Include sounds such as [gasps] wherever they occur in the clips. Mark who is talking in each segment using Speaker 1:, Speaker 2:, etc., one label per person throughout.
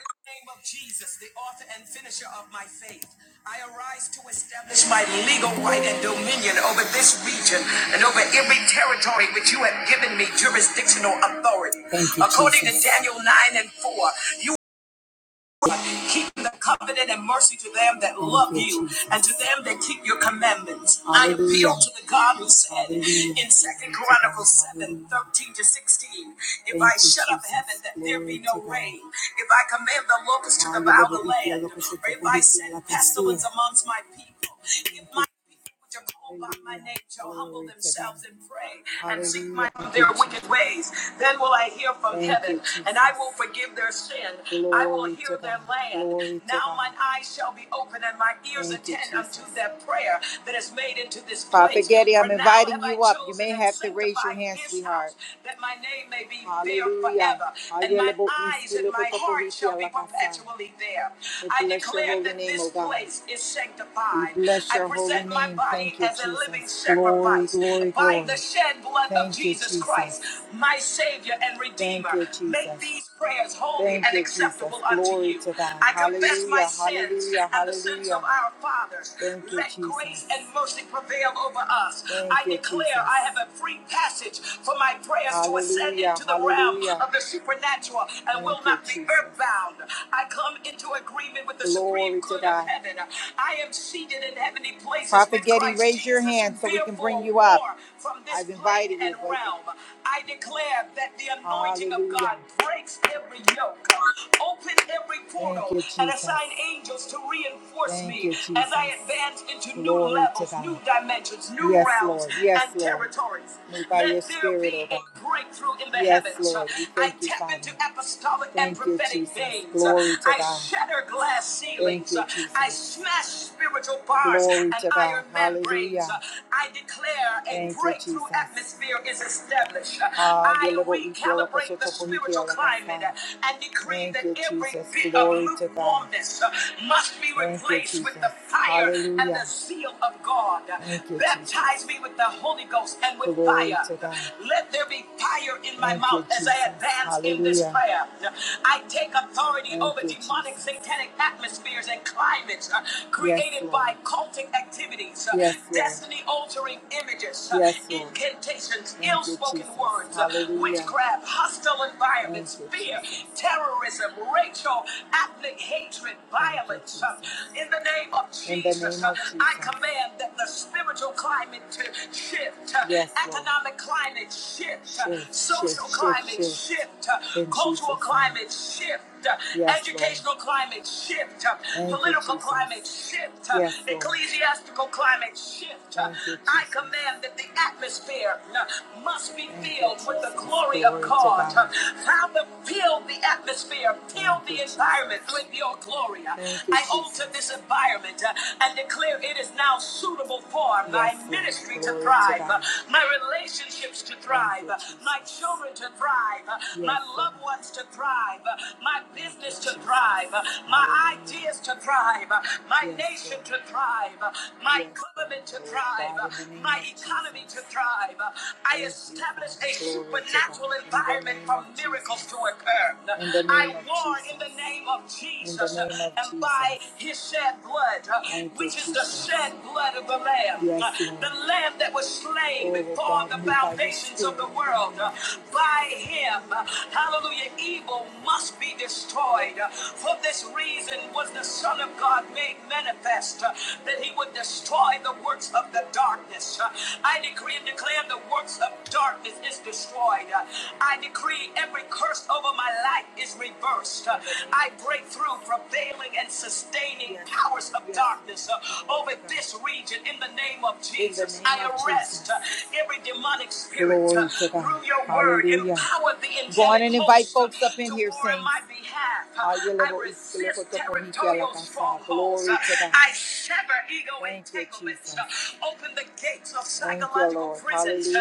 Speaker 1: in the name of Jesus, the author and finisher of my faith, I arise to establish my legal right and dominion over this region and over every territory which you have given me jurisdictional authority. Thank you, According Jesus. to Daniel 9 and 4, you keeping the covenant and mercy to them that love you and to them that keep your commandments. I appeal to the God who said in Second Chronicles 7 13 to 16, If I shut up heaven that there be no rain, if I command the locusts to devour the land, or if I send pestilence amongst my people, if my people to by my name shall humble themselves and pray and seek my their wicked ways. Then will I hear from heaven, and I will forgive their sin. I will hear their land. now mine eyes shall be open and my ears attend unto their prayer that is made into this place. Papa Getty, I'm inviting you up. You may have to raise your hand, sweetheart. That my name may be there Hallelujah. forever, and my eyes and my heart shall be perpetually there. I declare that this place is sanctified divine. bless I your present holy my name. body Thank as you, a Jesus. Glory, sacrifice glory, glory, by glory. the shed blood Thank you, Jesus Jesus. Christ, my Savior and Redeemer. Thank you, Make Jesus. these prayers holy Thank and you, acceptable Jesus. unto Glory you. to God. I confess my Hallelujah, sins hallelujah, and the sins of hallelujah. our fathers. Thank you, Let grace Jesus. grace and mercy prevail over us. Thank I you, declare I Jesus. I have a free passage for my prayers to ascend Hallelujah, into the realm hallelujah. of the supernatural and Thank will you, not be Jesus. earthbound. I come into agreement with the Glory to God. I am seated in heavenly places Prophet Getty, raise your hand so we can bring you up. I've invited you. Wake up. I declare that the anointing of God breaks every yoke, open every Thank portal, you, and assign angels to reinforce Thank me you, as Jesus. I advance into new levels, new dimensions, new Yes, realms, Lord. Yes, and Lord. territories. Let there be oh a breakthrough in the Yes, heavens. Lord. I thank you, tap into apostolic and prophetic Jesus. Glory Glory to I God. shatter glass ceilings. Thank you, Jesus. I smash spiritual bars Glory and to God. iron membranes. Hallelujah. I declare a Thank you, breakthrough Jesus. atmosphere is established. Ah, I yellow boy, yellow, recalibrate the spiritual yellow, climate fine. and decree Thank that you, every Jesus. bit Glory of to God. lukewarmness must be Thank you, replaced you, with the Jesus. fire Hallelujah. and the Hallelujah. zeal of God. Thank you, Jesus. Baptize Jesus. me with the Holy Ghost and with Glory fire. Let there be fire in my Thank you, mouth you, as I Jesus. advance Hallelujah. in this prayer uh, I take authority Thank over you, demonic Jesus. satanic atmospheres and climates uh, created Yes, by cultic activities, uh, destiny altering images, uh, Yes, Lord. incantations, ill spoken words, uh, witchcraft, hostile environments, Thank fear, Jesus. terrorism, racial, ethnic hatred, violence. uh, In the name of In the Jesus, name uh, of uh, I command that the spiritual climate to shift, uh, Yes, Lord. economic climate shift, uh, Shift, shift, social shift, climate shift. uh, cultural climate shift. uh, Yes, educational climate shift, uh, political climate shift, uh, Yes, ecclesiastical climate shift. uh, I command that the atmosphere uh, must be filled with the glory of God. uh, Father, fill the atmosphere, fill the environment with your glory. uh, I alter this environment uh, and declare it is now suitable for my Yes, ministry to thrive, uh, my relationships to thrive thrive, my children to thrive, my loved ones to thrive, my business to thrive, my ideas to thrive, my nation to thrive, my government to thrive, my economy to thrive. I establish a supernatural environment for miracles to occur. I warn in the name of Jesus and by his shed blood, which is the shed blood of the Lamb, the Lamb that was slain slain before the foundations of the world. Uh, By him, uh, hallelujah, evil must be destroyed. Uh, For this reason was the Son of God made manifest uh, that he would destroy the works of the darkness. Uh, I decree and declare the works of darkness is destroyed. Uh, I decree every curse over my life is reversed. Uh, I break through prevailing and sustaining powers of darkness uh, over this region in the name name of In the Jesus. name I of arrest of Jesus. uh, every demonic spirit uh, Glory to God. through your word. Hallelujah. Empower the Go on and invite uh, folks up in to here, war in saints. my behalf. Uh, Ay, I elevo iskele resist koto koniki ala territorial kasa. strongholds. Uh, Glory to God. I sever ego Thank you, entanglements. Uh, Jesus. Open the gates of Thank psychological prisons uh,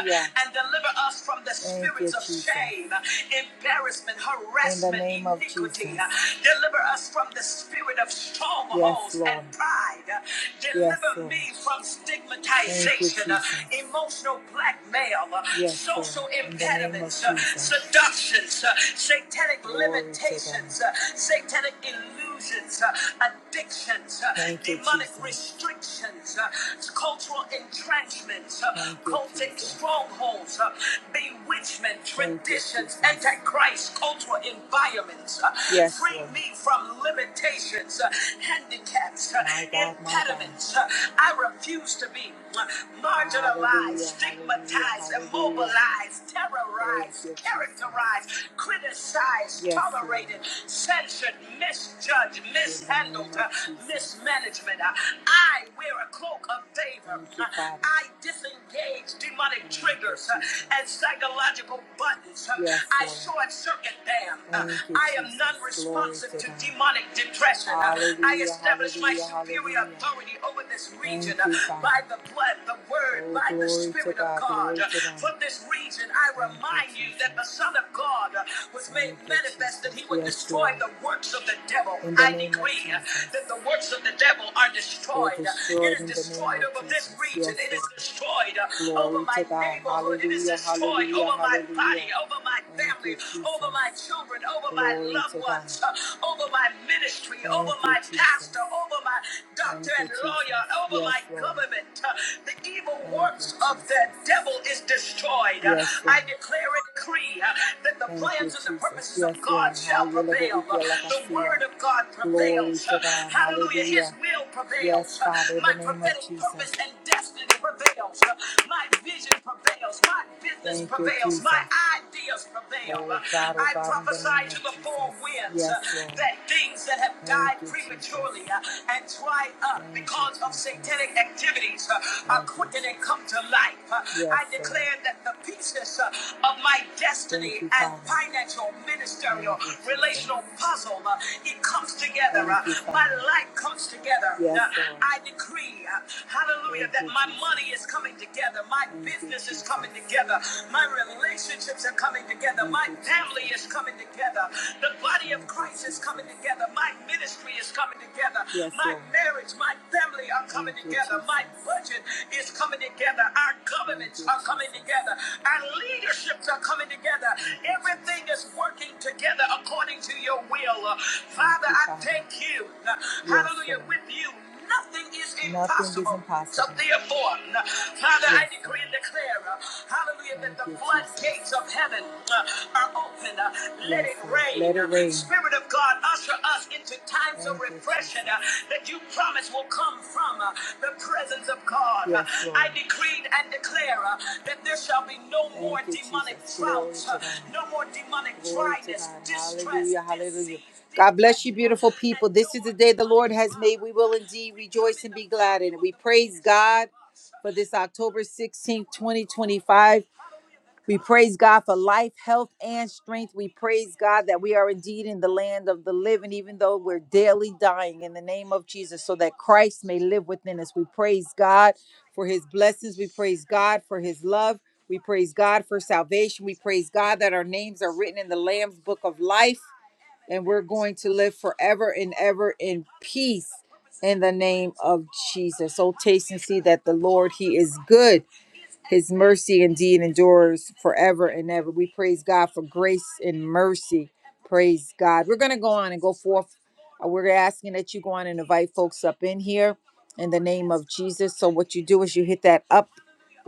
Speaker 1: and deliver us from the spirits of shame, uh, embarrassment, In the harassment, name of iniquity. Uh, Jesus. Deliver us from the spirit of Yes, strongholds and pride. uh, Deliver Yes, me from stigmatization, Thank emotional blackmail, uh, yes, social In impediments, Jesus. seductions, uh, satanic Glory limitations, God. satanic illusions, uh, addictions, Thank demonic Jesus. restrictions, uh, cultural entrenchments, Thank cultic Jesus. strongholds, uh, bewitchment, Thank you, antichrist, cultural environments. Uh, Yes, Free Lord. me from limitations, uh, handicaps, uh, My God, impediments. my God. impediments. uh, I refuse to be uh, marginalized, stigmatized, hallelujah. immobilized, terrorized, characterized, criticized, Yes, Lord. tolerated, yes, censored, misjudged, mishandled, uh, mismanagement. Uh, I wear a cloak of favor. Thank Uh, I disengage demonic triggers uh, and psychological buttons. Uh, Yes, I short circuit them. Uh, I am non responsive to into demonic depression. Hallelujah. I establish my superior authority over this region by the blood, the word, Oh, by the Spirit of God, God. From this region, I remind you that the Son of God was made manifest that he would Yes, destroy the works of the devil. I decree that the works of the devil are destroyed. It destroyed destroyed over this region. Yes, It is destroyed over my to neighborhood. It is destroyed over my body, over my family, over my Jesus. children, over over my Glory loved to ones, God. ones, over my ministry, Thank over you, my Jesus. pastor, Jesus. over my doctor Thank you, and you, lawyer, Jesus. over Yes, my Lord. government. Uh, The evil Thank you, works of the Jesus. devil is destroyed. Uh, Yes, I Lord. declare and decree uh, that the Thank you, plans and the Jesus. purposes Yes, of Yes, God Lord. shall Hallelujah. prevail. Uh, The word of God Glory prevails. to Uh, God. Hallelujah. His Hallelujah. will Yes, prevails. Uh, Father, in the My the name of prophetic Jesus. purpose and destiny prevails. Uh, My vision prevails. My business Thank prevails. you, My ideas prevail. Oh God, oh I God, prophesy to the four winds uh, Yes, that things that have Thank died you, prematurely Jesus. uh, and dried up Thank because of satanic activities uh, are Thank quickened and come to life. Uh, Yes, I Lord. declare Lord. that the pieces uh, of my destiny you, and financial, ministerial, you, relational puzzle, uh, it comes together. Uh, you, my life comes together. Uh, Yes, I decree, uh, hallelujah, Thank that you, my money is coming together. My business business is coming together. My relationships are coming together. My family is coming together. The body of Christ is coming together. My ministry is coming together. Yes, my marriage, my family are coming together. My budget is coming together. Our governments are coming together. Our leaderships are coming together. Everything is working together according to your will. Uh, Father, I thank you. Uh, Hallelujah. With you. Nothing is impossible. Nothing is impossible. So therefore, Father, yes. I Yes, decree and declare, uh, hallelujah, Thank that the you, Jesus. floodgates of heaven uh, are open. Uh, yes. Let Yes, it rain. Let it rain. Spirit of God, usher us into times of Thank you, refreshing uh, that you promise will come from uh, the presence of God. Uh, Yes, I Lord. I decreed and declare uh, that there shall be no Thank more you, demonic Jesus. droughts, uh, no more demonic Glory to dryness, God. distress, Hallelujah. Hallelujah. disease. God bless you, beautiful people. This is the day the Lord has made. We will indeed rejoice and be glad in it. We praise God for this October 16th, 2025. We praise God for life, health, and strength. We praise God that we are indeed in the land of the living, even though we're daily dying in the name of Jesus, so that Christ may live within us. We praise God for his blessings. We praise God for his love. We praise God for salvation. We praise God that our names are written in the Lamb's book of life and we're going to live forever and ever in peace in the name of Jesus. So taste and see that the Lord, He is good. His mercy indeed endures forever and ever. We praise God for grace and mercy. Praise God. We're going to go on and go forth. Uh, We're asking that you go on and invite folks up in here in the name of Jesus. So what you do is you hit that up.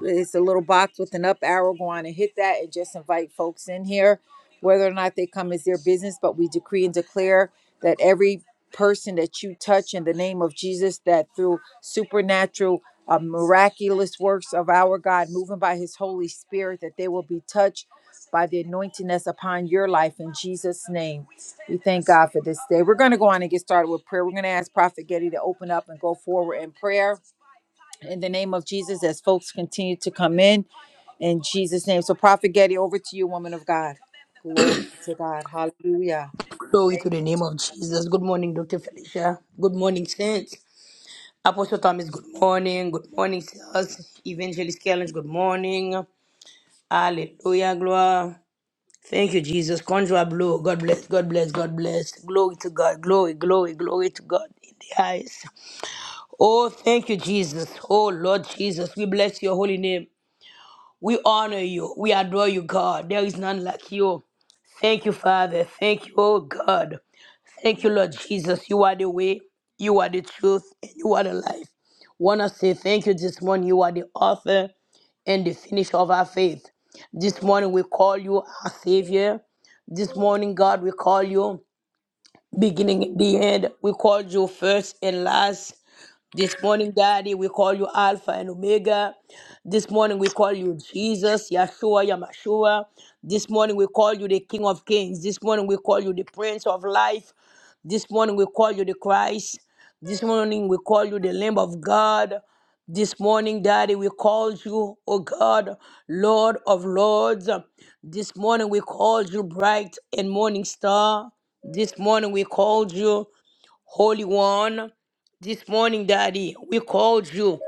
Speaker 1: It's a little box with an up arrow. Go on and hit that and just invite folks in here, whether or not they come is their business. But we decree and declare that every person that you touch in the name of Jesus, that through supernatural, uh, miraculous works of our God, moving by his Holy Spirit, that they will be touched by the anointing that's upon your life in Jesus' name. We thank God for this day. We're going to go on and get started with prayer. We're going to ask Prophet Getty to open up and go forward in prayer in the name of Jesus as folks continue to come in. In Jesus' name. So, Prophet Getty, over to you, woman of God. Glory to God. Hallelujah.
Speaker 2: Glory to the name of Jesus. Good morning, Dr. Felicia. Good morning, Saints. Apostle Thomas, good morning. Good morning, Sirs. Evangelist Kellen, good morning. Hallelujah, glory. Thank you, Jesus. Conjure blow. God bless, God bless, God bless. Glory to God. Glory, glory, glory to God in the highest. Oh, thank you, Jesus. Oh, Lord Jesus. We bless your holy name. We honor you. We adore you, God. There is none like you. Thank you, Father. Thank you, oh God. Thank you, Lord Jesus. You are the way, you are the truth, and you are the life. Want to say thank you this morning. You are the author and the finisher of our faith. This morning we call you our Savior. This morning, God, we call you beginning and the end. We call you first and last. This morning, Daddy, we call you Alpha and Omega. This morning, we call you Jesus, Yahshua, Yamashua. This morning, we call you the King of Kings. This morning, we call you the Prince of Life. This morning, we call you the Christ. This morning, we call you the Lamb of God. This morning, Daddy, we called you, O God, Lord of Lords. This morning, we called you bright and morning star. This morning, we called you. Holy One, this morning, Daddy, we called you.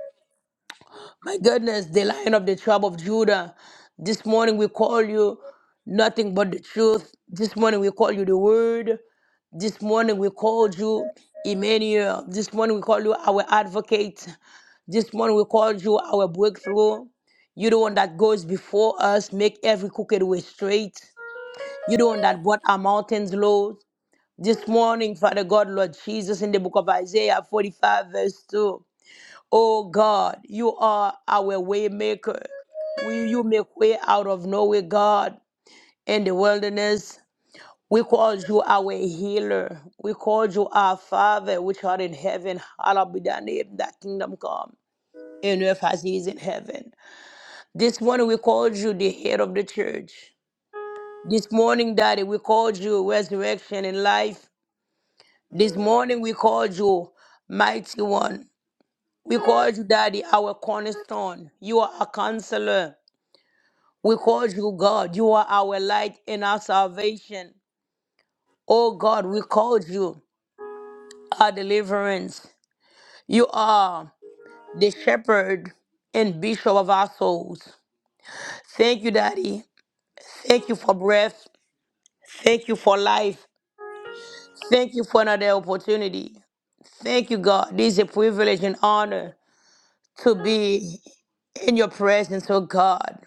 Speaker 2: My goodness, the Lion of the tribe of Judah. This morning we call you nothing but the truth. This morning we call you the Word. This morning we called you Emmanuel. This morning we call you our advocate. This morning we called you our breakthrough. You're the one that goes before us, make every crooked way straight. You're the one that brought our mountains low. This morning, Father God, Lord Jesus, in the book of Isaiah 45, verse 2. Oh God, you are our way maker. Will you make way out of nowhere, God, in the wilderness? We call you our healer. We call you our Father, which art in heaven. Hallowed be thy name, thy kingdom come, in earth as it is in heaven. This morning we called you the head of the church. This morning, Daddy, we called you resurrection and life. This morning we called you mighty one. We called you daddy, our cornerstone. You are a counselor. We called you God. You are our light and our salvation. Oh God, we called you our deliverance. You are the shepherd and bishop of our souls. Thank you, daddy. Thank you for breath. Thank you for life. Thank you for another opportunity. Thank you, God. This is a privilege and honor to be in your presence, oh God.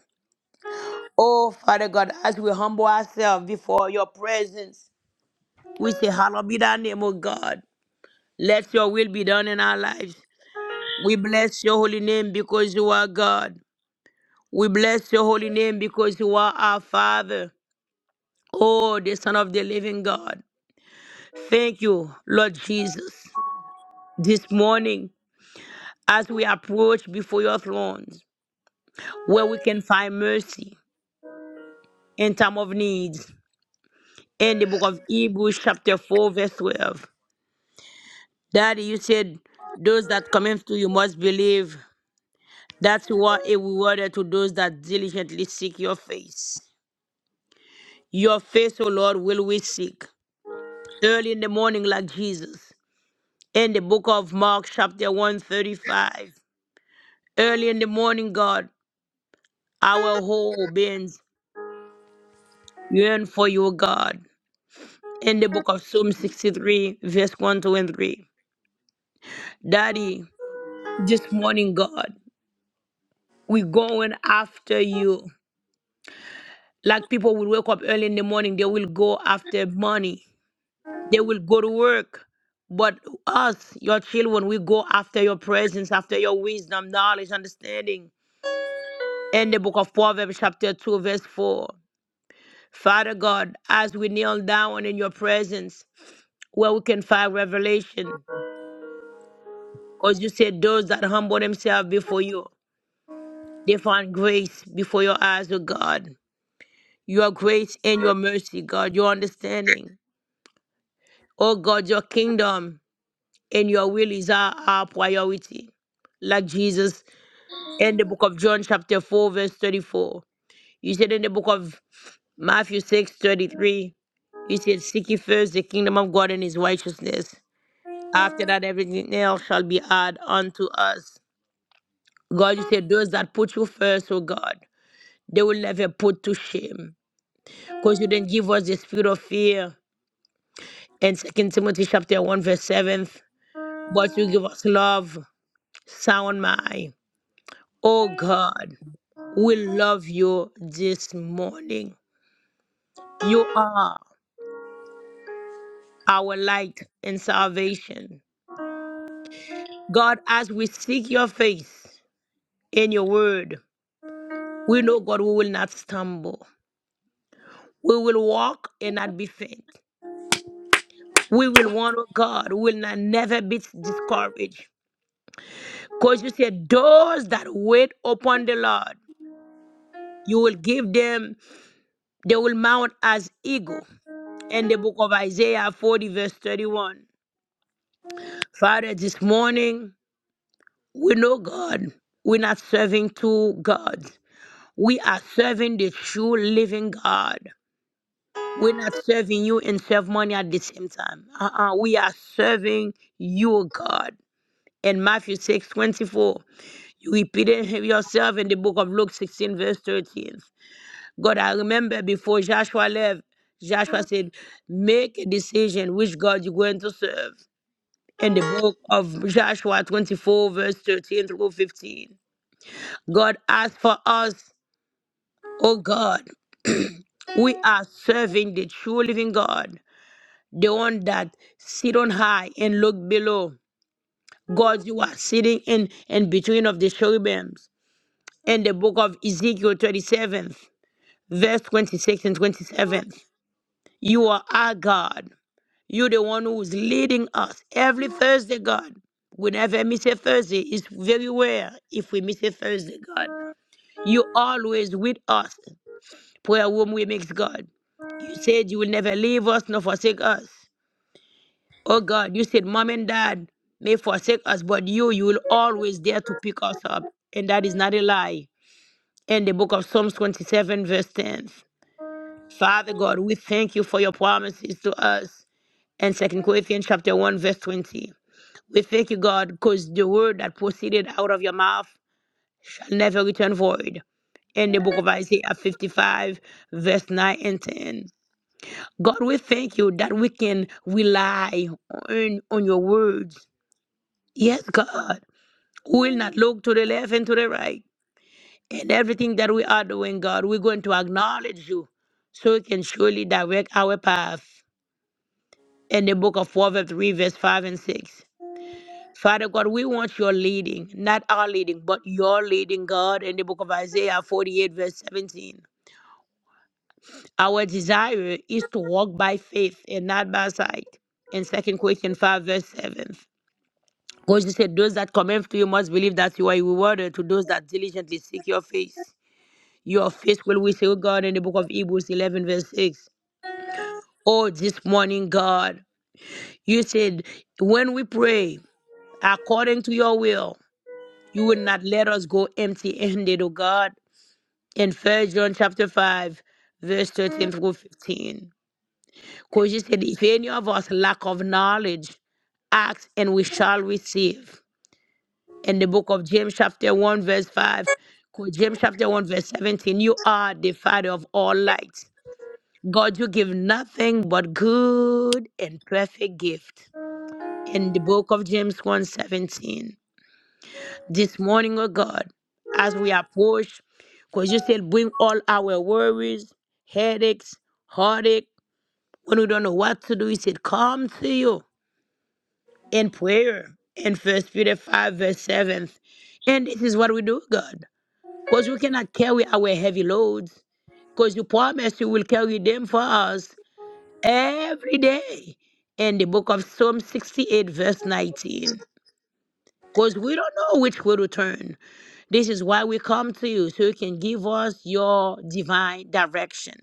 Speaker 2: Oh, Father God, as we humble ourselves before your presence, we say, Hallowed be thy name, O God. Let your will be done in our lives. We bless your holy name because you are God. We bless your holy name because you are our Father. Oh, the Son of the living God. Thank you, Lord Jesus. This morning, as we approach before your thrones, where we can find mercy in time of need. in the book of Hebrews, chapter 4, verse 12. Daddy, you said, Those that come to you must believe. That's what a rewarder to those that diligently seek your face. Your face, O Lord, will we seek. Early in the morning, like Jesus. In the book of Mark, chapter 135. Early in the morning, God, our whole beings yearn for you, God. In the book of Psalm 63, verse 1, 2, and 3. Daddy, this morning, God. We're going after you. Like people will wake up early in the morning, they will go after money. They will go to work. But us, your children, we go after your presence, after your wisdom, knowledge, understanding. In the book of Proverbs, chapter 2, verse 4. Father God, as we kneel down in your presence, where we can find revelation. Because you said those that humble themselves before you, they find grace before your eyes, O God. Your grace and your mercy, God, your understanding. Oh God, your kingdom and your will is our, our priority. Like Jesus in the book of John, chapter 4, verse 34. You said in the book of Matthew 6, 33, you said, Seek ye first the kingdom of God and his righteousness. After that, everything else shall be added unto us. God, you said, Those that put you first, oh God, they will never put to shame. Because you didn't give us the spirit of fear. In Second Timothy chapter 1, verse 7, but you give us love sound mind. Oh God, we love you this morning. You are our light and salvation. God, as we seek your face in your word, we know, God, we will not stumble. We will walk and not be faint. We will want, oh God, we will not never be discouraged. Because you said, those that wait upon the Lord, you will give them, they will mount as eagle. in the book of Isaiah 40, verse 31. Father, this morning, we know God. We're not serving two gods. We are serving the true living God. We're not serving you and serve money at the same time. Uh-uh. We are serving you, God. In Matthew 6 24, you repeated it yourself in the book of Luke 16, verse 13. God, I remember before Joshua left, Joshua said, make a decision which God you're going to serve. in the book of Joshua 24, verse 13 through 15. God, as for us, O God, [clears throat] we are serving the true living God, the one that sit on high and look below. God, you are sitting in, in between of the cherubims. In the book of Ezekiel 37, verse 26 and 27, you are our God. You're the one who's leading us every Thursday, God. We never miss a Thursday. It's very rare if we miss a Thursday, God. You're always with us. Prayer room we mix, God. You said you will never leave us nor forsake us. Oh God, you said mom and dad may forsake us, but you, you will always there to pick us up. And that is not a lie. In the book of Psalms 27, verse 10. Father God, we thank you for your promises to us. And Second Corinthians chapter 1, verse 20. We thank you, God, because the word that proceeded out of your mouth shall never return void. In the book of Isaiah 55, verse 9 and 10. God, we thank you that we can rely on, on your words. Yes, God. We will not look to the left and to the right. And everything that we are doing, God, we're going to acknowledge you so we can surely direct our path. In the book of Proverbs 3, verse 5 and 6. Father God, we want your leading, not our leading, but your leading, God, in the book of Isaiah 48, verse 17. Our desire is to walk by faith and not by sight. In Second Corinthians 5, verse 7. Because you said, Those that come after you must believe that you are a rewarder to those that diligently seek your face. Your face will we say, oh God, in the book of Hebrews 11, verse 6. Oh, this morning, God, you said, When we pray according to your will, You would not let us go empty handed, O God. In 1 John chapter 5, verse 13 through 15. Because you said, if any of us lack of knowledge, ask and we shall receive. In the book of James chapter 1, verse 5, 'cause James chapter 1, verse 17, you are the Father of all lights. God, you give nothing but good and perfect gift. In the book of James 1, this morning, oh God, as we approach, because you said bring all our worries, headaches, heartache, when we don't know what to do, you said come to you in prayer in First Peter 5, verse 7. And this is what we do, God, because we cannot carry our heavy loads, because you promise you will carry them for us every day. In the book of Psalm 68, verse 19, because we don't know which way to turn. This is why we come to you, so you can give us your divine direction.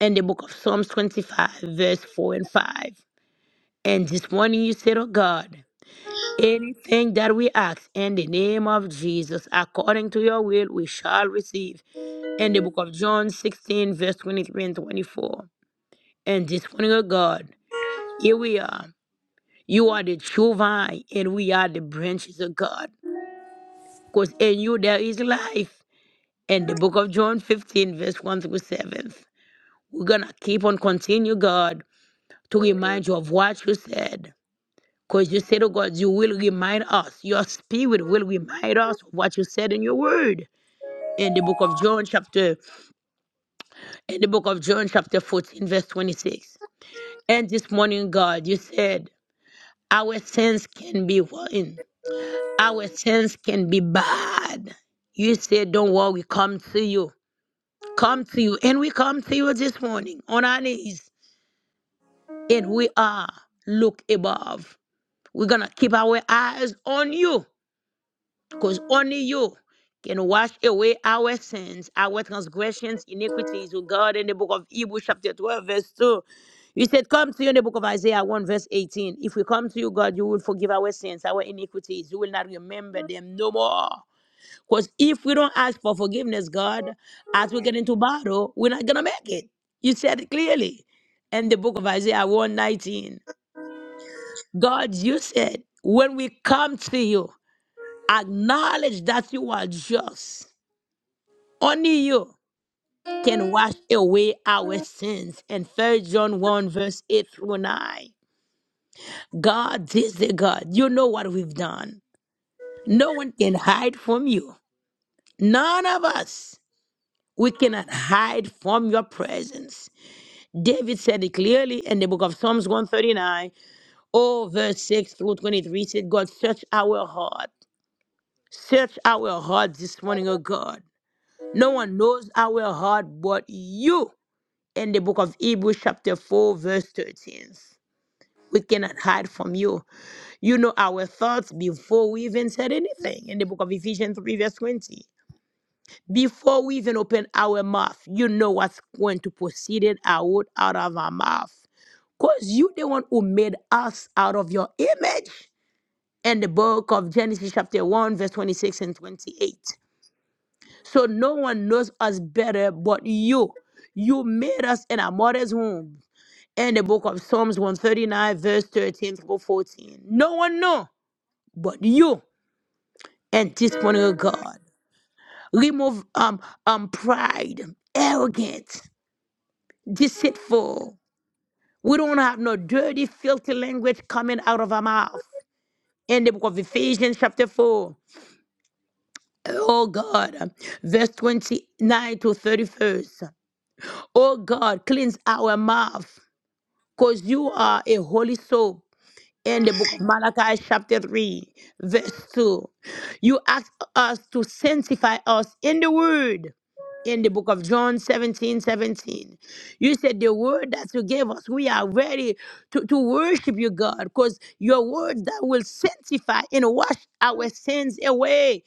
Speaker 2: In the book of Psalms 25, verse 4 and 5. And this morning you said, Oh God, anything that we ask in the name of Jesus, according to your will, we shall receive. In the book of John 16, verse 23 and 24. And this morning, oh God, here we are. You are the true vine, and we are the branches of God. Because in you there is life. and the book of John 15, verse 1 through 7. We're going to keep on continue, God, to remind you of what you said. Because you said, oh God, you will remind us. Your spirit will remind us of what you said in your word. In the book of John, chapter, in the book of John, chapter 14, verse 26. And this morning, God, you said, our sins can be one. Our sins can be bad. You said, Don't worry, we come to you. Come to you. And we come to you this morning on our knees. and we are look above. We're gonna keep our eyes on you, because only you can wash away our sins, our transgressions, iniquities. Oh God, in the book of Hebrews, chapter 12, verse 2. You said, Come to you in the book of Isaiah 1, verse 18. If we come to you, God, you will forgive our sins, our iniquities. You will not remember them no more. Because if we don't ask for forgiveness, God, as we get into battle, we're not gonna make it. You said it clearly in the book of Isaiah one, nineteen. God, you said, when we come to you, acknowledge that you are just. Only you can wash away our sins. And 1 John 1, verse 8 through 9. God this is the God. You know what we've done. No one can hide from you. None of us. We cannot hide from your presence. David said it clearly in the book of Psalms 139, oh, verse 6 through 23. Said, God, search our heart Search our heart this morning, O God. No one knows our heart but you. In the book of Hebrews, chapter 4, verse 13. We cannot hide from you. You know our thoughts before we even said anything. In the book of Ephesians 3, verse 20. Before we even open our mouth, you know what's going to proceed it out, out of our mouth. Because you the one who made us out of your image. In the book of Genesis, chapter 1, verse 26 and 28. So no one knows us better but you. You made us in our mother's womb. And the book of Psalms 139, verse 13 to 14. No one know but you and this morning, oh God. Remove um, um pride, arrogant, deceitful. We don't have no dirty, filthy language coming out of our mouth. In the book of Ephesians, chapter 4, oh God, verse 29 to 31st. Oh God, cleanse our mouth because you are a holy soul. In the book of Malachi, chapter 3, verse 2, you ask us to sanctify us in the word. In the book of John 17 17. you said the word that you gave us, we are ready to, to worship you, God, because your word that will sanctify and wash our sins away.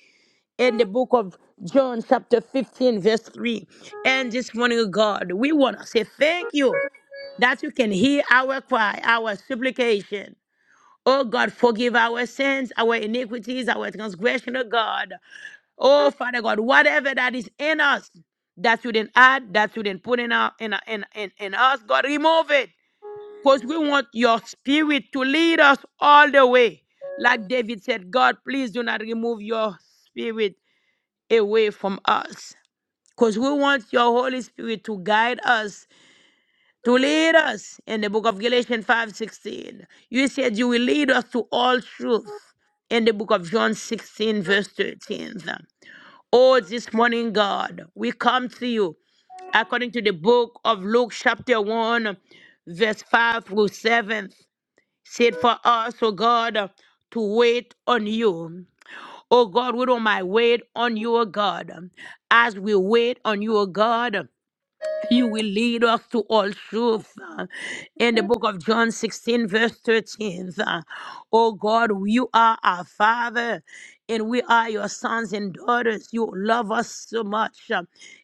Speaker 2: In the book of John, chapter 15, verse 3. And this morning, God, we want to say thank you that you can hear our cry, our supplication. Oh God, forgive our sins, our iniquities, our transgression, oh God. Oh Father God, whatever that is in us that you didn't add, that you didn't put in, our, in, our- in, in, in us, God, remove it. Because we want your spirit to lead us all the way. Like David said, God, please do not remove your spirit away from us. Because we want your Holy Spirit to guide us to lead us in the book of Galatians 5:16. You said you will lead us to all truth in the book of John 16 verse 13. Oh, this morning, God, we come to you according to the book of Luke chapter 1 verse 5 through 7. Said for us, oh God, to wait on you. Oh God, we don't mind wait on you, oh God. As we wait on you, oh God. You will lead us to all truth. uh, In the book of John 16, verse 13. uh, Oh God, you are our Father, and we are your sons and daughters. You love us so much. uh,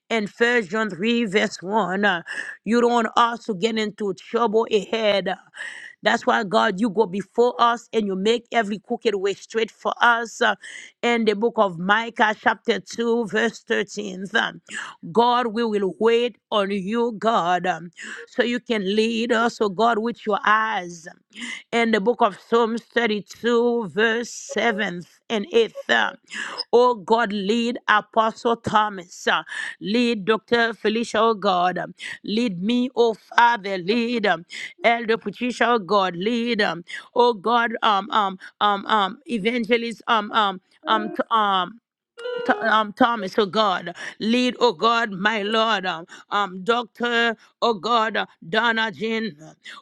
Speaker 2: In First John 3, verse 1, uh, you don't want us to get into trouble ahead. uh, that's why, God, you go before us and you make every crooked way straight for us. uh, In the book of Micah, chapter 2, verse 13. Um, God, we will wait on you, God, um, so you can lead us, oh God, with your eyes. In the book of Psalms 32, 2, verse 7th and 8th. uh, Oh God, lead Apostle Thomas. uh, Lead Dr. Felicia, oh God. um, Lead me, oh Father. Lead um, Elder Patricia, oh God. Lead, um, oh God, um, um, um, um, evangelist, um, um, um, t- um, Th- um, Thomas, oh God, lead, oh God, my Lord, um, um, Doctor, oh God, uh, Donna Jean,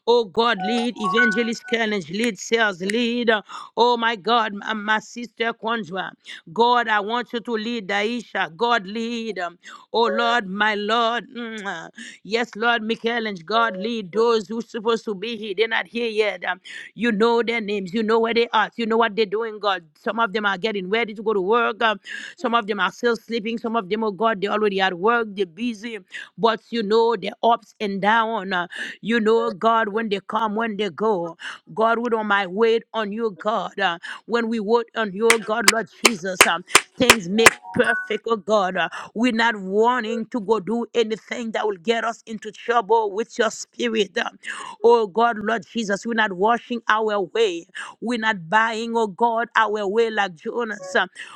Speaker 2: oh God, lead Evangelist Challenge, lead sales, lead, uh, oh my God, my, my sister Kwanzaa, God, I want you to lead Daisha, God, lead, um, oh Lord, my Lord, mm, uh, yes, Lord, Michaelange, God, lead those who supposed to be here, they're not here yet, um, you know their names. You know where they are. You know what they're doing, God. Some of them are getting ready to go to work. Um, some of them are still sleeping. Some of them, oh God, they already at work. They're busy. But you know their ups and downs. Uh, you know, God, when they come, when they go. God, we don't mind wait on you, God. Uh, when we wait on you, oh God, Lord Jesus, um, things make perfect, oh God. Uh, we're not wanting to go do anything that will get us into trouble trouble with your spirit. Oh God, Lord Jesus, we're not washing our way. We're not buying, oh God, our way like Jonas.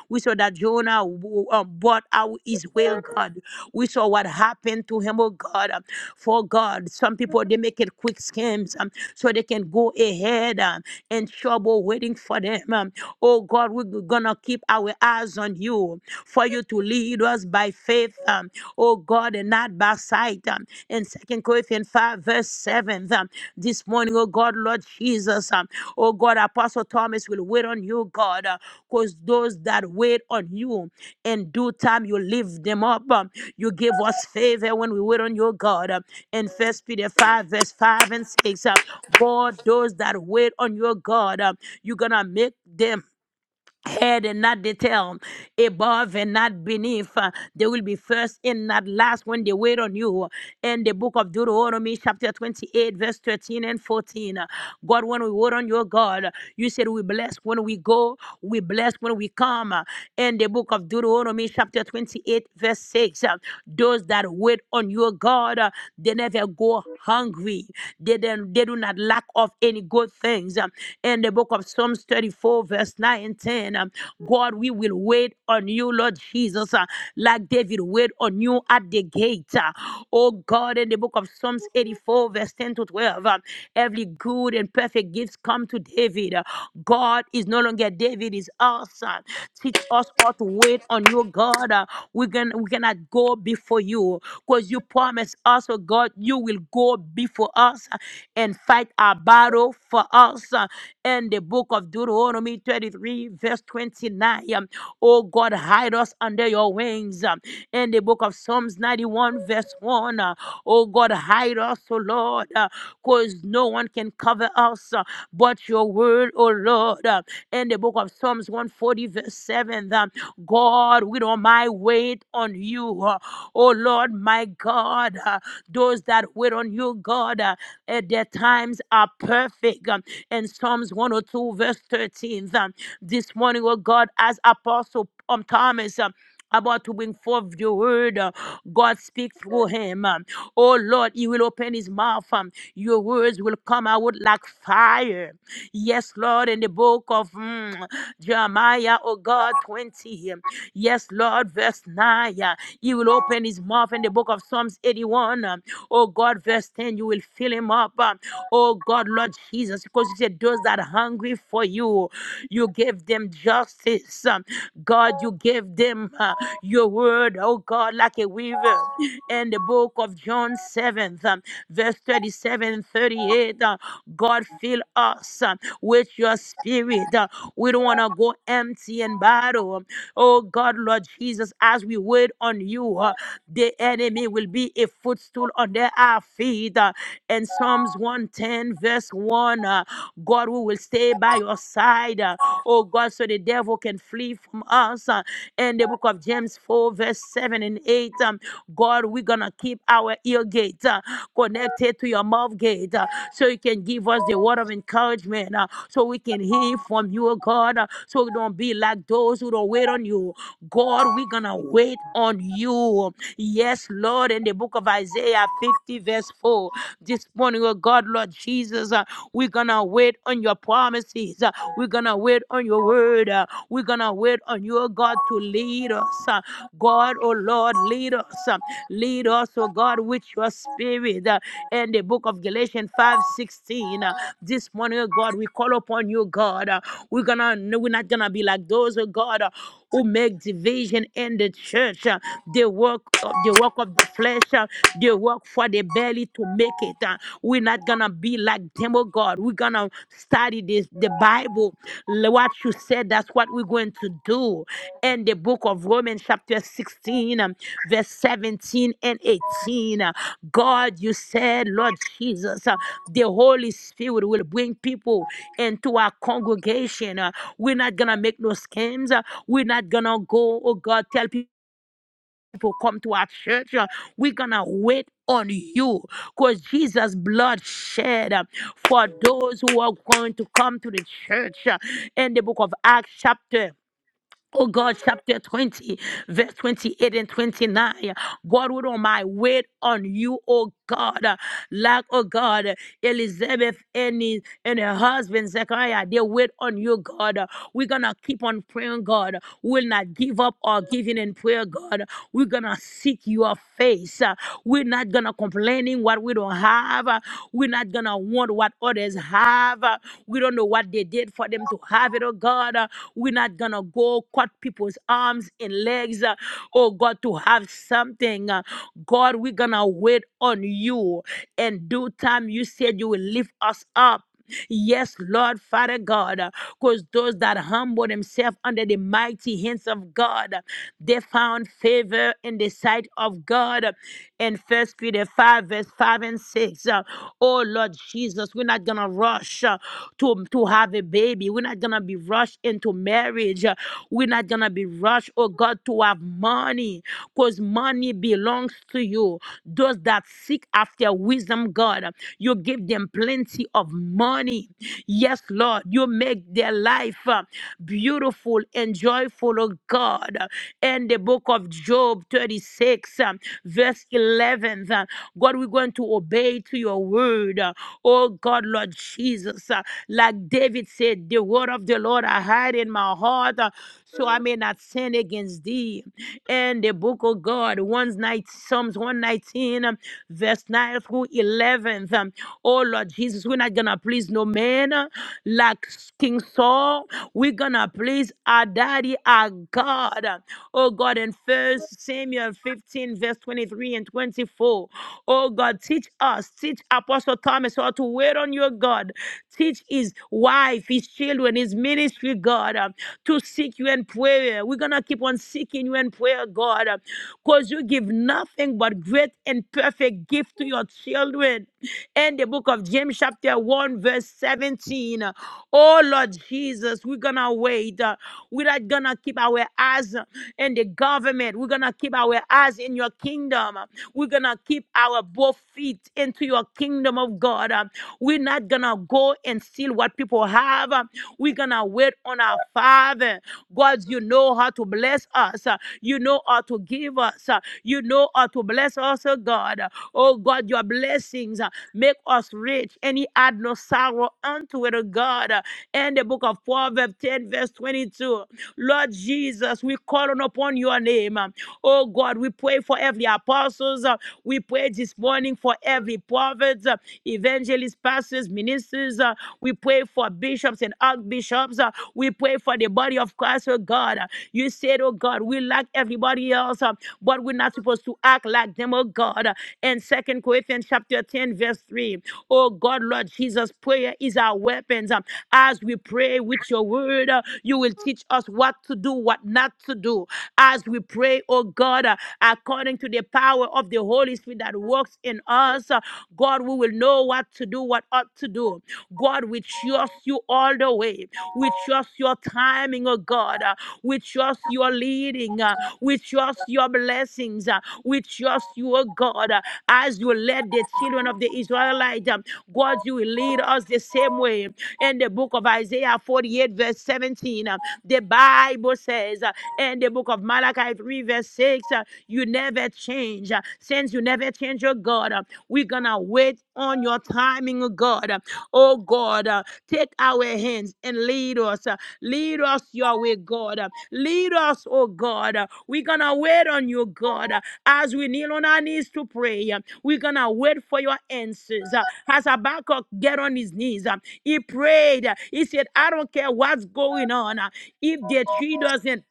Speaker 2: We saw that Jonah w- uh, bought our his way, oh God. We saw what happened to him, oh God. For God, some people they make it quick schemes um, so they can go ahead um, in trouble waiting for them. um. Oh God, we're gonna keep our eyes on you for you to lead to us by faith, um, oh God, and not by sight. Um, in Second Corinthians 5, verse 7, um, this morning, oh God, Lord Jesus, um, oh God, Apostle Thomas will wait on you, God, because those that wait on you in due time, you lift them up. Um, you give us favor when we wait on you, God. Um, in First Peter 5, verse 5 and 6, um, God, those that wait on your God, um, you're going to make them head and not the tail, above and not beneath. Uh, They will be first and not last when they wait on you. In the book of Deuteronomy, chapter 28, verse 13 and 14. uh, God, when we wait on your God, uh, you said we bless when we go, we bless when we come. Uh, In the book of Deuteronomy, chapter 28, verse 6, uh, those that wait on your God, uh, they never go hungry. They, then, they do not lack of any good things. Um, In the book of Psalms 34, 34, verse 9 and 10. Um, God, we will wait on you, Lord Jesus, uh, like David wait on you at the gate. uh. oh God, in the book of Psalms 84, verse 10 to 12, um, every good and perfect gift come to David. Uh, God is no longer David, is us. uh. teach us all to wait on you, God. Uh, we, can, we cannot go before you because you promised us, oh God, you will go before us uh, and fight our battle for us. uh, in the book of Deuteronomy 33, verse 29. um, Oh God, hide us under your wings. um, In the book of Psalms 91, verse 1. uh, Oh God, hide us, oh Lord, because no one can cover us uh, but your word, oh Lord. uh, In the book of Psalms 140, verse 7. um, God, with all my weight on you, uh, oh Lord, my God, uh, those that wait on you, God, uh, at their times are are perfect. um, In Psalms 102, verse 13, um, this morning, oh God, as Apostle um, Thomas. um, about to bring forth your word. uh, God speak through him. um, Oh Lord, he will open his mouth. um, Your words will come out like fire. Yes, Lord, in the book of mm, Jeremiah, oh God, 20. um, Yes, Lord, verse 9. uh, He will open his mouth in the book of Psalms 81. um, Oh God, verse 10, you will fill him them up. uh, Oh God, Lord Jesus, because you said those that are hungry for you, you gave them justice. um, God, you gave them uh, your word, oh God, like a weaver. In the book of John 7, um, verse 37 and 38, uh, God, fill us um, with your spirit. uh, we don't want to go empty and battle. um, Oh God, Lord Jesus, as we wait on you, uh, the enemy will be a footstool on their our feet. Uh, in Psalms 110, verse 1, uh, God, we will stay by your side, uh, oh God, so the devil can flee from us. Uh, in the book of James 4, verse 7 and 8, um, God, we're going to keep our ear gate uh, connected to your mouth gate uh, so you can give us the word of encouragement, uh, so we can hear from you, oh God, uh, so we don't be like those who don't wait on you. God, we're going to wait on you. Yes, Lord, in the book the book of Isaiah 50, verse 4. This morning, oh God, Lord Jesus, uh, we're gonna wait on your promises. Uh, we're gonna wait on your word. Uh, we're gonna wait on your God to lead us. Uh, God, oh Lord, lead us. Uh, lead us, oh God, with your spirit. Uh, in the book of Galatians 5 16. uh, this morning, oh God, we call upon you, God. Uh, we're gonna no, we're not gonna be like those, oh God. uh, who make division in the church. Uh, They work work of the work of the flesh. uh, They work for the belly to make it. uh. We're not gonna be like them, oh God. We're gonna study this the Bible. L- What you said, that's what we're going to do. And the book of Romans, chapter 16, um, verse 17 and 18. uh, God, you said, Lord Jesus, uh, the Holy Spirit will bring people into our congregation. uh, We're not gonna make no schemes. uh, We're not gonna go, oh God, tell people people come to our church. uh, We're going to wait on you because Jesus' blood shed uh, for those who are going to come to the church uh, in the book of Acts, chapter. Oh God, chapter 20, verse 28 and 29. Godward on my weight on you, oh God. Uh, Like, oh God, Elizabeth and, his, and her husband, Zechariah, they wait on you, God. Uh, We're gonna keep on praying, God. We'll not give up our giving in prayer, God. We're gonna seek your face. Uh, We're not gonna complaining what we don't have. Uh, We're not gonna want what others have. Uh, We don't know what they did for them to have it, oh God. Uh, We're not gonna go cut people's arms and legs eyes, uh, oh God, to have something. Uh, God, we're going to wait on you. In due time, you said you will lift us up. Yes, Lord, Father God, because those that humble themselves under the mighty hands of God, they found favor in the sight of God in First Peter 5, verse 5 and 6. Uh, oh Lord Jesus, we're not gonna rush uh, to, to have a baby. We're not gonna be rushed into marriage. Uh, we're not gonna be rushed, oh God, to have money, because money belongs to you. Those that seek after wisdom, God, you give them plenty of money. Yes, Lord, you make their life uh, beautiful and joyful, oh God. In the book of Job 36, um, verse 11. uh, God, we're going to obey to your word. uh, Oh God, Lord Jesus, uh, like David said, the word of the Lord I hide in my heart uh, so I may not sin against thee. And the book of God, one night, Psalms 119, um, verse 9 through 11. um, Oh Lord Jesus, we're not going to please no man uh, like King Saul. We're going to please our daddy, our God. uh, Oh God, in First Samuel 15. 15, verse 23 and 24. Oh God, teach us, teach Apostle Thomas how to wait on your God. Teach his wife, his children, his ministry, God, um, to seek you in prayer. We're going to keep on seeking you in prayer, God, because you give nothing but great and perfect gift to your children. In the book of James, chapter 1, verse 17. Oh Lord Jesus, we're going to wait. Uh, We're not going to keep our eyes uh, in the government. We're going to keep keep our eyes in your kingdom. We're going to keep our both feet into your kingdom of God. We're not going to go and steal what people have. We're going to wait on our Father. God, you know how to bless us. You know how to give us. You know how to bless us, oh God. Oh God, your blessings uh, make us rich, and he add no sorrow unto it, oh God. And the book of Proverbs 10, verse 22. Lord Jesus, we call on upon your name uh, Oh God, we pray for every apostles. uh, We pray this morning for every prophet, uh, evangelists, pastors, ministers. uh, We pray for bishops and archbishops. uh, We pray for the body of Christ, oh God. Uh, You said, oh God, we like everybody else, uh, but we're not supposed to act like them, oh God. Uh, And Second Corinthians chapter 10, verse 3. Oh God, Lord Jesus, prayer is our weapons. Um, As we pray with your word, uh, you will teach us what to do, what not to do as we pray, oh God, uh, according to the power of the Holy Spirit that works in us. uh, God, we will know what to do, what ought to do. God, we trust you all the way. We trust your timing, oh God. uh, we trust your leading. uh, we trust your blessings. uh, we trust you, oh God, uh, as you led the children of the Israelites. um, God, you will lead us the same way. In the book of Isaiah 48, verse 17, um, the Bible says, uh, and in the book of Malachi 3, verse 6, uh, you never change. Uh, Since you never change, oh God, uh, we're going to wait on your timing, oh God. Uh, Oh God, uh, take our hands and lead us. uh, Lead us your way, God. Uh, Lead us, oh God. Uh, We're going to wait on you, God, uh, as we kneel on our knees to pray. Uh, We're going to wait for your answers. Uh, As Habakkuk get on his knees, uh, he prayed. Uh, He said, I don't care what's going on. Uh, If the tree doesn't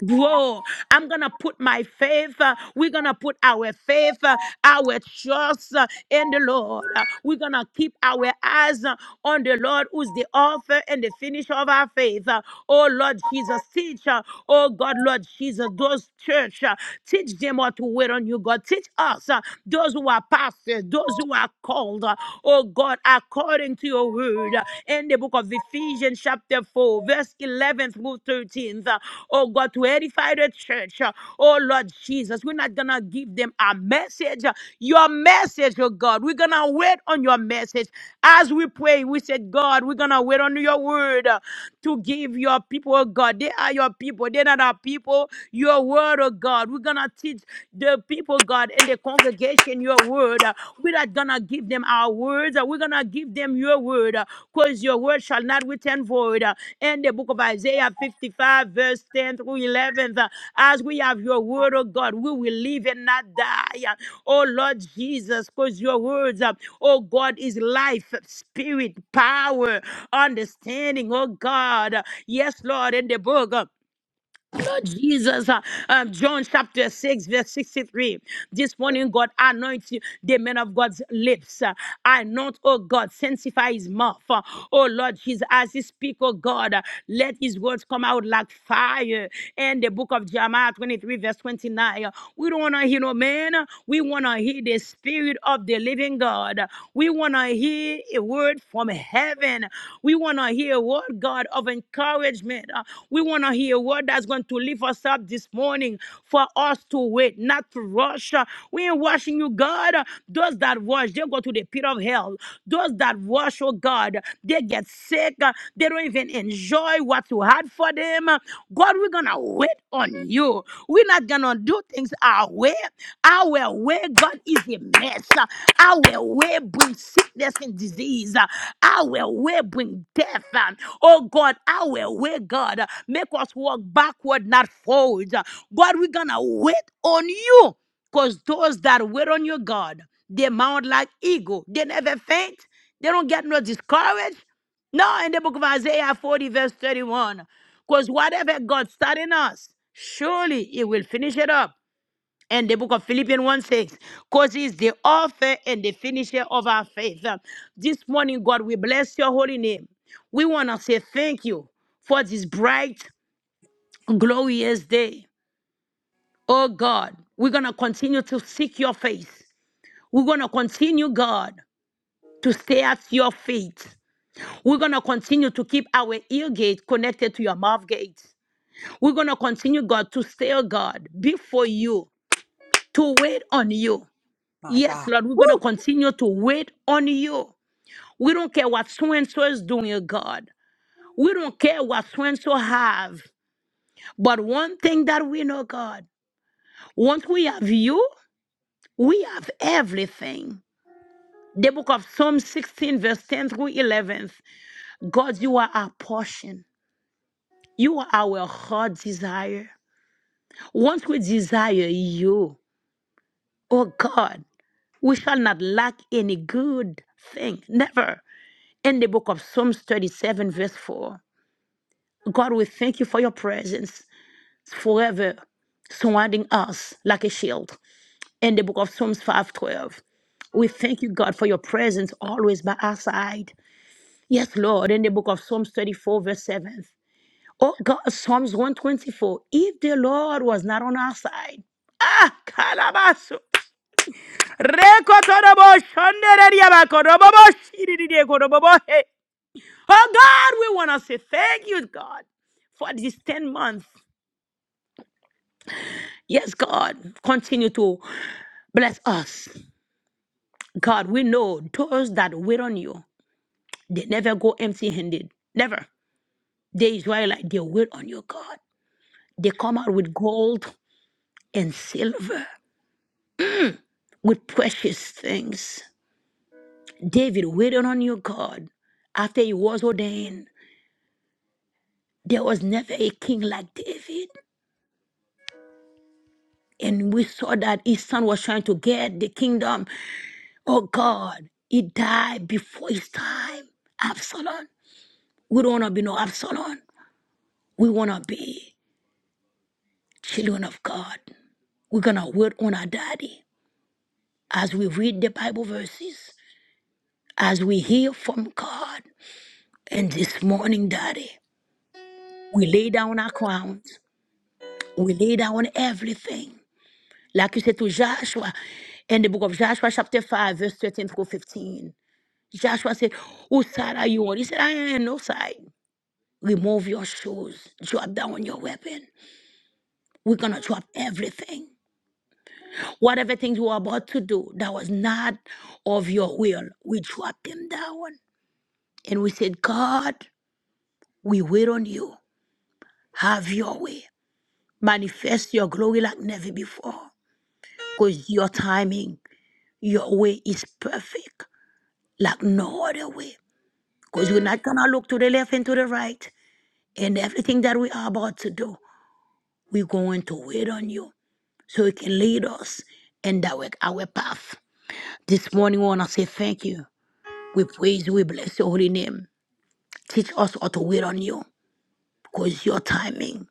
Speaker 2: Whoa, I'm gonna put my faith, uh, we're gonna put our faith, uh, our trust uh, in the Lord. Uh, we're gonna keep our eyes uh, on the Lord, who's the author and the finisher of our faith. Uh, oh Lord Jesus, teach, uh, oh God, Lord Jesus, those church, uh, teach them how to wait on you, God. Teach us, uh, those who are pastors, those who are called, uh, oh God, according to your word word uh, in the book of Ephesians, chapter 4, verse 11 through 13. uh, Oh God, to edify the church. uh, Oh Lord Jesus, we're not gonna give them a message. uh, Your message, oh God, we're gonna wait on your message. As we pray, we said, God, we're gonna wait on your word uh, to give your people, oh God. They are your people, they're not our people. Your word, oh God, we're gonna teach the people, God, in the congregation your word. Uh, We're not going to give them our words. Uh, We're going to give them your word because your word shall not return void. Uh, In the book of Isaiah 55, verse 10 through 11, uh, as we have your word, oh God, we will live and not die. Uh, Oh Lord Jesus, because your words, uh, oh God, is life, spirit, power, understanding, oh God. Uh, Yes, Lord, in the book. uh, Lord Jesus, uh, um, John chapter 6, verse 63. This morning, God, anoint you, the man of God's lips. Uh, anoint, oh God, sanctify his mouth. Uh, oh Lord Jesus, as he speak, oh God, uh, let his words come out like fire. And the book of Jeremiah 23, verse 29. uh, we don't want to hear no man. We want to hear the spirit of the living God. We want to hear hear a word from heaven. We want to hear a word, God, of encouragement. Uh, we want to hear a word that's going to lift us up this morning for us to wait, not to rush. Uh, we ain't rushing you, God. Uh, Those that rush, they go to the pit of hell. Those that rush, oh God, they get sick. Uh, they don't even enjoy what you had for them. Uh, God, we're going to wait on you. We're not not gonna do things our way. Our way, God, is a mess. Our way brings sickness and disease. Our way brings death. Oh God, our way, God, make us walk backward, not forward. God, we're gonna wait on you. Because those that wait on you, God, they mount like eagle. They never faint. They don't get no discouraged. No, in the book of Isaiah 40, verse 31. Because whatever God start in us, surely He will finish it up. And the book of Philippians 1 6, because He's the author and the finisher of our faith. Uh, This morning, God, we bless your holy name. We want to say thank you for this bright, glorious day. Oh God, we're going to continue to seek your face. We're going to continue, God, to stay at your feet. We're going to continue to keep our ear gate connected to your mouth gate. We're going to continue, God, to stay, oh God, before you, to wait on you.
Speaker 1: My
Speaker 2: Yes,
Speaker 1: God.
Speaker 2: Lord, we're going to
Speaker 1: Woo!
Speaker 2: continue to wait on you. We don't care what so and so is doing, oh God. We don't care what so and so have. But one thing that we know, God, once we have you, we have everything. The book of Psalm 16, verse 10 through 11. God, you are our portion. You are our heart desire. Once we desire you, oh God, we shall not lack any good thing. Never. In the book of Psalms 37, verse 4. God, we thank you for your presence forever surrounding us like a shield. In the book of Psalms 512. We thank you, God, for your presence always by our side. Yes, Lord, in the book of Psalms 34, verse 7. Oh God, Psalms 124. If the Lord was not on our side, ah, Kalabaso, Oh God, we want to say thank you, God, for these 10 months. Yes, God, continue to bless us. God, we know those that wait on you, they never go empty handed. Never. They Israelite, they wait on you, God. They come out with gold and silver, with precious things. David waited on you, God, after he was ordained. There was never a king like David. And we saw that his son was trying to get the kingdom. Oh God, he died before his time. Absalom. We don't want to be no Absalom. We want to be children of God. We're going to wait on our daddy as we read the Bible verses, as we hear from God. And this morning, daddy, we lay down our crowns. We lay down everything Like you said to Joshua in the book of Joshua, chapter 5, verse 13 through 15. Joshua said, Whose side are you on? He said, I ain't on no side. Remove your shoes, drop down your weapon. We're going to drop everything. Whatever things you were about to do that was not of your will, we drop them down. And we said, God, we wait on you. Have your way. Manifest your glory like never before. Because your timing, your way is perfect, like no other way. Because we're not going to look to the left and to the right. And everything that we are about to do, we're going to wait on you so you can lead us and direct our path. This morning, we want to say thank you. We praise you. We bless your holy name. Teach us how to wait on you because your timing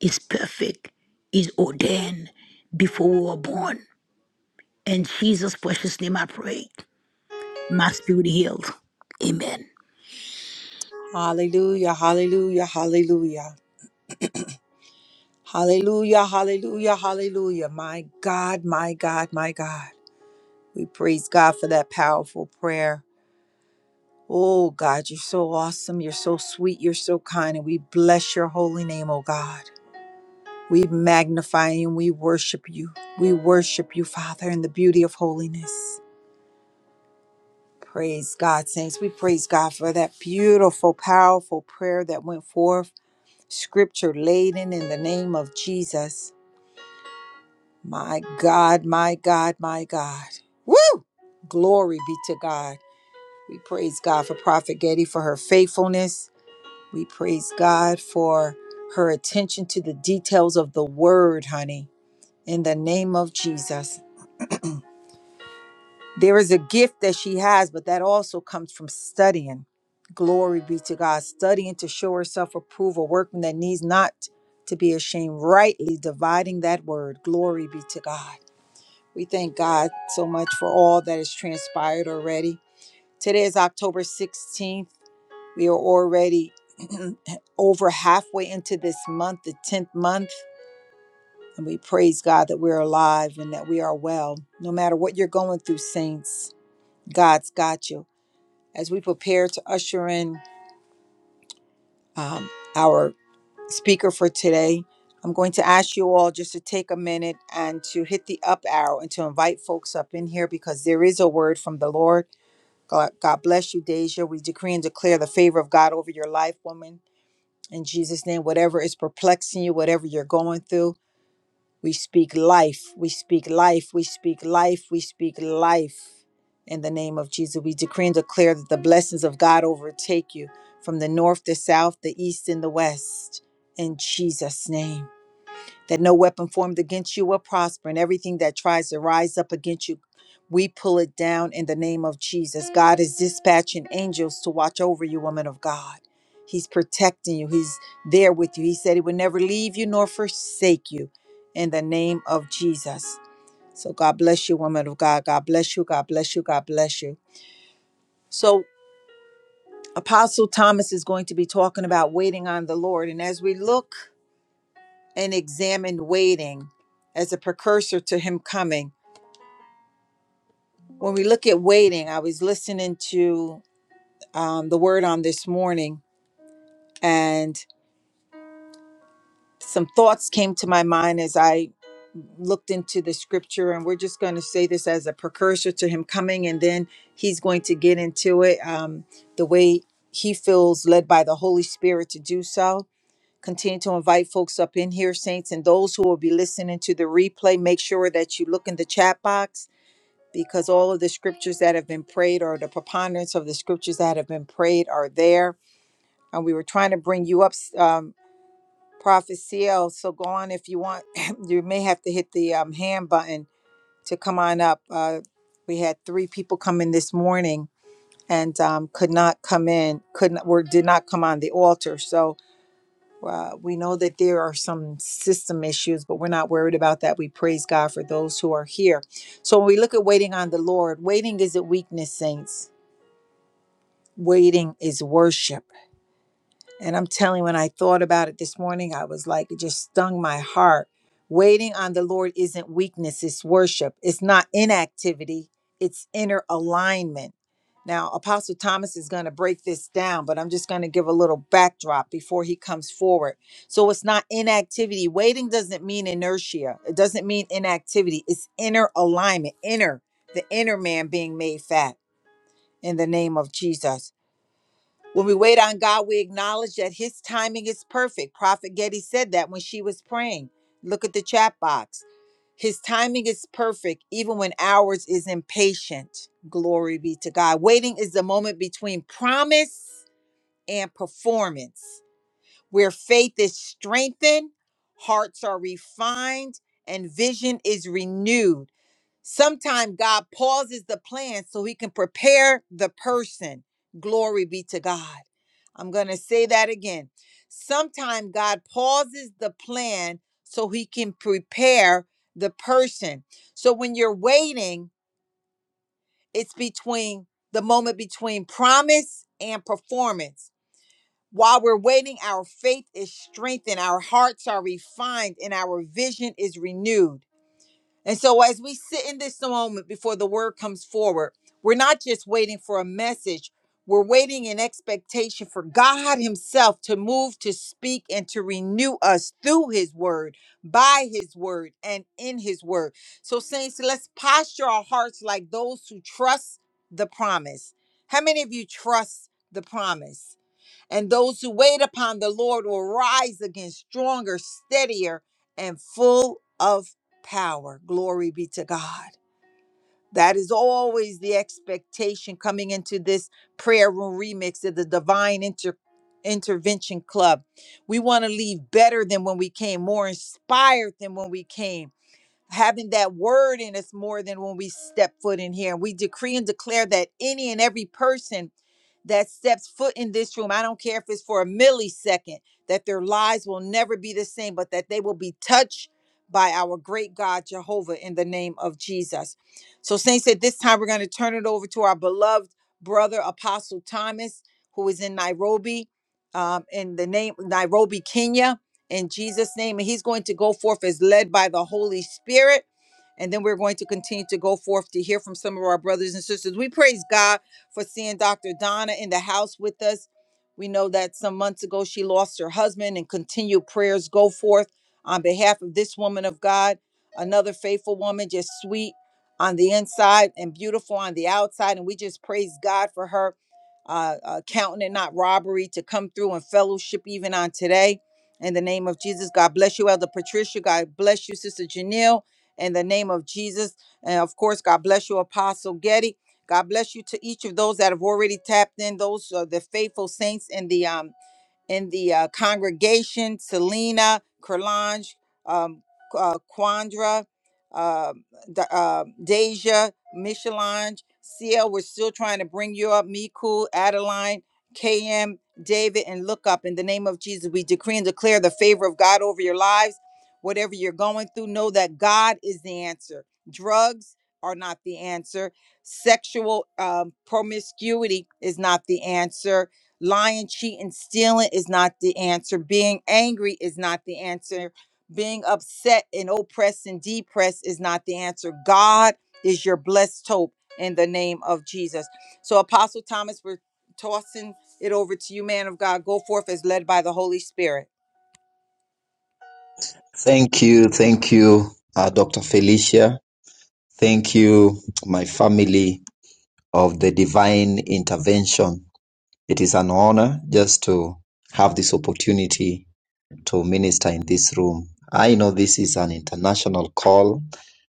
Speaker 2: is perfect, is ordained before we were born. In Jesus' precious name, I pray. My spirit healed. Amen.
Speaker 1: Hallelujah. Hallelujah. Hallelujah. Hallelujah. Hallelujah. Hallelujah. My God. My God. My God. We praise God for that powerful prayer. Oh God, you're so awesome. You're so sweet. You're so kind. And we bless your holy name, oh God. We magnify and we worship you. We worship you, Father, in the beauty of holiness. Praise God, saints. We praise God for that beautiful, powerful prayer that went forth, scripture laden in the name of Jesus. My God, my God, my God. Woo! Glory be to God. We praise God for Prophet Getty for her faithfulness. We praise God for her attention to the details of the word, honey in the name of Jesus. There is a gift that she has, but that also comes from studying. Glory be to God, studying to show herself approved, a workman that needs not to be ashamed, rightly dividing that word. Glory be to God. We thank God so much for all that has transpired already. Today is October 16th. We are already [clears throat] over halfway into this month, the 10th month. And we praise God that we're alive and that we are well. No matter what you're going through, saints, God's got you. As we prepare to usher in um, our speaker for today, I'm going to ask you all just to take a minute and to hit the up arrow and to invite folks up in here because there is a word from the Lord. God, God bless you, Deja. We decree and declare the favor of God over your life, woman. In Jesus' name, whatever is perplexing you, whatever you're going through, We speak life. We speak life. We speak life. We speak life. In the name of Jesus, we decree and declare that the blessings of God overtake you from the north, the south, the east, and the west. In Jesus' name that no weapon formed against you will prosper, and everything that tries to rise up against you, we pull it down in the name of Jesus. God is dispatching angels to watch over you, woman of God. He's protecting you, He's there with you. He said He would never leave you nor forsake you in the name of Jesus. So, God bless you, woman of God. God bless you. God bless you. God bless you. So, Apostle Thomas is going to be talking about waiting on the Lord. And as we look, and examine waiting as a precursor to him coming. When we look at waiting, I was listening to um, the word on this morning, and some thoughts came to my mind as I looked into the scripture. And we're just going to say this as a precursor to him coming, and then he's going to get into it um, the way he feels led by the Holy Spirit to do so. Continue to invite folks up in here, saints, and those who will be listening to the replay, make sure that you look in the chat box because all of the scriptures that have been prayed or the preponderance of the scriptures that have been prayed are there. And we were trying to bring you up, s- um, Prophet CL. So go on if you want. [laughs] [clears throat] you may have to hit the um, hand button to come on up. Uh, we had three people come in this morning and um, could not come in, could not, were, did not come on the altar. So uh, we know that there are some system issues, but we're not worried about that. We praise God for those who are here. So when we look at waiting on the Lord, waiting isn't weakness, saints. Waiting is worship. And I'm telling you, when I thought about it this morning, I was like, it just stung my heart. Waiting on the Lord isn't weakness, it's worship. It's not inactivity, it's inner alignment. Now, Apostle Thomas is going to break this down, but I'm just going to give a little backdrop before he comes forward. So it's not inactivity. Waiting doesn't mean inertia, it doesn't mean inactivity. It's inner alignment, inner, the inner man being made fat in the name of Jesus. When we wait on God, we acknowledge that His timing is perfect. Prophet Getty said that when she was praying. Look at the chat box. His timing is perfect, even when ours is impatient. Glory be to God. Waiting is the moment between promise and performance, where faith is strengthened, hearts are refined, and vision is renewed. Sometimes God pauses the plan so he can prepare the person. Glory be to God. I'm going to say that again. Sometimes God pauses the plan so he can prepare the person. So when you're waiting, it's between the moment between promise and performance. While we're waiting, our faith is strengthened, our hearts are refined, and our vision is renewed. And so, as we sit in this moment before the word comes forward, we're not just waiting for a message, we're waiting in expectation for God Himself to move, to speak, and to renew us through His word, by His word, and in His word. So, Saints, let's posture our hearts like those who trust the promise. How many of you trust the promise? And those who wait upon the Lord will rise again stronger, steadier, and full of power. Glory be to God. That is always the expectation coming into this prayer room remix of the Divine Inter- Intervention Club. We want to leave better than when we came, more inspired than when we came having that word in us more than when we step foot in here. We decree and declare that any and every person that steps foot in this room, I don't care if it's for a millisecond, that their lives will never be the same, but that they will be touched by our great God Jehovah in the name of Jesus. So, Saints, at this time, we're going to turn it over to our beloved brother, Apostle Thomas, who is in Nairobi, um, in the name Nairobi, Kenya in Jesus' name. And he's going to go forth as led by the Holy Spirit. And then we're going to continue to go forth to hear from some of our brothers and sisters. We praise God for seeing Dr. Donna in the house with us. We know that some months ago she lost her husband, and continued prayers go forth on behalf of this woman of God, another faithful woman, just sweet on the inside and beautiful on the outside. And we just praise God for her uh, uh, counting it not robbery to come through and fellowship even on today. In the name of Jesus, God bless you, Elder Patricia. God bless you, Sister Janelle. In the name of Jesus. And of course, God bless you, Apostle Getty. God bless you to each of those that have already tapped in, those uh, the faithful saints in the um in the uh, congregation, Selena, Kerlange, um, uh, Quandra, uh, D- uh, Deja, Michelange, CL, we're still trying to bring you up, Miku, Adeline, KM, David, and look up. In the name of Jesus, we decree and declare the favor of God over your lives. Whatever you're going through, know that God is the answer. Drugs are not the answer. Sexual um, promiscuity is not the answer lying, cheating, stealing is not the answer. Being angry is not the answer. Being upset and oppressed and depressed is not the answer. God is your blessed hope in the name of Jesus. So, Apostle Thomas, we're tossing it over to you, man of God. Go forth as led by the Holy Spirit.
Speaker 3: Thank you, thank you, uh, Dr. Felicia. Thank you, my family of the divine intervention. It is an honor just to have this opportunity to minister in this room. I know this is an international call,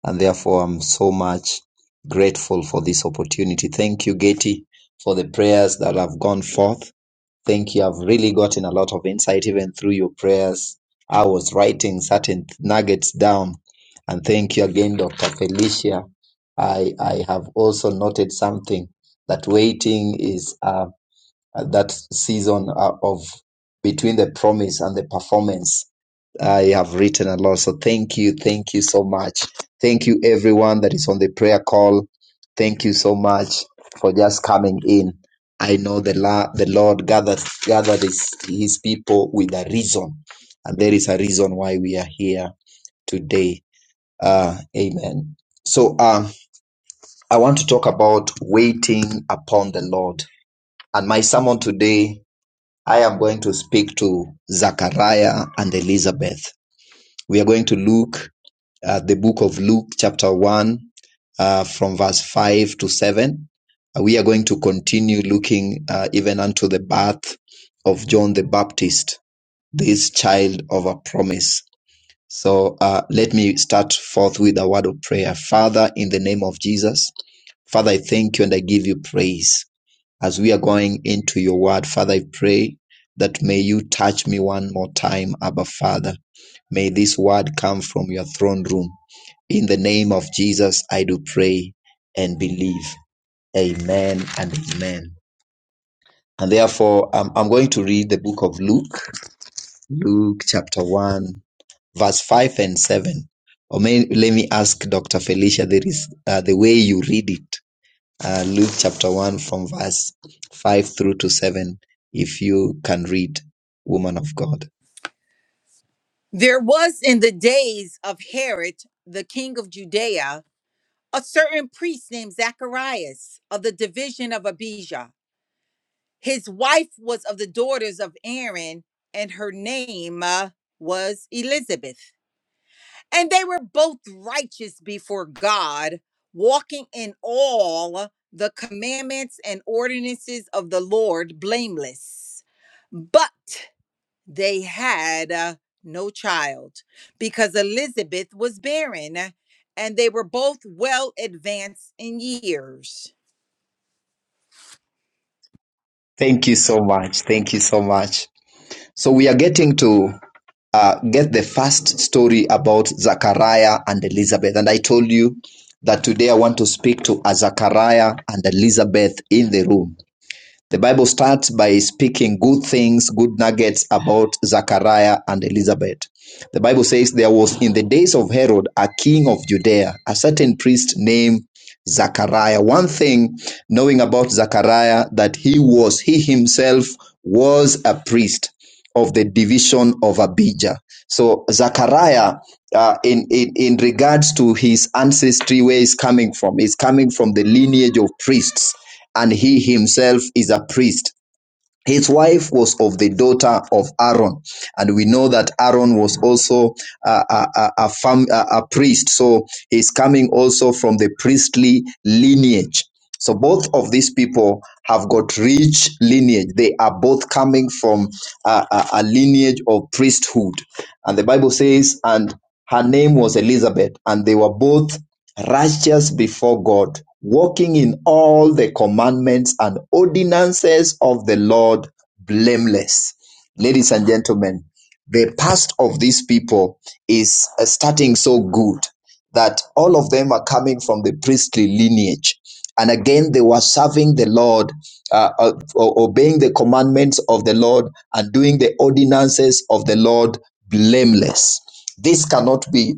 Speaker 3: and therefore I'm so much grateful for this opportunity. Thank you, Getty, for the prayers that have gone forth. Thank you. I've really gotten a lot of insight even through your prayers. I was writing certain nuggets down. And thank you again, Dr. Felicia. I, I have also noted something that waiting is uh, that season uh, of between the promise and the performance I have written a lot. So thank you. Thank you so much. Thank you, everyone that is on the prayer call. Thank you so much for just coming in. I know the, la- the Lord gathered, gathered his, his people with a reason, and there is a reason why we are here today. Uh, amen. So uh, I want to talk about waiting upon the Lord. And my sermon today, I am going to speak to Zachariah and Elizabeth. We are going to look uh, the book of Luke, chapter 1, uh, from verse 5 to 7. Uh, we are going to continue looking uh, even unto the birth of John the Baptist, this child of a promise. So uh, let me start forth with a word of prayer. Father, in the name of Jesus, Father, I thank you and I give you praise. As we are going into your word, Father, I pray that may you touch me one more time, Abba Father. May this word come from your throne room. In the name of Jesus, I do pray and believe. Amen and amen. And therefore, um, I'm going to read the book of Luke, Luke chapter 1, verse 5 and 7. Or may, let me ask Dr. Felicia, there is uh, the way you read it, uh, Luke chapter 1 from verse 5 through to 7, if you can read, woman of God.
Speaker 1: There was in the days of Herod, the king of Judea, a certain priest named Zacharias of the division of Abijah His wife was of the daughters of Aaron, and her name uh, was Elizabeth. And they were both righteous before God, walking in all the commandments and ordinances of the Lord blameless. But they had uh, no child because Elizabeth was barren, and they were both well advanced in years.
Speaker 3: Thank you so much. Thank you so much. So we are getting to uh, get the first story about Zachariah and Elizabeth. And I told you that today I want to speak to a Zachariah and Elizabeth in the room. The Bible starts by speaking good things, good nuggets about Zachariah and Elizabeth. The Bible says there was in the days of Herod a king of Judea, a certain priest named Zachariah. One thing knowing about Zachariah that he was, he himself was a priest of the division of Abijah. So Zechariah, uh, in, in in regards to his ancestry, where he's coming from, he's coming from the lineage of priests, and he himself is a priest. His wife was of the daughter of Aaron, and we know that Aaron was also a, a, a, fam, a, a priest. So he's coming also from the priestly lineage. So both of these people have got rich lineage. They are both coming from a, a, a lineage of priesthood. And the Bible says, and her name was Elizabeth, and they were both righteous before God, walking in all the commandments and ordinances of the Lord blameless. Ladies and gentlemen, the past of these people is uh, starting so good that all of them are coming from the priestly lineage. And again, they were serving the Lord, uh, uh, obeying the commandments of the Lord and doing the ordinances of the Lord blameless. This cannot be.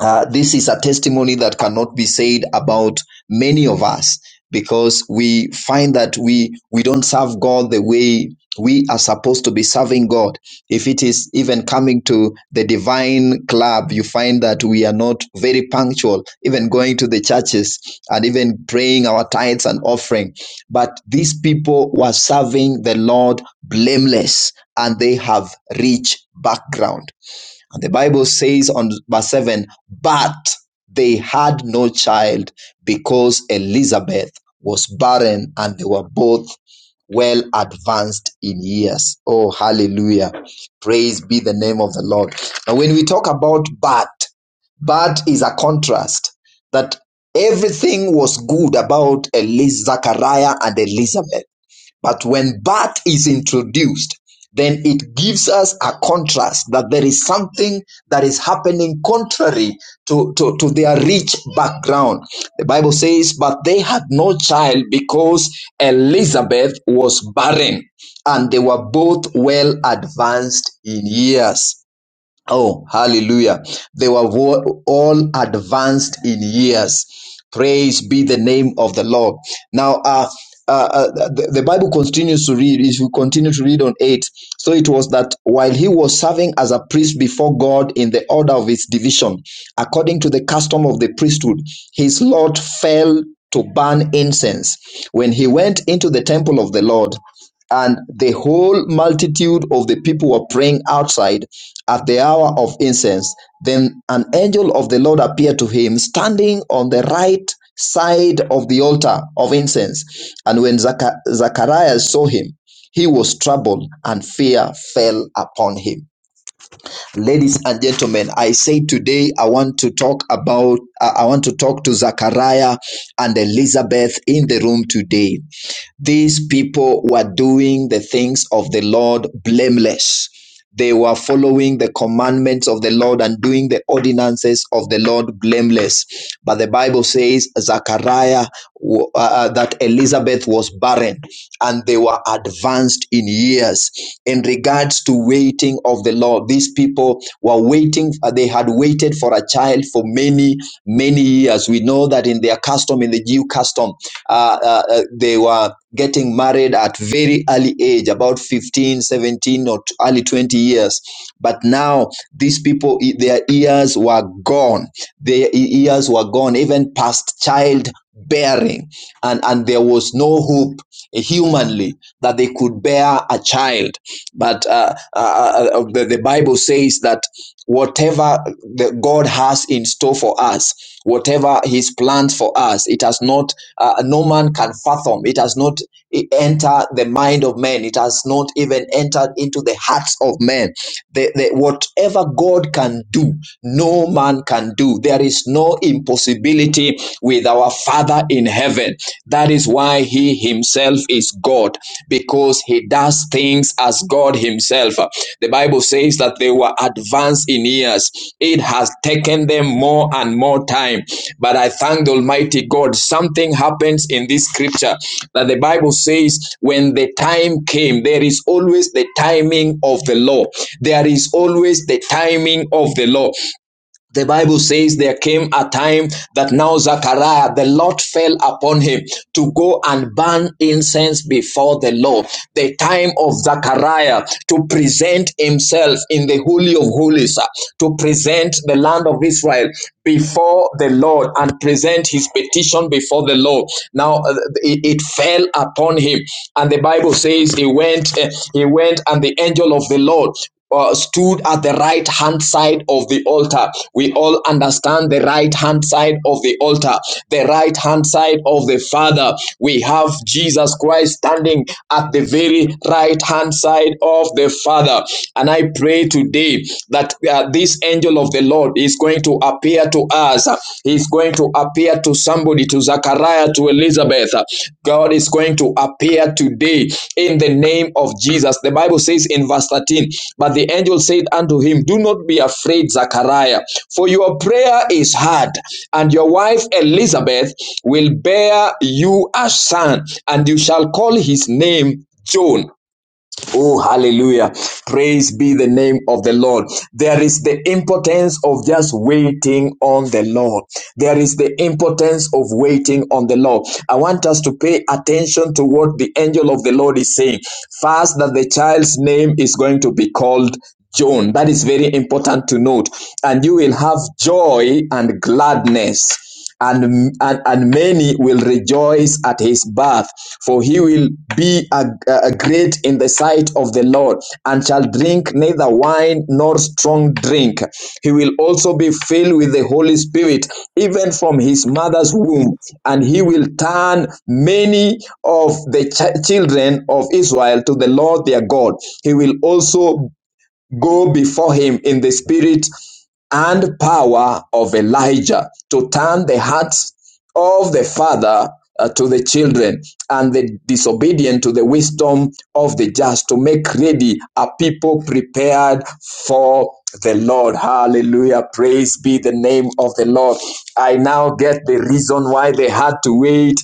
Speaker 3: Uh, this is a testimony that cannot be said about many of us because we find that we we don't serve God the way we are supposed to be serving God. If it is even coming to the divine club, you find that we are not very punctual, even going to the churches and even praying our tithes and offering. But these people were serving the Lord blameless and they have rich background and the Bible says on verse 7 But they had no child because Elizabeth was barren and they were both well advanced in years. Oh, hallelujah. Praise be the name of the Lord. Now, when we talk about but, but is a contrast that everything was good about Eliz- Zachariah and Elizabeth but when that is introduced, then it gives us a contrast that there is something that is happening contrary to, to, to their rich background. The Bible says, But they had no child because Elizabeth was barren and they were both well advanced in years. Oh, hallelujah. They were vo- all advanced in years. Praise be the name of the Lord. Now, uh, uh, uh, the, the Bible continues to read, if you continue to read on 8, so it was that while he was serving as a priest before God in the order of his division, according to the custom of the priesthood, his lot fell to burn incense. When he went into the temple of the Lord, and the whole multitude of the people were praying outside at the hour of incense. Then an angel of the Lord appeared to him, standing on the right side of the altar of incense. And when Zacha- Zacharias saw him, he was troubled, and fear fell upon him. Ladies and gentlemen, I say today I want to talk about, I I want to talk to Zachariah and Elizabeth in the room today these people were doing the things of the Lord blameless. They were following the commandments of the Lord and doing the ordinances of the Lord blameless. But the Bible says, Zachariah, uh, uh, that Elizabeth was barren and they were advanced in years. In regards to waiting of the Lord, these people were waiting, uh, they had waited for a child for many many, many years. We know that in their custom, in the Jew custom, uh, uh, uh, they were getting married at very early age, about 15, 17, or early 20 years. But now these people, e, their ears were gone. Their e- ears were gone, even past childbearing, and and there was no hope eh, humanly that they could bear a child but uh, uh, uh, uh, the, the bible says that whatever the God has in store for us, whatever His plans for us, it has not, uh, no man can fathom. It has not e- entered the mind of man. It has not even entered into the hearts of men. The, the, whatever God can do, no man can do. There is no impossibility with our Father in heaven. That is why He himself is God because he does things as God himself. The Bible says that they were advanced in years. It has taken them more and more time. But I thank the Almighty God. Something happens in this scripture that the Bible says when the time came, there is always the timing of the law. There is always the timing of the law. The Bible says there came a time that now Zachariah, the Lord fell upon him to go and burn incense before the Lord. The time of Zachariah to present himself in the Holy of Holies, uh, to present the land of Israel before the Lord and present his petition before the Lord. Now uh, it, it fell upon him, and the Bible says he went, uh, he went, and the angel of the Lord uh, stood at the right hand side of the altar. We all understand the right hand side of the altar, the right hand side of the Father. We have Jesus Christ standing at the very right hand side of the Father. And I pray today that uh, this angel of the Lord is going to appear to us. He's going to appear appear to somebody, to Zachariah, to Elizabeth. God is going to appear today in the name of Jesus. The Bible says in verse 13, But the angel said unto him, Do not be afraid, Zachariah, for your prayer is heard, and your wife Elizabeth will bear you a son, and you shall call his name John. Oh, hallelujah. Praise be the name of the Lord. There is the importance of just waiting on the Lord. There is the importance of waiting on the Lord. I want us to pay attention to what the angel of the Lord is saying. First, that the child's name is going to be called John. That is very important to note. And you will have joy and gladness and, and, and many will rejoice at his birth, for he will be a, a great in the sight of the Lord, and shall drink neither wine nor strong drink. He will also be filled with the Holy Spirit, even from his mother's womb, and he will turn many of the ch- children of Israel to the Lord their God. He will also go before him in the spirit and power of Elijah to turn the hearts of the father uh, to the children and the disobedient to the wisdom of the just to make ready a people prepared for the Lord. Hallelujah. Praise be the name of the Lord. I now get the reason why they had to wait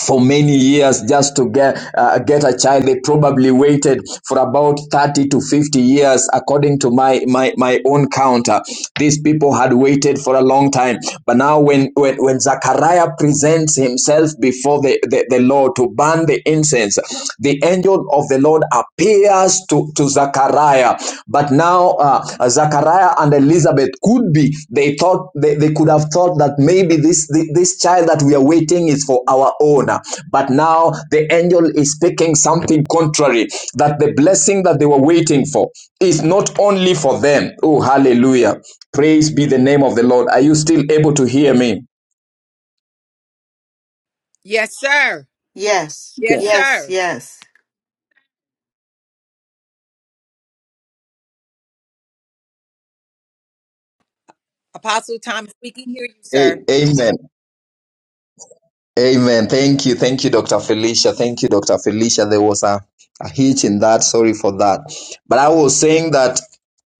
Speaker 3: for many years just to get uh, get a child they probably waited for about 30 to 50 years according to my my my own counter these people had waited for a long time but now when when, when zachariah presents himself before the, the the lord to burn the incense things. The angel of the Lord appears to, to Zachariah, but now uh, Zachariah and Elizabeth could be, they thought, they, they could have thought that maybe this, thi- this child that we are waiting is for our own. But now the angel is speaking something contrary, that the blessing that they were waiting for is not only for them. Oh, hallelujah. Praise be the name of the Lord. Are you still able to hear me?
Speaker 1: Yes, sir.
Speaker 4: Yes.
Speaker 1: Yes,
Speaker 5: Yes.
Speaker 4: Yes.
Speaker 1: sir.
Speaker 4: Yes.
Speaker 1: Apostle Thomas, we can hear you,
Speaker 3: A-
Speaker 1: sir.
Speaker 3: Amen. Amen. Thank you. Thank you, Dr. Felicia. Thank you, Dr. Felicia. There was a, a hitch in that. Sorry for that. But I was saying that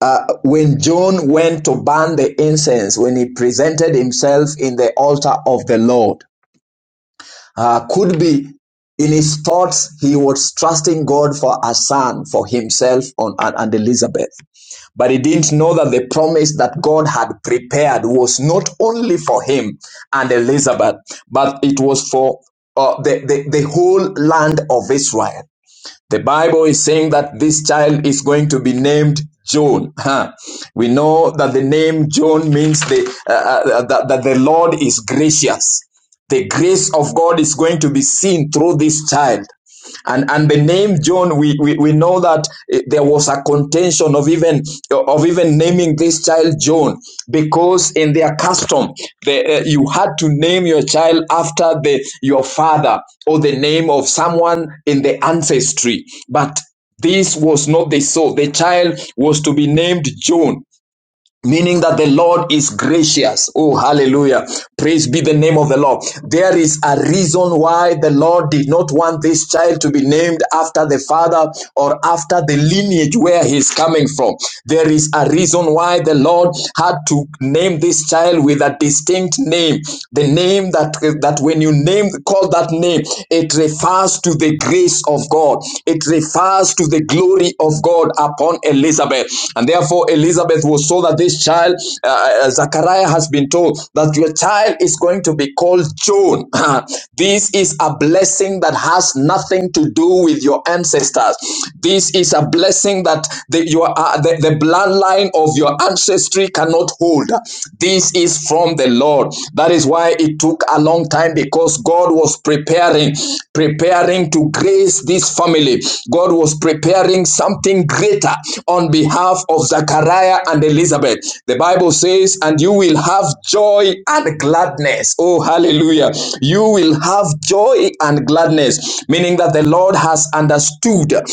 Speaker 3: uh, when John went to burn the incense, when he presented himself in the altar of the Lord, uh, could be in his thoughts, he was trusting God for a son for himself on, and, and Elizabeth. But he didn't know that the promise that God had prepared was not only for him and Elizabeth, but it was for uh, the, the, the whole land of Israel. The Bible is saying that this child is going to be named John. [laughs] Huh. We know that the name John means the, uh, uh, uh, that, that the Lord is gracious. The grace of God is going to be seen through this child and and the name john we we, we know that eh, there was a contention of even of even naming this child john because in their custom the, uh, you had to name your child after the your father or the name of someone in the ancestry but this was not the so the child was to be named john Meaning that the Lord is gracious. Oh, hallelujah. Praise be the name of the Lord. There is a reason why the Lord did not want this child to be named after the father or after the lineage where he's coming from. There is a reason why the Lord had to name this child with a distinct name. The name that, that when you name, call that name, it refers to the grace of God. It refers to the glory of God upon Elizabeth. And therefore, Elizabeth was so that this child, uh, uh, Zachariah has been told that your child is going to be called John. [laughs] this is a blessing that has nothing to do with your ancestors. This is a blessing that the, your, uh, the, the bloodline of your ancestry cannot hold. This this is from the Lord. That is why it took a long time because God was preparing, preparing to grace this family. God was preparing something greater on behalf of Zachariah and Elizabeth. The Bible says, and you will have joy and gladness. Oh, hallelujah. You will have joy and gladness, meaning that the Lord has understood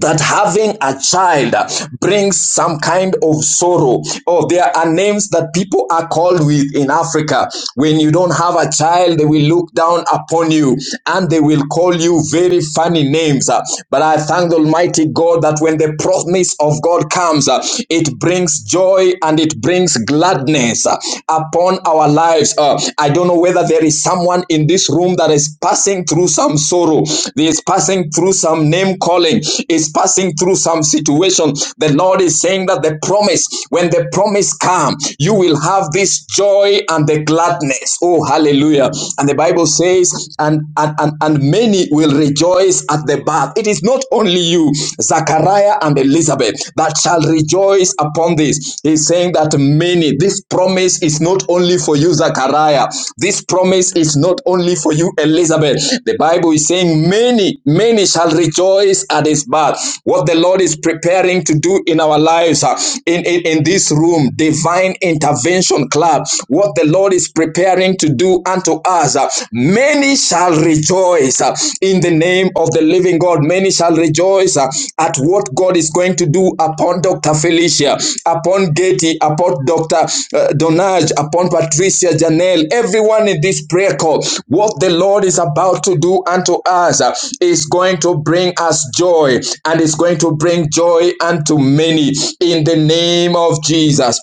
Speaker 3: that having a child brings some kind of sorrow. Oh, there are names that people are called with in Africa. When you don't have a child, they will look down upon you and they will call you very funny names. Uh, But I thank the Almighty God that when the promise of God comes, uh, it brings joy and it brings gladness uh, upon our lives. Uh, I don't know whether whether there is someone in this room that is passing through some sorrow, is passing through some name calling, is passing through some situation. The Lord is saying that the promise, when the promise comes, you will have this joy and the gladness. Oh, hallelujah. And the Bible says, and and, and, and many will rejoice at the birth. It is not only you, Zachariah and Elizabeth, that shall rejoice upon this. He's saying that many, this promise is not only for you, Zachariah. This promise is not only for you, Elizabeth. The Bible is saying many, many shall rejoice at his birth. What the Lord is preparing to do in our lives, uh, in, in, in this room, divine intervention club, what the Lord is preparing to do unto us, uh, many shall rejoice uh, in the name of the living God. Many shall rejoice uh, at what God is going to do upon Dr. Felicia, upon Getty, upon Dr. uh, Donage, upon Patricia Janelle, everyone in this prayer call. What the Lord is about to do unto us uh, is going to bring us joy and is going to bring joy unto many in the name of Jesus.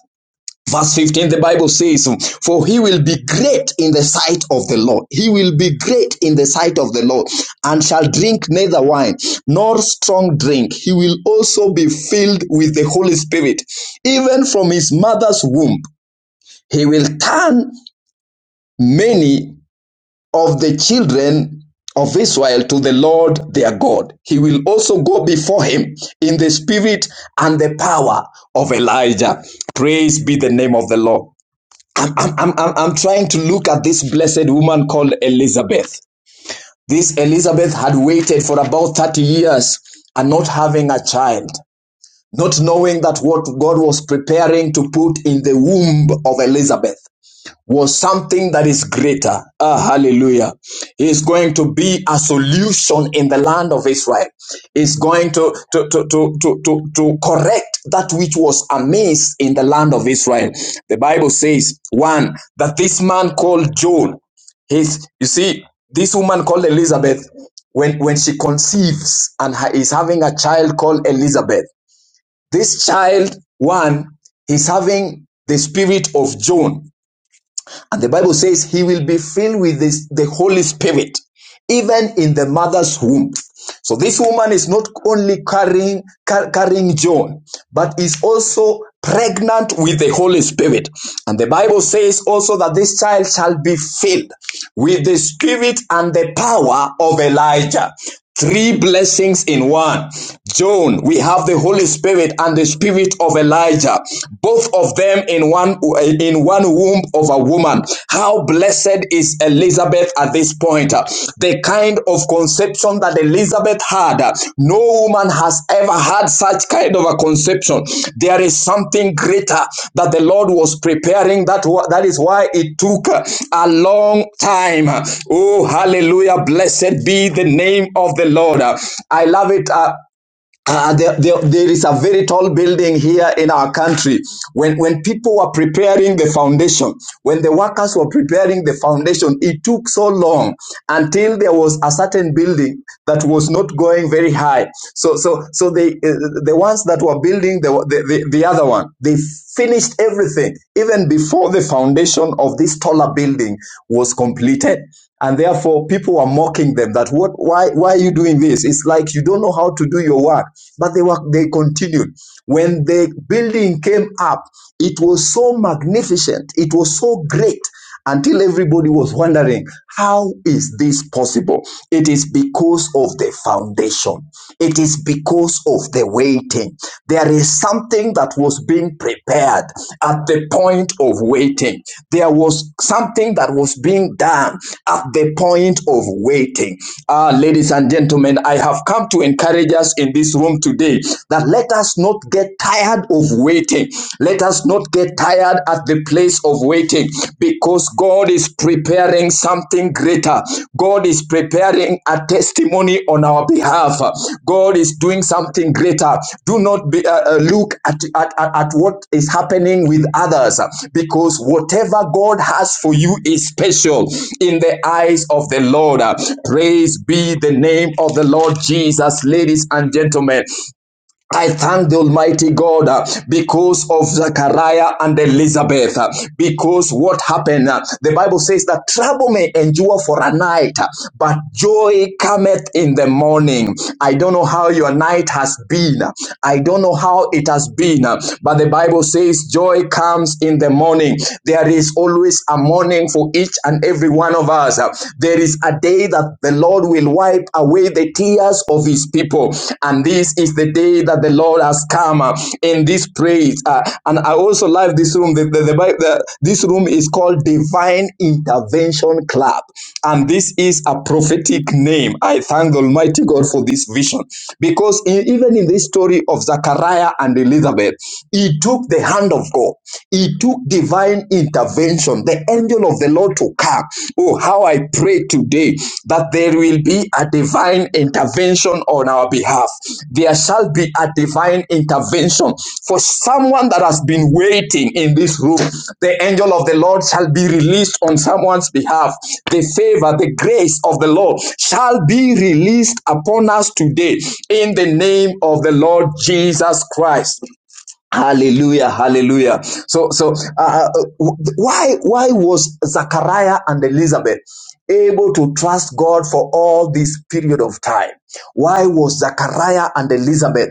Speaker 3: Verse 15, the Bible says, For he will be great in the sight of the Lord. He will be great in the sight of the Lord and shall drink neither wine nor strong drink. He will also be filled with the Holy Spirit, even from his mother's womb. He will turn many of the children of Israel to the Lord their God. He will also go before him in the spirit and the power of Elijah. Praise be the name of the Lord. I'm, I'm, I'm, I'm trying to look at this blessed woman called Elizabeth. This Elizabeth had waited for about 30 years and not having a child, not knowing that what God was preparing to put in the womb of Elizabeth was something that is greater. Ah, hallelujah. Is going to be a solution in the land of Israel. Is going to, to, to, to, to, to, to correct that which was amiss in the land of Israel. The Bible says, one, that this man called Joel, his, you see, this woman called Elizabeth, when, when she conceives and ha- is having a child called Elizabeth, this child, one, he's having the spirit of John and the Bible says he will be filled with this, the Holy Spirit, even in the mother's womb. So this woman is not only carrying, car- carrying John, but is also pregnant with the Holy Spirit. And the Bible says also that this child shall be filled with the Spirit and the power of Elijah. Three blessings in one. John, we have the Holy Spirit and the Spirit of Elijah, both of them in one in one womb womb of a woman. How blessed is Elizabeth at this point. The kind of conception that Elizabeth had, no woman has ever had such kind of a conception. There is something greater that the Lord was preparing. That, that is why it took a long time. Oh, hallelujah. Blessed be the name of the Lord. I love it. uh, uh, there, there, there is a very tall building here in our country. When, when people were preparing the foundation, when the workers were preparing the foundation, it took so long until there was a certain building that was not going very high. So, so, so they, uh, the ones that were building the, the, the, the other one, they finished everything even before the foundation of this taller building was completed and therefore people were mocking them that what why why are you doing this it's like you don't know how to do your work but they were they continued when the building came up it was so magnificent it was so great until everybody was wondering how is this possible it is because of the foundation it is because of the waiting there is something that was being prepared at the point of waiting. There was something that was being done at the point of waiting. Ah, ladies and gentlemen, I have come to encourage us in this room today that let us not get tired of waiting. Let us not get tired at the place of waiting because God is prepared preparing something greater. God is preparing a testimony on our behalf. God is doing something greater. Do not be, uh, uh, look at, at at what is happening with others because whatever God has for you is special in the eyes of the Lord. Praise be the name of the Lord Jesus, ladies and gentlemen. I thank the Almighty God uh, because of Zechariah and Elizabeth, uh, because what happened, uh, the Bible says that trouble may endure for a night, uh, but joy cometh in the morning. I don't know how your night has been. uh, I don't know how it has been, uh, but the Bible says joy comes in the morning. There is always a morning for each and every one of us. uh, There is a day that the Lord Lord will wipe away the tears of his people. And this is the day that the Lord has come uh, in this praise. Uh, and I also love this room. The, the, the, the, this room is called Divine Intervention Club. And this is a prophetic name. I thank the Almighty God for this vision. Because in, even in this story of Zachariah and Elizabeth, he took the hand of God, he took divine intervention dimension, the angel of the Lord to come. Oh, how I pray today that there will be a divine intervention on our behalf. There shall be a divine intervention for someone that has been waiting in this room. The angel of the Lord shall be released on someone's behalf. The favor, the grace of the Lord shall be released upon us today in the name of the Lord Jesus Christ. Hallelujah, hallelujah. So, so uh, uh, why why was Zachariah and Elizabeth able to trust God for all this period of time? Why was Zachariah and Elizabeth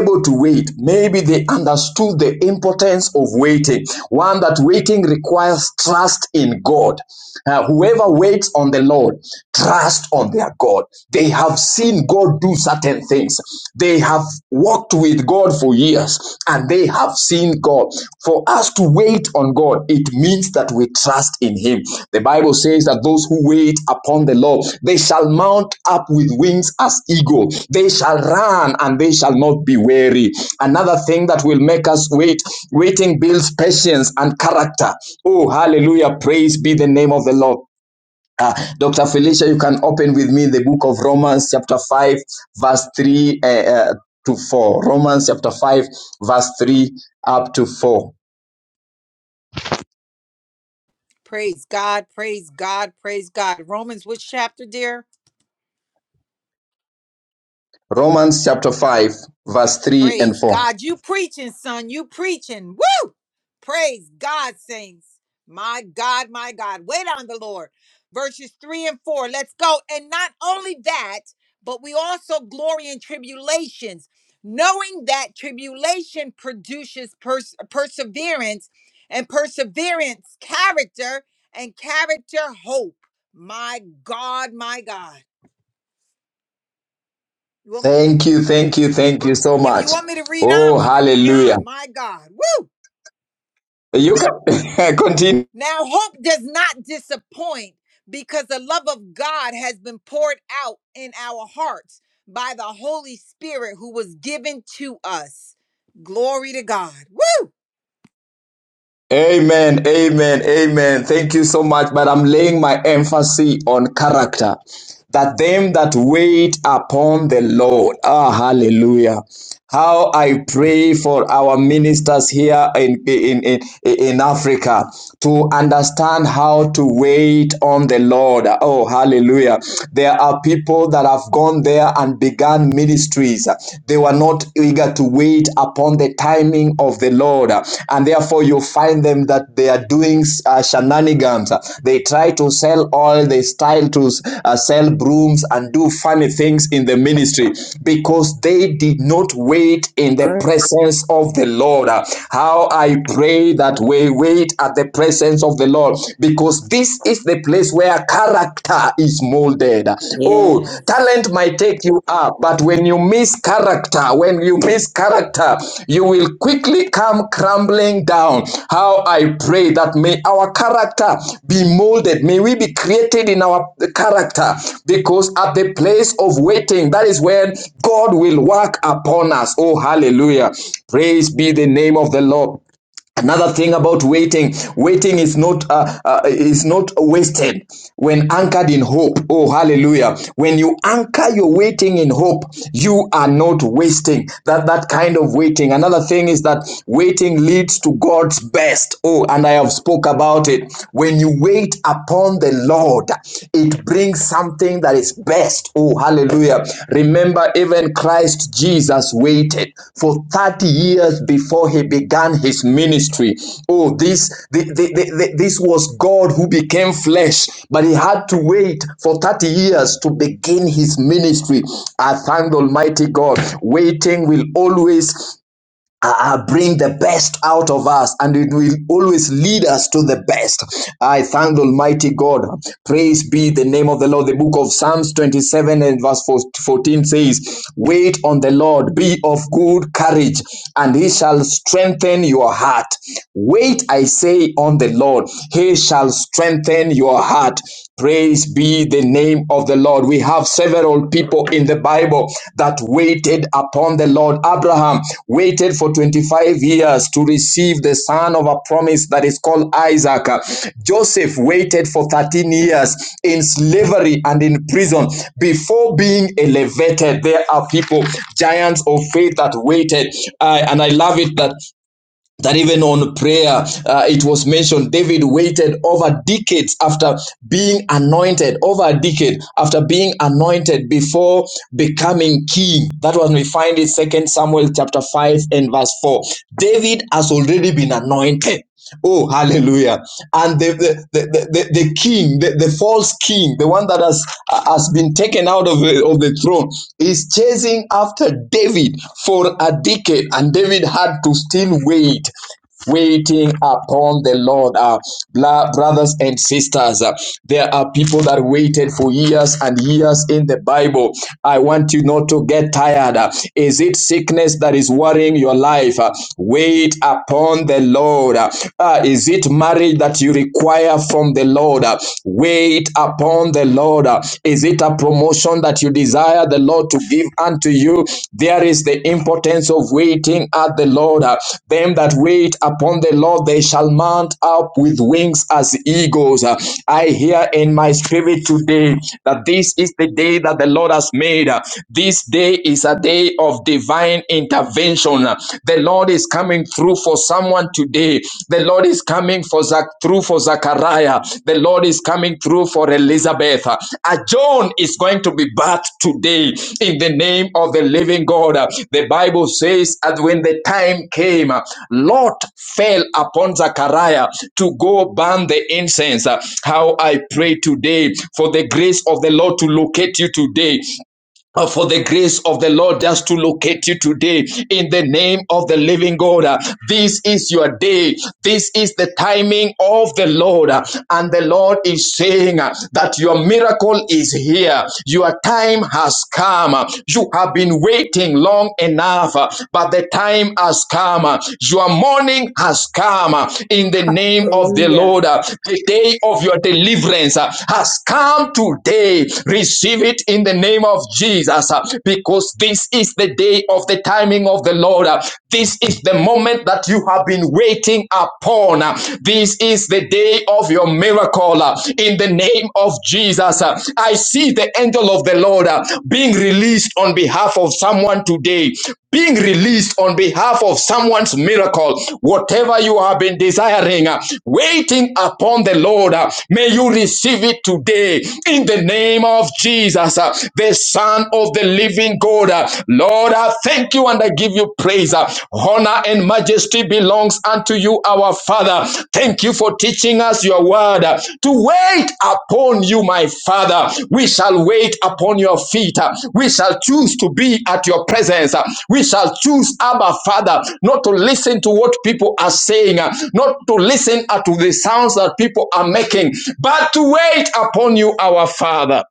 Speaker 3: able to wait? Maybe they understood the importance of waiting. One that waiting requires trust in God. Uh, whoever waits on the Lord, trust on their God. They have seen God God do certain things. They have walked with God for years and they have seen God. For us to wait on God, it means that we trust in Him. The Bible says that those who wait upon the Lord, they shall mount up with wings as eagle. They shall run and they shall not be weary. Another thing that will make us wait, waiting builds patience and character. Oh, hallelujah. Praise be the name of the Lord. Uh, Dr. Felicia, you can open with me the book of Romans, chapter 5, verse 3 uh, uh, to 4. Romans, chapter 5, verse 3 up to 4.
Speaker 1: Praise God, praise God, praise God. Romans, which chapter, dear?
Speaker 3: Romans, chapter 5, verse 3 and
Speaker 1: Praise
Speaker 3: 4.
Speaker 1: God. You preaching, son. You preaching. Praise God, saints. My God, my God. Wait on the Lord. Verses three and four. Let's go. And not only that, but we also glory in tribulations, knowing that tribulation produces pers- perseverance, and perseverance, character, and character, hope. My God, my God. You want-
Speaker 3: Thank you, thank you, thank you so
Speaker 1: If you
Speaker 3: much.
Speaker 1: want me to read on,
Speaker 3: Oh,
Speaker 1: we can read
Speaker 3: hallelujah.
Speaker 1: on. My God. Woo!
Speaker 3: You can [laughs] continue.
Speaker 1: Now, hope does not disappoint because the love of God has been poured out in our hearts by the Holy Spirit who was given to us. Glory to God. Woo!
Speaker 3: Amen, amen, amen. Thank you so much. But I'm laying my emphasis on character. That them that wait upon the Lord. Ah, hallelujah. How I pray for our ministers here in, in, in, in Africa to understand how to wait on the Lord. Oh, hallelujah. There are people that have gone there and began ministries. They were not eager to wait upon the timing of the Lord and therefore you find them that they are doing uh, shenanigans. They try to sell oil, they style to uh, sell brooms and do funny things in the ministry because they did not wait in the
Speaker 5: Uh,
Speaker 3: presence of the Lord. How I pray that we wait at the presence of the Lord because this is the place where character is molded. Oh,
Speaker 5: Yes.
Speaker 3: talent might take you up, but when you miss character, when you miss character, you will quickly come crumbling down. How I pray that may our character be molded, may we be created in our character, because at the place of waiting, that is when God will work upon us. Oh, hallelujah. Praise be the name of the Lord another thing about waiting waiting is not uh, uh, is not wasted when anchored in hope oh hallelujah when you anchor your waiting in hope you are not wasting that that kind of waiting another thing is that waiting leads to god's best oh and i have spoke about it when you wait upon the lord it brings something that is best. Oh, hallelujah. Remember, even Christ Jesus waited for 30 years before he began his ministry. Oh, this, the, the, the, the- this was God who became flesh, but he had to wait for 30 years to begin his ministry. I thank the Almighty God. Waiting will always uh, uh, bring the best out of us and it will always lead us to the best. I thank the Almighty God. Praise be the name of the Lord. The book of Psalms 27 and verse 14 says, Wait on the Lord, be of good courage, and he shall strengthen your heart. Wait, I say, on the Lord, he shall strengthen your heart. Praise be the name of the Lord. We have several people in the Bible that waited upon the Lord. Abraham waited for 25 years to receive the son of a promise that is called Isaac. Joseph waited for 13 years in slavery and in prison before being elevated. There are people, giants of faith, that waited. I- and I love it that that even on prayer, uh, it was mentioned David waited over decades after being anointed, over a decade after being anointed before becoming king. That was we find it Second Samuel chapter five and verse four. David has already been anointed. Oh, hallelujah. And the, the, the, the, the king, the, the false king, the one that has, uh, has been taken out of the, of the throne, is chasing after David for a decade. And David had to still wait waiting upon the Lord. Uh, brothers and sisters, uh, there are people that waited for years and years in the Bible. I want you not to get tired. Uh, is it sickness that is worrying your life? Uh, Wait upon the Lord. Ah, is it marriage that you require from the Lord? Uh, Wait upon the Lord. Uh, Is it a promotion that you desire the Lord to give unto you? There is the importance of waiting at the Lord. Uh, Them that wait upon the Lord, they shall mount up with wings as eagles. Uh, I hear in my spirit today that this is the day that the Lord has made. Uh, This day is a day of of divine intervention. The Lord is coming through for someone today. The Lord is coming for Zach, through for Zachariah. The Lord is coming through for Elizabeth. A John is going to be birthed today in the name of the living God. The Bible says that when the time came, Lot fell upon Zachariah to go burn the incense. How I pray today for the grace of the Lord to locate you today uh, for the grace of the Lord just to locate you today in the name of the living God. Uh, This is your day. This is the timing of the Lord. Uh, And the Lord is saying uh, that your miracle is here. Your time has come. Uh, You have been waiting long enough, uh, but the time has come. Uh, Your morning has come uh, in the name of
Speaker 5: Oh,
Speaker 3: the
Speaker 5: yeah.
Speaker 3: Lord. Uh, The day of your deliverance uh, has come today. Receive it in the name name of Jesus uh, because this is the day of the timing of the Lord. uh, This is the moment that you have been waiting upon. uh, This is the day of your miracle uh, in the name of Jesus. uh, I see the angel of the Lord uh, being released on behalf of someone today being released on behalf of someone's miracle, whatever you have been desiring, uh, waiting upon the Lord, uh, may you receive it today in the name of Jesus, uh, the Son of the living God. Uh, Lord, I thank you and I give you praise. Uh, Honor and majesty belongs unto you, our Father. Thank you for teaching us your word uh, to wait upon you, my Father. We shall wait upon your feet. uh, We shall choose to be at your presence. uh, We shall choose, Abba, Father, not to listen to what people are saying, uh, not to listen uh, to the sounds that people are making, but to wait upon you, our Father.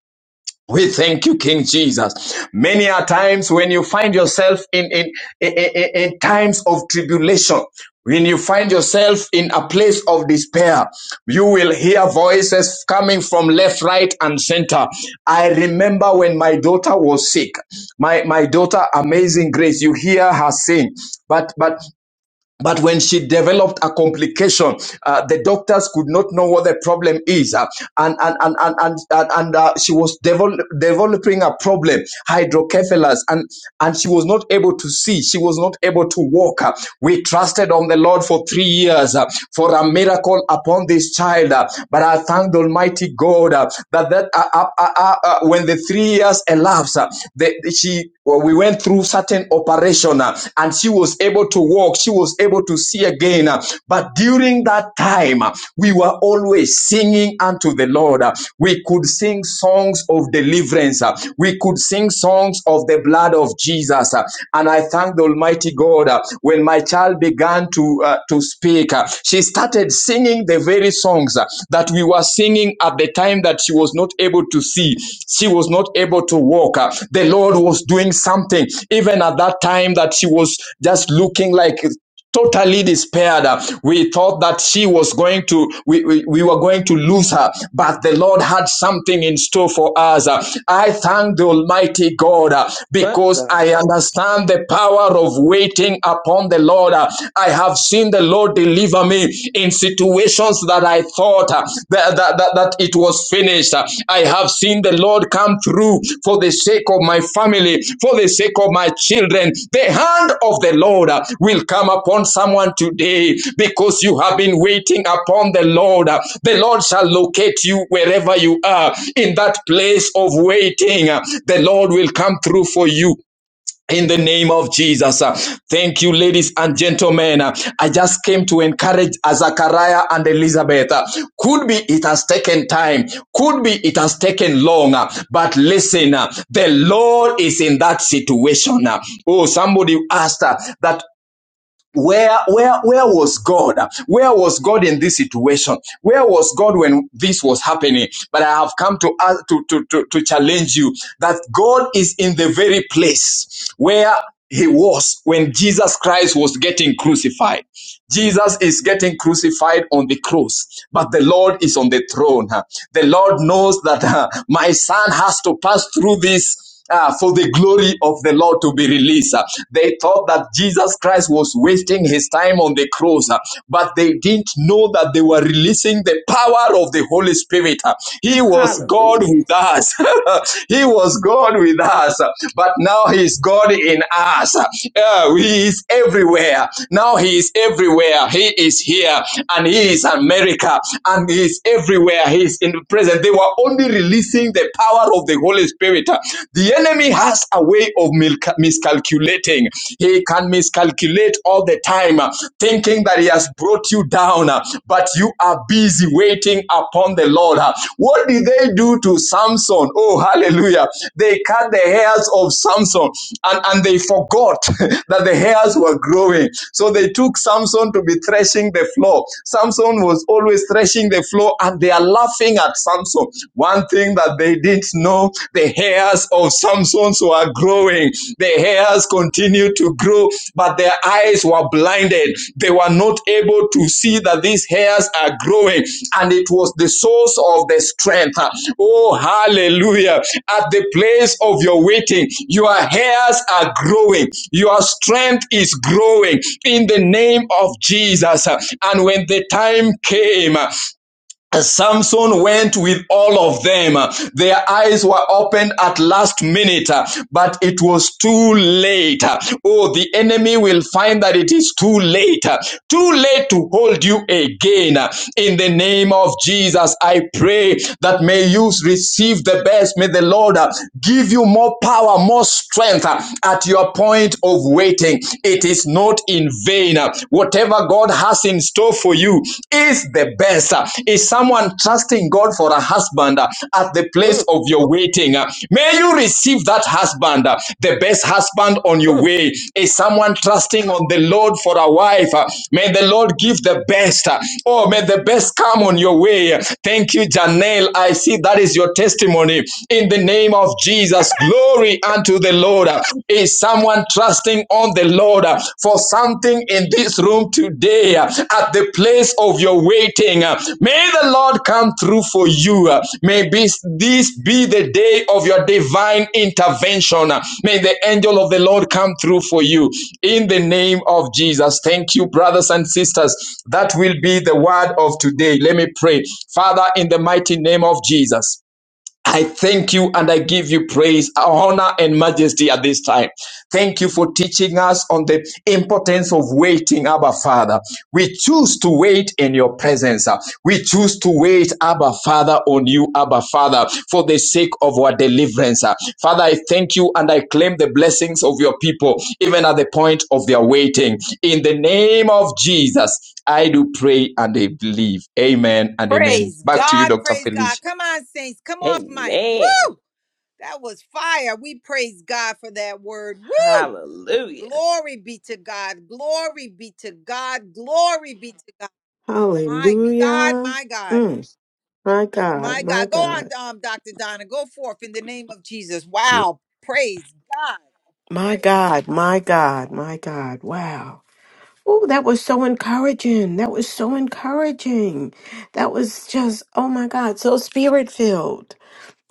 Speaker 3: We thank you, King Jesus. Many are times when you find yourself in, in, in, in- in times of tribulation, when you find yourself in a place of despair, you will hear voices coming from left, right, and center. I remember when my daughter was sick, my, my daughter, amazing grace, you hear her sing. But, but but when she developed a complication, uh, the doctors could not know what the problem is, uh, and and and and and, and, and, uh, she was devel- developing a problem, hydrocephalus, and and she was not able to see, she was not able to walk. uh. We trusted on the Lord for three years uh, for a miracle upon this child, uh, but I thank the Almighty God uh, that that uh, uh, uh, uh, uh, when the three years elapsed, uh, the she well, we went through certain operation uh, and she was able to walk she was able to see again uh, but during that time uh, we were always singing unto the lord uh, we could sing songs of deliverance uh, we could sing songs of the blood of jesus uh, and i thank the almighty god uh, when my child began to uh, to speak uh, she started singing the very songs uh, that we were singing at at the time that she was not able to see, she was not able to walk. Uh, The Lord was doing something, even at that time that she was just looking like totally despaired Uh, we thought that she was going to we, we, we were going to lose her but the lord had something in store for us Uh, i thank the almighty god uh,
Speaker 5: But
Speaker 3: because
Speaker 5: God.
Speaker 3: i understand the power of waiting upon the lord Uh, i have seen saying, The Lord, deliver me in situations that I thought uh, that, that, that, that it was finished. Uh, I have seen the Lord come through for the sake of my family, for the sake of my children. The hand of the Lord uh, will come upon someone today because you have been waiting upon the Lord. Uh, The Lord shall locate you wherever you are in that place of waiting. uh, The Lord will come through for you in the name of Jesus. Uh, Thank you, ladies and gentlemen. Uh, I just came to encourage uh, Zachariah and Elizabeth. Uh, Could be it has taken time. Could be it has taken long. uh, But listen, uh, the Lord is in that situation. Uh, Oh, somebody asked uh, that where where where was god where was god in this situation where was god when this was happening but i have come to ask, to, to to to challenge you that god is in the very place where he was when jesus christ was getting crucified jesus is getting crucified on the cross but the lord is on the throne the lord knows that [laughs] uh, my son has to pass through this uh, for the glory of the Lord to be released. Uh, They thought that Jesus Christ was wasting his time on the cross, uh, but they didn't know that they were releasing the power of the Holy Spirit. Uh, He was God
Speaker 5: Hallelujah.
Speaker 3: with us. [laughs] he was God with us, uh, but now he is God in us. Uh, uh, He is everywhere. Now he is everywhere. He is here and he is America and he is everywhere. He is in the present. They were only releasing the power of the Holy Spirit. The enemy has a way of miscalculating. He can miscalculate all the time, uh, thinking that he has brought you down, uh, but you are busy waiting upon the Lord. uh. What did they do to Samson? Oh, hallelujah. They cut the hairs of Samson and, and they forgot [laughs] that the hairs were growing. So they took Samson to be threshing the floor. Samson was always threshing the floor and they are laughing at at Samson. One thing that they didn't know the hairs of Samson's were growing, the hairs continued to grow, but their eyes were blinded. They were not able to see that these hairs are growing, and it was the source of the strength. Oh, hallelujah. At the place of your waiting, your hairs are growing, your strength is growing in the name of Jesus. And when the time came, Samson went with all of them. Their eyes were opened at last minute, but it was too late. Oh, the enemy will find that it is too late. Too late to hold you again. In the name of Jesus, I pray that may you receive the best. May the Lord give you more power, more strength at your point of waiting. It is not in vain. Whatever God has in store for you is the best. Is someone trusting God for a husband uh, at the place
Speaker 5: Mm,
Speaker 3: of your waiting? Uh, May you receive that husband, uh, the best husband on your
Speaker 5: mm.
Speaker 3: way. Is someone trusting on the Lord for a wife? Uh, May the Lord give the best. Uh, Oh, may the best come on your way. Thank you, Janelle. I see that is your testimony. In the name of Jesus, glory unto the Lord. Lord? Is someone trusting on the Lord for something in this room today at the place of your waiting? May the Lord come through for you. May this this be the day of your divine intervention. May the angel of the Lord come through for you in the name of Jesus. Thank you, brothers and sisters. That will be the word of today. Let me pray. Father, in the mighty name of Jesus. I thank you and I give you praise, honor, and majesty at this time. Thank you for teaching us on the importance of waiting, Abba Father. We choose to wait in your presence. We choose to wait, Abba Father, on you, Abba Father, for the sake of our deliverance. Father, I thank you and I claim the blessings of your people, even at the point of their waiting. In the name of Jesus, I do pray and I believe. Amen and amen.
Speaker 1: Praise
Speaker 3: Back to you,
Speaker 1: God.
Speaker 3: Dr.
Speaker 1: Praise God.
Speaker 3: Felicia.
Speaker 1: Come on, saints. Come off, Mike.
Speaker 5: Amen.
Speaker 1: Woo! That was fire. We praise God for that word. Woo!
Speaker 5: Hallelujah.
Speaker 1: Glory be to God. Glory be to God. Glory be to God. My God,
Speaker 4: Hallelujah.
Speaker 1: my God.
Speaker 4: Mm, my God,
Speaker 1: My
Speaker 4: my
Speaker 1: God, go on,
Speaker 4: God,
Speaker 1: um, Dr. Donna. Go forth in the name of Jesus.
Speaker 6: Good
Speaker 1: Wow. Praise God.
Speaker 4: my God, my God, my God. Wow. Oh, that was so encouraging. That was so encouraging. That was just, oh my God, so spirit filled.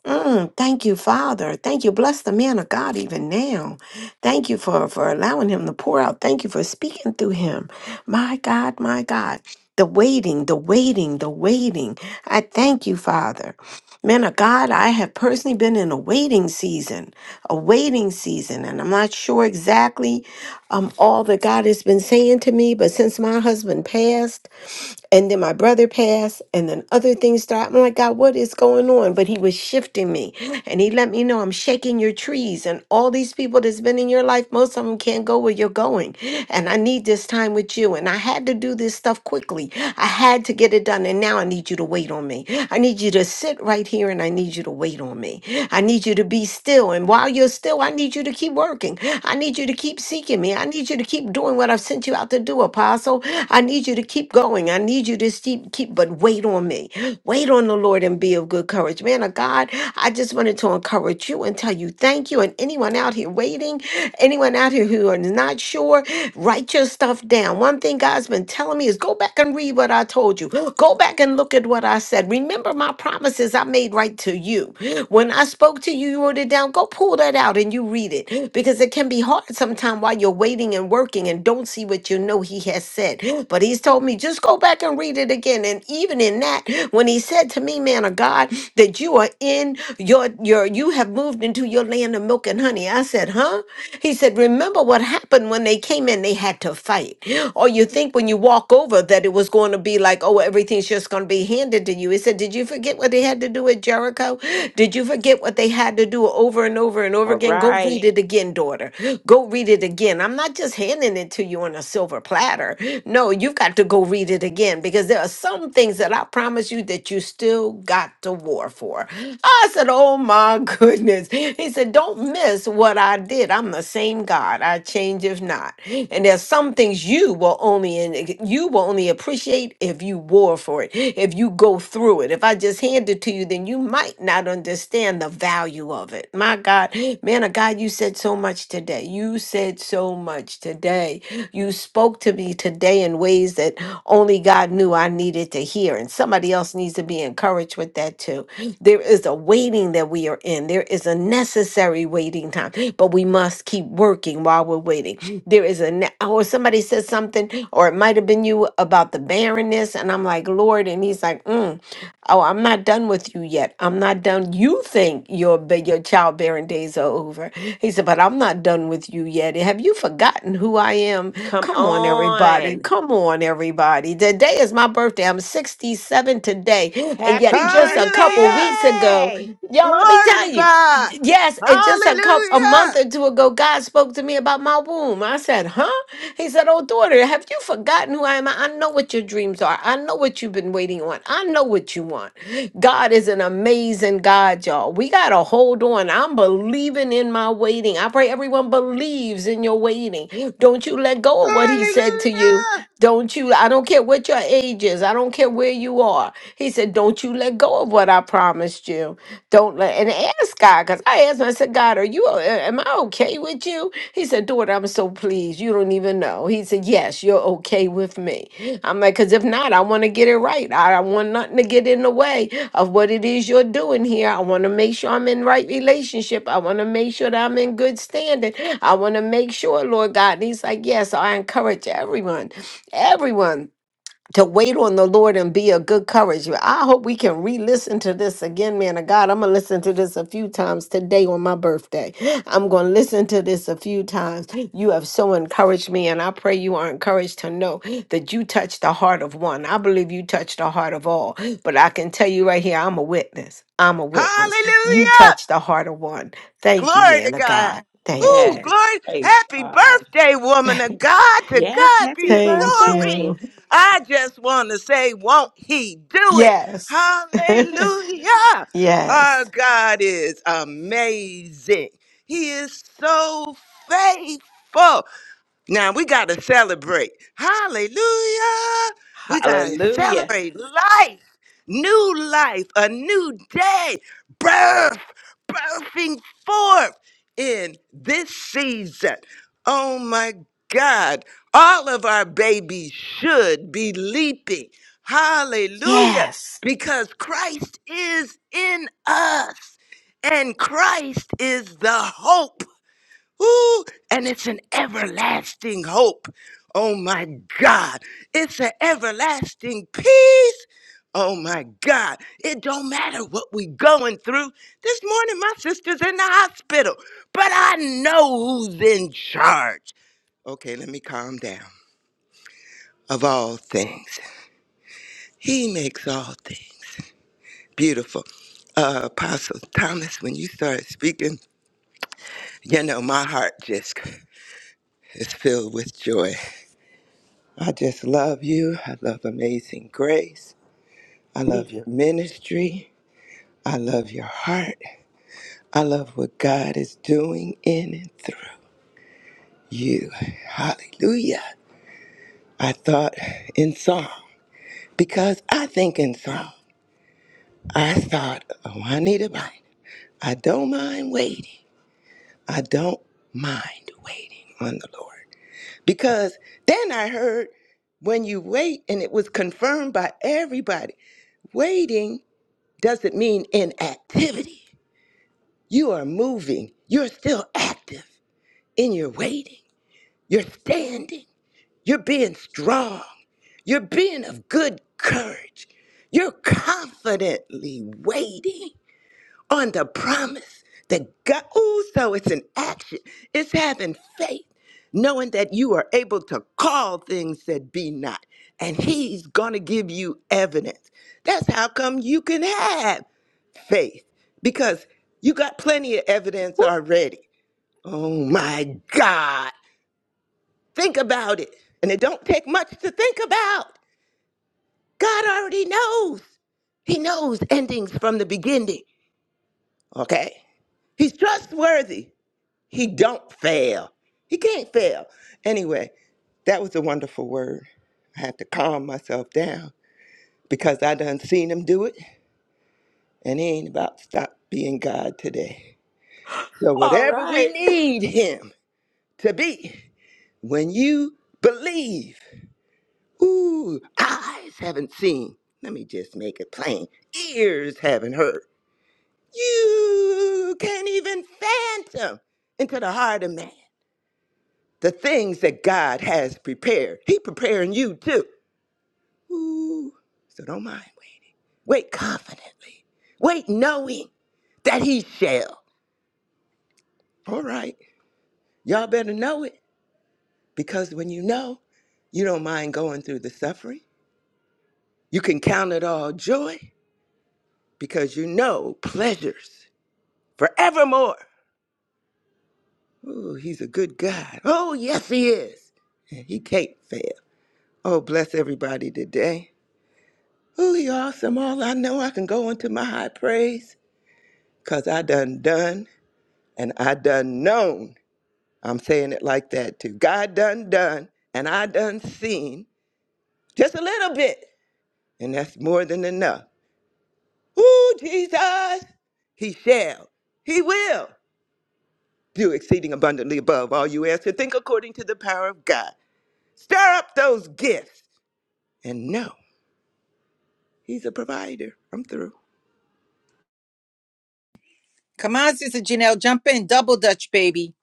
Speaker 4: Mm, thank you, Father. Thank you. Bless the man of God even now. Thank you for, for allowing him to pour out. Thank you for speaking through him. My God, my God. The waiting, the waiting, the waiting. I thank you, Father. Man of God, I have personally been in a waiting season, a waiting season, and I'm not sure exactly um, all that God has been saying to me, but since my husband passed, and then my brother passed, and then other things started. I'm like, God, what is going on? But he was shifting me. And he let me know I'm shaking your trees. And all these people that's been in your life, most of them can't go where you're going. And I need this time with you. And I had to do this stuff quickly. I had to get it done. And now I need you to wait on me. I need you to sit right here and I need you to wait on me. I need you to be still. And while you're still, I need you to keep working. I need you to keep seeking me. I need you to keep doing what I've sent you out to do do, Apostle. I need you to keep going. I need you to keep, keep, but wait on me. Wait on the Lord and be of good courage. Man of God, I just wanted to encourage you and tell you thank you. And anyone out here waiting, anyone out here who are not sure, write your stuff down. One thing God's been telling me is go back and read what I told you. Go back and look at what I said. Remember my promises I made right to you. When I spoke to you, you wrote it down. Go pull that out and you read it because it can be hard sometimes sometime while you're waiting and working and don't see what you know he has said. But he's told me, just go back and read it again. And even in that, when he said to me, man of God, that you are in your your you have moved into your land of milk and honey. I said, huh? He said, remember what happened when they came in, they had to fight. Or you think when you walk over that it was going to be like, oh, everything's just going to be handed to you. He said, did you forget what they had to do at Jericho? Did you forget what they had to do over and over? and over over and over
Speaker 5: All
Speaker 4: again. Go
Speaker 5: right.
Speaker 4: read it again, daughter. Go read it again. I'm not just handing it to you on a silver platter. No, you've got to go read it again because there are some things that I promise you that you still got to war for. I said, Oh my goodness. He said, Don't miss what I did. I'm the same God. I change if not. And there's some things you will only and you will only appreciate if you war for it, if you go through it. If I just hand it to you, then you might not God, understand the value of it. My God, [gasps] man of God, you said so much today. You said so much today. You spoke to me today in ways that only God knew I needed to hear. And somebody else needs to be encouraged with that too. [gasps] There is a waiting that we are in, there is a necessary waiting time, but we must keep working while we're waiting. [gasps] There is a, ne- or somebody said something, or it might have been you about the barrenness. And I'm like, Lord. And he's like, mm. Oh, I'm not done with you yet. I'm not done. You think your ba- your childbearing days are over. He said, but I'm not done with you yet. Have you forgotten who I am?
Speaker 5: Come
Speaker 4: Come on, everybody.
Speaker 5: on.
Speaker 4: Come on, everybody. Today is my birthday. I'm 67 today. And
Speaker 5: Happy
Speaker 4: yet just a couple
Speaker 7: Hallelujah.
Speaker 4: weeks ago,
Speaker 5: birthday.
Speaker 4: y'all, let me
Speaker 7: Glory to
Speaker 4: tell you.
Speaker 7: God.
Speaker 4: Yes, and just a couple a
Speaker 7: Hallelujah.
Speaker 4: month or two ago, God spoke to me about my womb. I said, "Huh?" He said, "Oh, daughter, have you forgotten who I am? I know what your dreams are. I know what you've been waiting on. I know what you want." God is an amazing God, y'all. We gotta hold on. I'm believing in my waiting. I pray everyone believes in your waiting. Don't you let go of what He said to you.
Speaker 7: Hallelujah.
Speaker 4: Don't you? I don't care what your age is. I don't care where you are. He said, "Don't you let go of what I promised you." Don't let and ask God because I asked him. I said, God, are you? Am I okay with you? He said, Daughter, I'm so pleased. You don't even know. He said, Yes, you're okay with me. I'm like, because if not, I want to get it right. I don't want nothing to get in the way of what it is you're doing here. I want to make sure I'm in right relationship. I want to make sure that I'm in good standing. I want to make sure, Lord God. And he's like, Yes, I encourage everyone, everyone to wait on the Lord and be of good courage. I hope we can re listen to this again, man of God. I'm going to listen to this a few times today on my birthday. I'm going to listen to this a few times. You have so encouraged me, and I pray you are encouraged to know that you touched the heart of one. I believe you touched the heart of all, but I can tell you right here, I'm a witness. I'm a witness. You
Speaker 7: Hallelujah.
Speaker 4: touched the heart of one. Thank you,
Speaker 7: Glory
Speaker 4: man
Speaker 7: to
Speaker 4: of
Speaker 7: God.
Speaker 4: God. Thank
Speaker 7: Who
Speaker 4: you.
Speaker 5: Yes.
Speaker 7: glory?
Speaker 5: Praise
Speaker 7: Happy
Speaker 5: God.
Speaker 7: birthday,
Speaker 4: [laughs]
Speaker 7: woman of God. To
Speaker 5: Yes.
Speaker 7: God be
Speaker 5: Happy
Speaker 7: the
Speaker 4: Thank
Speaker 7: glory.
Speaker 5: birthday.
Speaker 4: you.
Speaker 7: I just want to say, won't he do it?
Speaker 4: Yes. [laughs]
Speaker 7: Hallelujah.
Speaker 4: yes.
Speaker 7: Our God is amazing. He is so faithful. Now we got to celebrate. Hallelujah. We got to
Speaker 5: Hallelujah.
Speaker 7: celebrate life new life, a new day, birth, birthing forth in this season. Oh my God, all of our babies should be leaping. Hallelujah,
Speaker 4: Yes.
Speaker 7: because Christ is in us and Christ is the hope. Ooh, and it's an everlasting hope. Oh my God. It's an everlasting peace. Oh my God. It don't matter what we going through. This morning my sister's in the hospital, but I know who's in charge. Okay, let me calm down. Of all things, he makes all things beautiful. Uh, Apostle Thomas, when you started speaking, you know, my heart just is filled with joy. I just love you. I love Amazing Grace. I love
Speaker 5: We-
Speaker 7: your ministry. I love your heart. I love what God is doing in and through you. Hallelujah. I thought in song because I think in song. I thought, oh, I need a bind. I don't mind waiting. I don't mind waiting on the Lord. Because then I heard when you wait, and it was confirmed by everybody waiting doesn't mean inactivity. You are moving, you're still active in your waiting, you're standing, you're being strong, you're being of good courage, you're confidently waiting on the promise that God. Oh, so it's an action, it's having faith. Knowing that you are able to call things that be not, and he's gonna give you evidence. That's how come you can have faith because you got plenty of evidence
Speaker 5: woo,
Speaker 7: already. Oh my God. Think about it. And it don't take much to think about. God already knows. He knows endings from the beginning. Okay? He's trustworthy. He don't fail. He can't fail. Anyway, that was a wonderful word. I had to calm myself down because I done seen him do it and he ain't about to stop being God today. So
Speaker 5: All
Speaker 7: whatever we
Speaker 5: right.
Speaker 7: need him. to be when you believe. Ooh, eyes haven't seen. Let me just make it plain. Ears haven't heard. You can't even phantom into the heart of man the things that God has prepared. He preparing you too. Ooh, so don't mind waiting. Wait confidently. Wait knowing that he shall. All right. Y'all better know it because when you know, you don't mind going through the suffering. You can count it all joy because you know pleasures forevermore. Oh, he's a good God. Oh, yes, he is. And he can't fail. Oh, bless everybody today. Oh, he awesome. All I know, I can go into my high praise because I done done and I done known. I'm saying it like that too. God done done and I done seen just a little bit. And that's more than enough. Ooh, Jesus, he shall. He will. do exceeding abundantly above all you ask to think according to the power of God. Stir up those gifts and know He's a provider. I'm through.
Speaker 1: Come on, Sister Janelle. Jump in. Double Dutch, baby.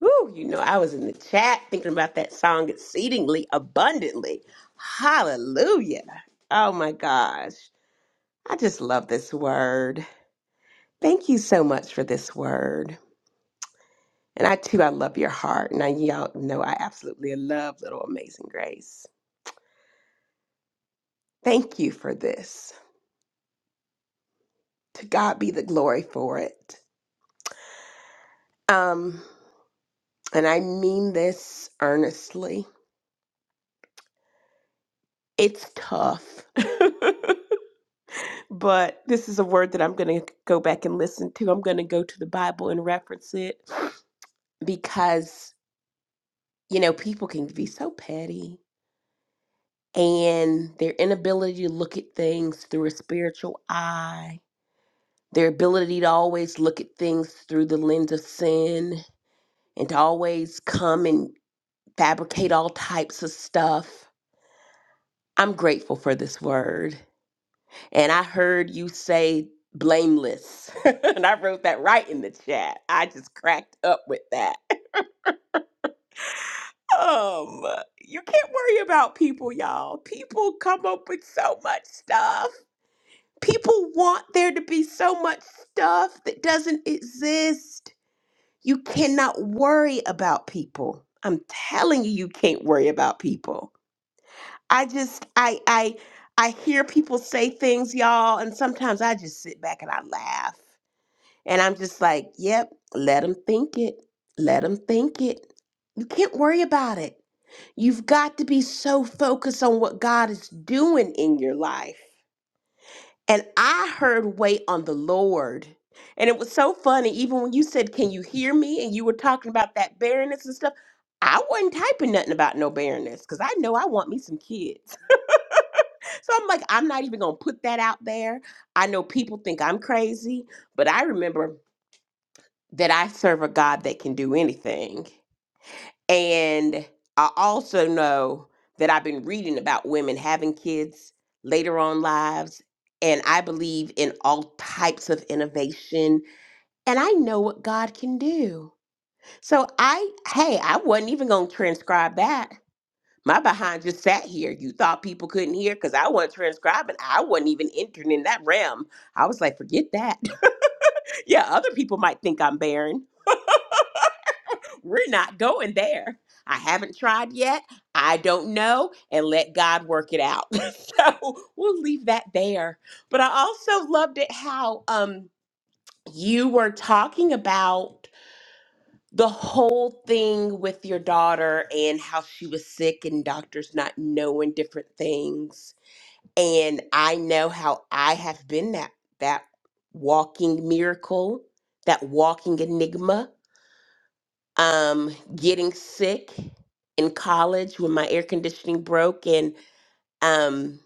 Speaker 5: Woo, you know, I was in the chat thinking about that song exceedingly abundantly. Hallelujah. Oh my gosh. I just love this word. Thank you so much for this word. And I too, I love your heart. And I, y'all know I absolutely love Little Amazing Grace. Thank you for this. To God be the glory for it. Um, and I mean this earnestly. It's tough. [laughs] but this is a word that I'm going to go back and listen to. I'm going to go to the Bible and reference it because, you know, people can be so petty and their inability to look at things through a spiritual eye, their ability to always look at things through the lens of sin and to always come and fabricate all types of stuff. I'm grateful for this word And I heard you say blameless. [laughs] and I wrote that right in the chat. I just cracked up with that. [laughs] um, you can't worry about people, y'all. People come up with so much stuff. People want there to be so much stuff that doesn't exist. You cannot worry about people. I'm telling you, you can't worry about people. I just, I, I, I hear people say things, y'all, and sometimes I just sit back and I laugh And I'm just like, yep, let them think it. Let them think it. You can't worry about it. You've got to be so focused on what God is doing in your life. And I heard wait on the Lord. And it was so funny, even when you said, Can you hear me? And you were talking about that barrenness and stuff. I wasn't typing nothing about no barrenness because I know I want me some kids. [laughs] So I'm like, I'm not even going to put that out there. I know people think I'm crazy, but I remember that I serve a God that can do anything. And I also know that I've been reading about women having kids later on lives. And I believe in all types of innovation. And I know what God can do. So I, hey, I wasn't even going to transcribe that. My behind just sat here. You thought people couldn't hear because I wasn't transcribing. I wasn't even entering in that realm. I was like, forget that. [laughs] yeah, other people might think I'm barren We're not going there. I haven't tried yet. I don't know. And let God work it out. [laughs] so we'll leave that there. But I also loved it how um, you were talking about the whole thing with your daughter and how she was sick and doctors not knowing different things. And I know how I have been that that walking miracle, that walking enigma um, getting sick in college when my air conditioning broke and um,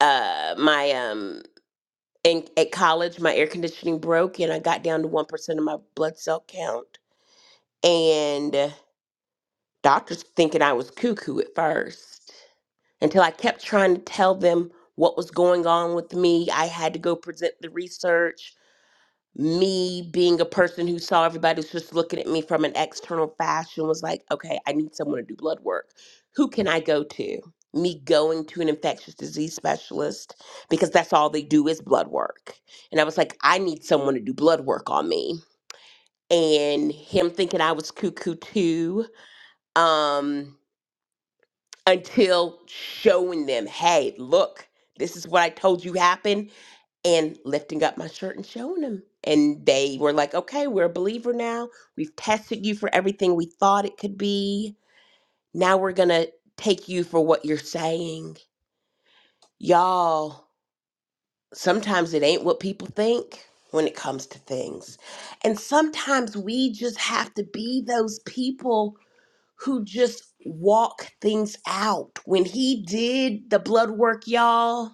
Speaker 5: uh, my um, in, at college my air conditioning broke and I got down to one percent of my blood cell count and uh, doctors thinking I was cuckoo at first until I kept trying to tell them what was going on with me. I had to go present the research. me being a person who saw everybody was just looking at me from an external fashion was like, okay, I need someone to do blood work. Who can I go to? Me going to an infectious disease specialist because that's all they do is blood work. And I was like, I need someone to do blood work on me. And him thinking I was cuckoo too, um, until showing them, hey, look, this is what I told you happened and lifting up my shirt and showing them, And they were like, okay, we're a believer now. We've tested you for everything we thought it could be. Now we're going to take you for what you're saying. Y'all, sometimes it ain't what people think when it comes to things. And sometimes we just have to be those people who just walk things out. When he did the blood work, y'all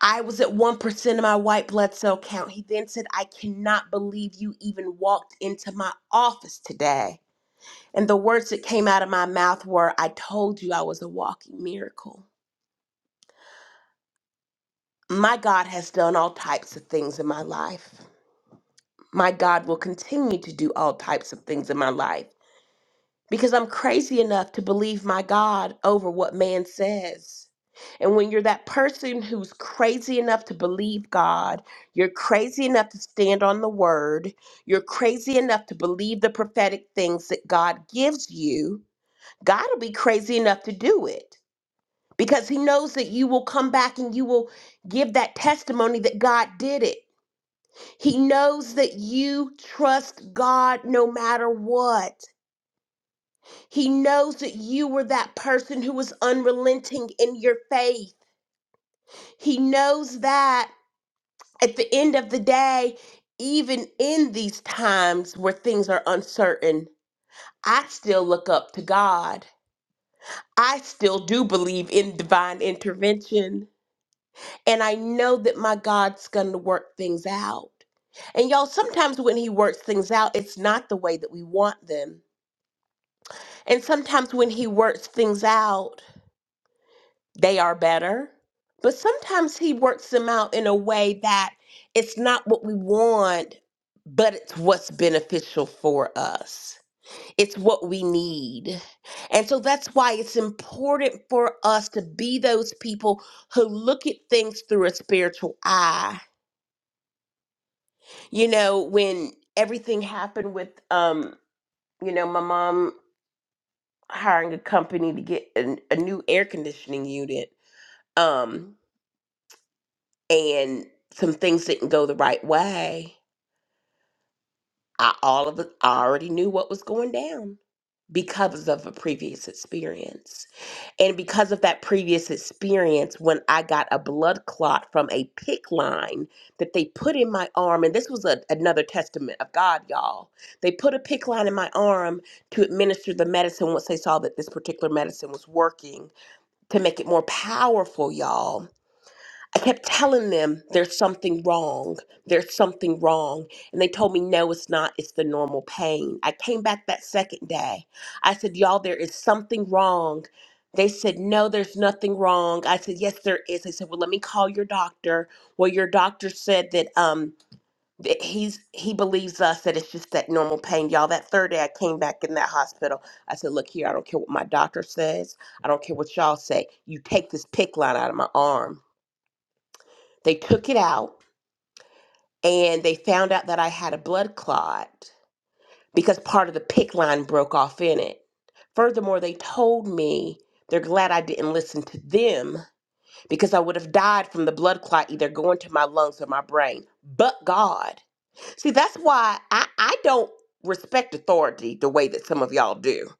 Speaker 5: I was at 1% of my white blood cell count. He then said, I cannot believe you even walked into my office today. And the words that came out of my mouth were, I told you I was a walking miracle. My God has done all types of things in my life. My God will continue to do all types of things in my life. because I'm crazy enough to believe my God over what man says. And when you're that person who's crazy enough to believe God, you're crazy enough to stand on the word, you're crazy enough to believe the prophetic things that God gives you, God will be crazy enough to do it because he knows that you will come back and you will give that testimony that God did it. He knows that you trust God no matter what. He knows that you were that person who was unrelenting in your faith. He knows that at the end of the day, even in these times where things are uncertain, I still look up to God. I still do believe in divine intervention. And I know that my God's going to work things out. And y'all, sometimes when He works things out, it's not the way that we want them. And sometimes when He works things out, they are better. But sometimes he works them out in a way that it's not what we want, but it's what's beneficial for us. It's what we need. And so that's why it's important for us to be those people who look at things through a spiritual eye. You know, when everything happened with um, you know, my mom hiring a company to get an, a new air conditioning unit. Um, and some things didn't go the right way, I all of it, I already knew what was going down because of a previous experience. And because of that previous experience, when I got a blood clot from a pick line that they put in my arm, and this was a, another testament of God, y'all. They put a pick line in my arm to administer the medicine once they saw that this particular medicine was working to make it more powerful, y'all I kept telling them there's something wrong. There's something wrong. And they told me, no, it's not. It's the normal pain. I came back that second day. I said, y'all, there is something wrong. They said, no, there's nothing wrong. I said, yes, there is. They said, well, let me call your doctor. Well, your doctor said that um that he's he believes us that it's just that normal pain. Y'all, that third day I came back in that hospital. I said, look here, I don't care what my doctor says. I don't care what y'all say. You take this pick line out of my arm. They took it out and they found out that I had a blood clot because part of the PIC line broke off in it. Furthermore, they told me they're glad I didn't listen to them because I would have died from the blood clot either going to my lungs or my brain. But God. See, that's why I, I don't respect authority the way that some of y'all do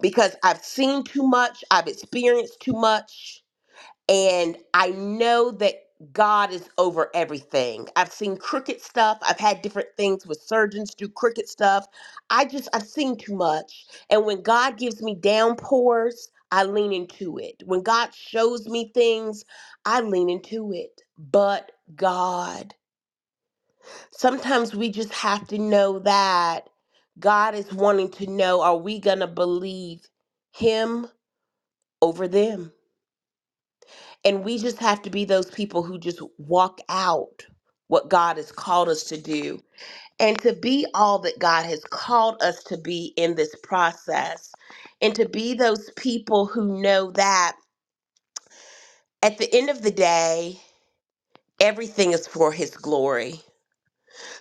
Speaker 5: because I've seen too much, I've experienced too much. and I know that God is over everything. I've seen crooked stuff. I've had different things with surgeons do crooked stuff. I just I've seen too much. And when God gives me downpours, I lean into it. When God shows me things, I lean into it. But God, sometimes we just have to know that God is wanting to know are we going to believe him over them? And we just have to be those people who just walk out what God has called us to do and to be all that God has called us to be in this process and to be those people who know that at the end of the day, everything is for His glory.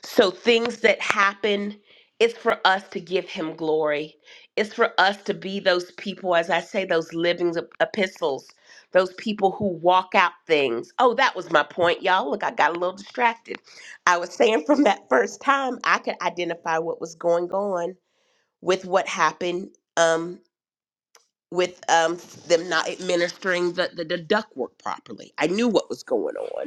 Speaker 5: So things that happen, it's for us to give him glory. It's for us to be those people, as I say, those living ep- epistles, those people who walk out things. Oh, that was my point, y'all. Look, I got a little distracted. I was saying [laughs] from that first time, I could identify what was going on with what happened um, with um, them not administering the, the, the ductwork properly. I knew what was going on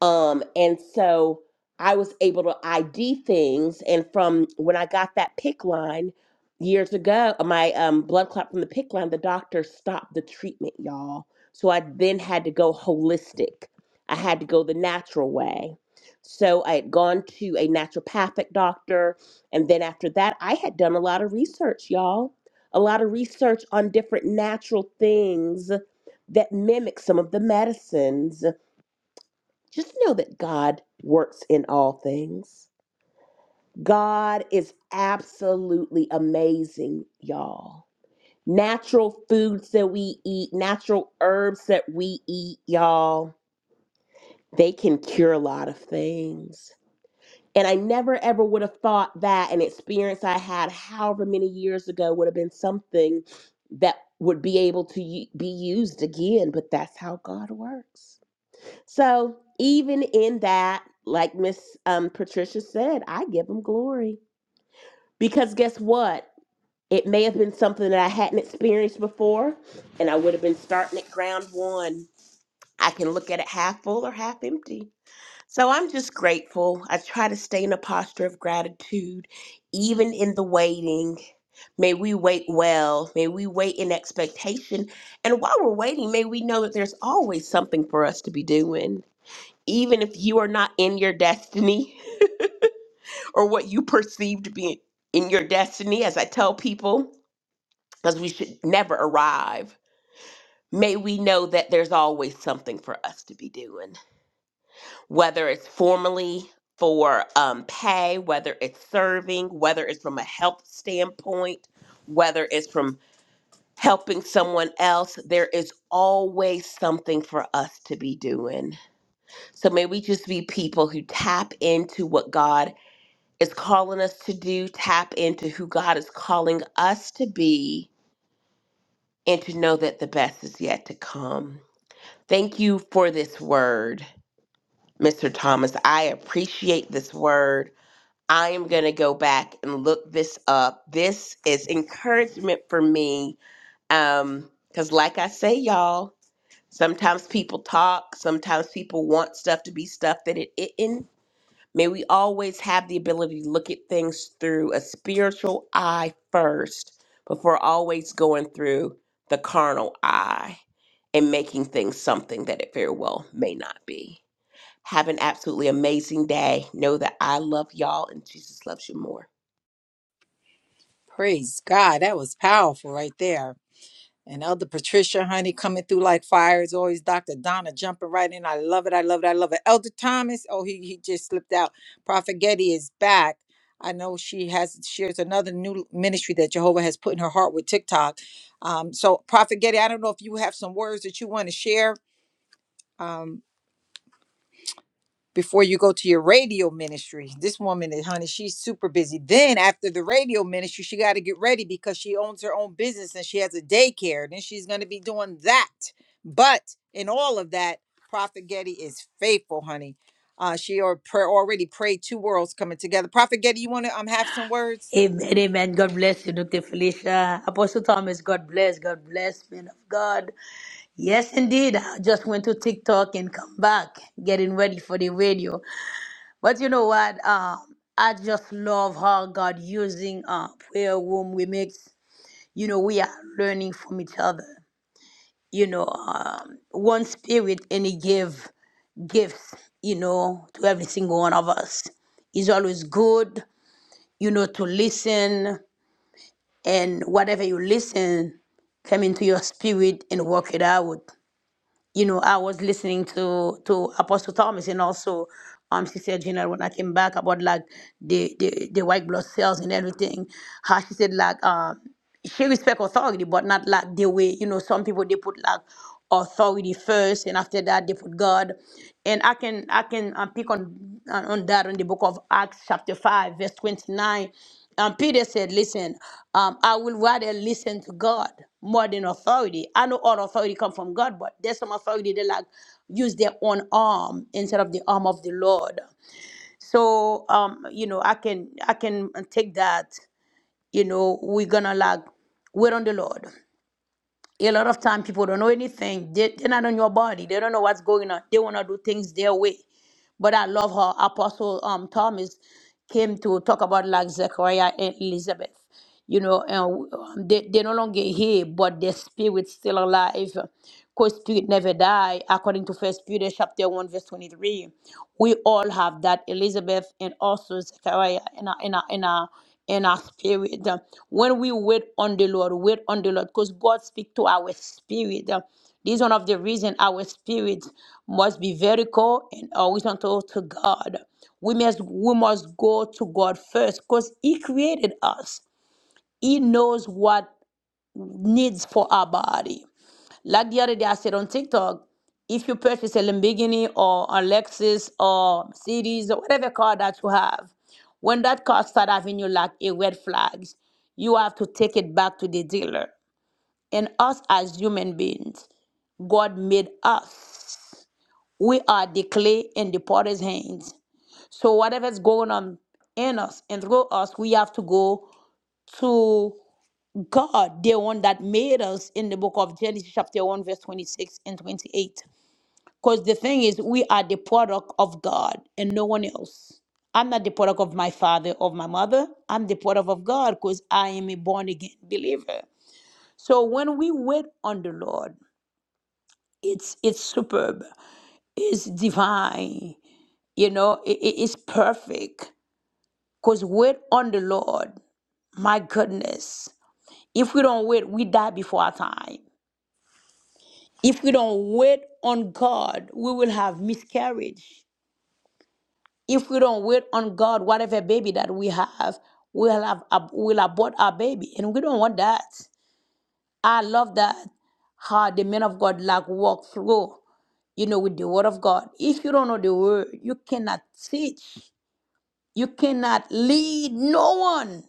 Speaker 5: um, and so I was able to ID things. And from when I got that PIC line years ago, uh, my um, blood clot from the PIC line, the doctor stopped the treatment, y'all. So I then had to go holistic. I had to go the natural way. So I had gone to a naturopathic doctor. And then after that, I had done a lot of research, y'all. A lot of research on different natural things that mimic some of the medicines just know that God works in all things. God is absolutely amazing, y'all. Natural foods that we eat, natural herbs that we eat, y'all, they can cure a lot of things. And I never ever would have thought that an experience I had however many years ago would have been something that would be able to u- be used again, but that's how God works. So even in that, like Miss um, Patricia said, I give him glory because guess what? It may have been something that I hadn't experienced before, and I would have been starting at ground one. I can look at it half full or half empty. So I'm just grateful. I try to stay in a posture of gratitude, even in the waiting. May we wait well. May we wait in expectation. And while we're waiting, may we know that there's always something for us to be doing even if you are not in your destiny [laughs] or what you perceive to be in your destiny, as I tell people, because we should never arrive, may we know that there's always something for us to be doing, whether it's formally for um, pay, whether it's serving, whether it's from a health standpoint, whether it's from helping someone else, there is always something for us to be doing. So may we just be people who tap into what God is calling us to do, tap into who God is calling us to be, and to know that the best is yet to come. Thank you for this word, Mr. Thomas. I appreciate this word. I am going to go back and look this up. This is encouragement for me. Um, because like I say, y'all, sometimes people talk, sometimes people want stuff to be stuff that it isn't May we always have the ability to look at things through a spiritual eye first before always going through the carnal eye and making things something that it very well may not be. Have an absolutely amazing day. Know that I love y'all and Jesus loves you more.
Speaker 1: Praise God. That was powerful right there. And Elder Patricia, honey, coming through like fire as always. Dr. Donna jumping right in. I love it. I love it. I love it. Elder Thomas, oh, he, he just slipped out. Prophet Getty is back. I know she has shares another new ministry that Jehovah has put in her heart with TikTok. Um, so Prophet Getty, I don't know if you have some words that you want to share. um. before you go to your radio ministry. This woman is, honey, she's super busy. Then after the radio ministry, she got to get ready because she owns her own business and she has a daycare. Then she's going to be doing that. But in all of that, Prophet Getty is faithful, honey. Uh, she or pray, already prayed two worlds coming together. Prophet Getty, you want to um have some words?
Speaker 2: Amen, amen. God bless you, Dr. Felicia. Apostle Thomas, God bless, God bless, man of God. Yes, indeed. I just went to TikTok and come back, getting ready for the radio. But you know what? Um, I just love how God using uh, prayer room remix. You know, we are learning from each other. You know, um, one spirit and He gave gifts, you know, to every single one of us. It's always good, you know, to listen. and whatever you listen come into your spirit and work it out. You know, I was listening to to Apostle Thomas and also um Sister Gina when I came back about like the the, the white blood cells and everything. How she said like um she respect authority but not like the way, you know, some people they put like authority first and after that they put god and i can i can um, pick on on on that in the book of acts chapter 5 verse 29 and Peter said, Listen, um, I will rather listen to God more than authority. I know all authority come from God, but there's some authority that like use their own arm instead of the arm of the Lord. So um, you know, I can I can take that, you know, we're gonna like wait on the Lord. A lot of time people don't know anything. They, they're not on your body. They don't know what's going on. They wanna do things their way. But I love how Apostle um Thomas came to talk about like Zechariah and Elizabeth you know, and um, they, they're no longer here, but their spirit's still alive. Because spirit never die, according to First Peter chapter 1, verse 23. We all have that, Elizabeth and also Zechariah in our, in our, in our, in our spirit. When we wait on the Lord, wait on the Lord, because God speak to our spirit. This is one of the reason our spirit must be vertical and horizontal to God. We must we must go to God first because He created us. He knows what needs for our body. Like the other day, I said on TikTok, if you purchase a Lamborghini or a Lexus or Mercedes or whatever car that you have, when that car start having you like a red flags, you have to take it back to the dealer. And us as human beings, God made us. We are the clay in the potter's hands. So whatever's going on in us and through us, we have to go to God, the one that made us in the book of Genesis, chapter 1, verse 26 and 28. Because the thing is, we are the product of God and no one else. I'm not the product of my father or my mother. I'm the product of God because I am a born again believer. So when we wait on the Lord, it's it's superb, it's divine, you know, it, it- it's perfect. Because wait on the Lord, my goodness. If we don't wait, we die before our time. If we don't wait on God, we will have miscarriage. If we don't wait on God, whatever baby that we have, we'll have ab- will abort our baby, and we don't want that. I love that how the men of God like walk through, you know, with the word of God. If you don't know the word, you cannot teach, you cannot lead no one.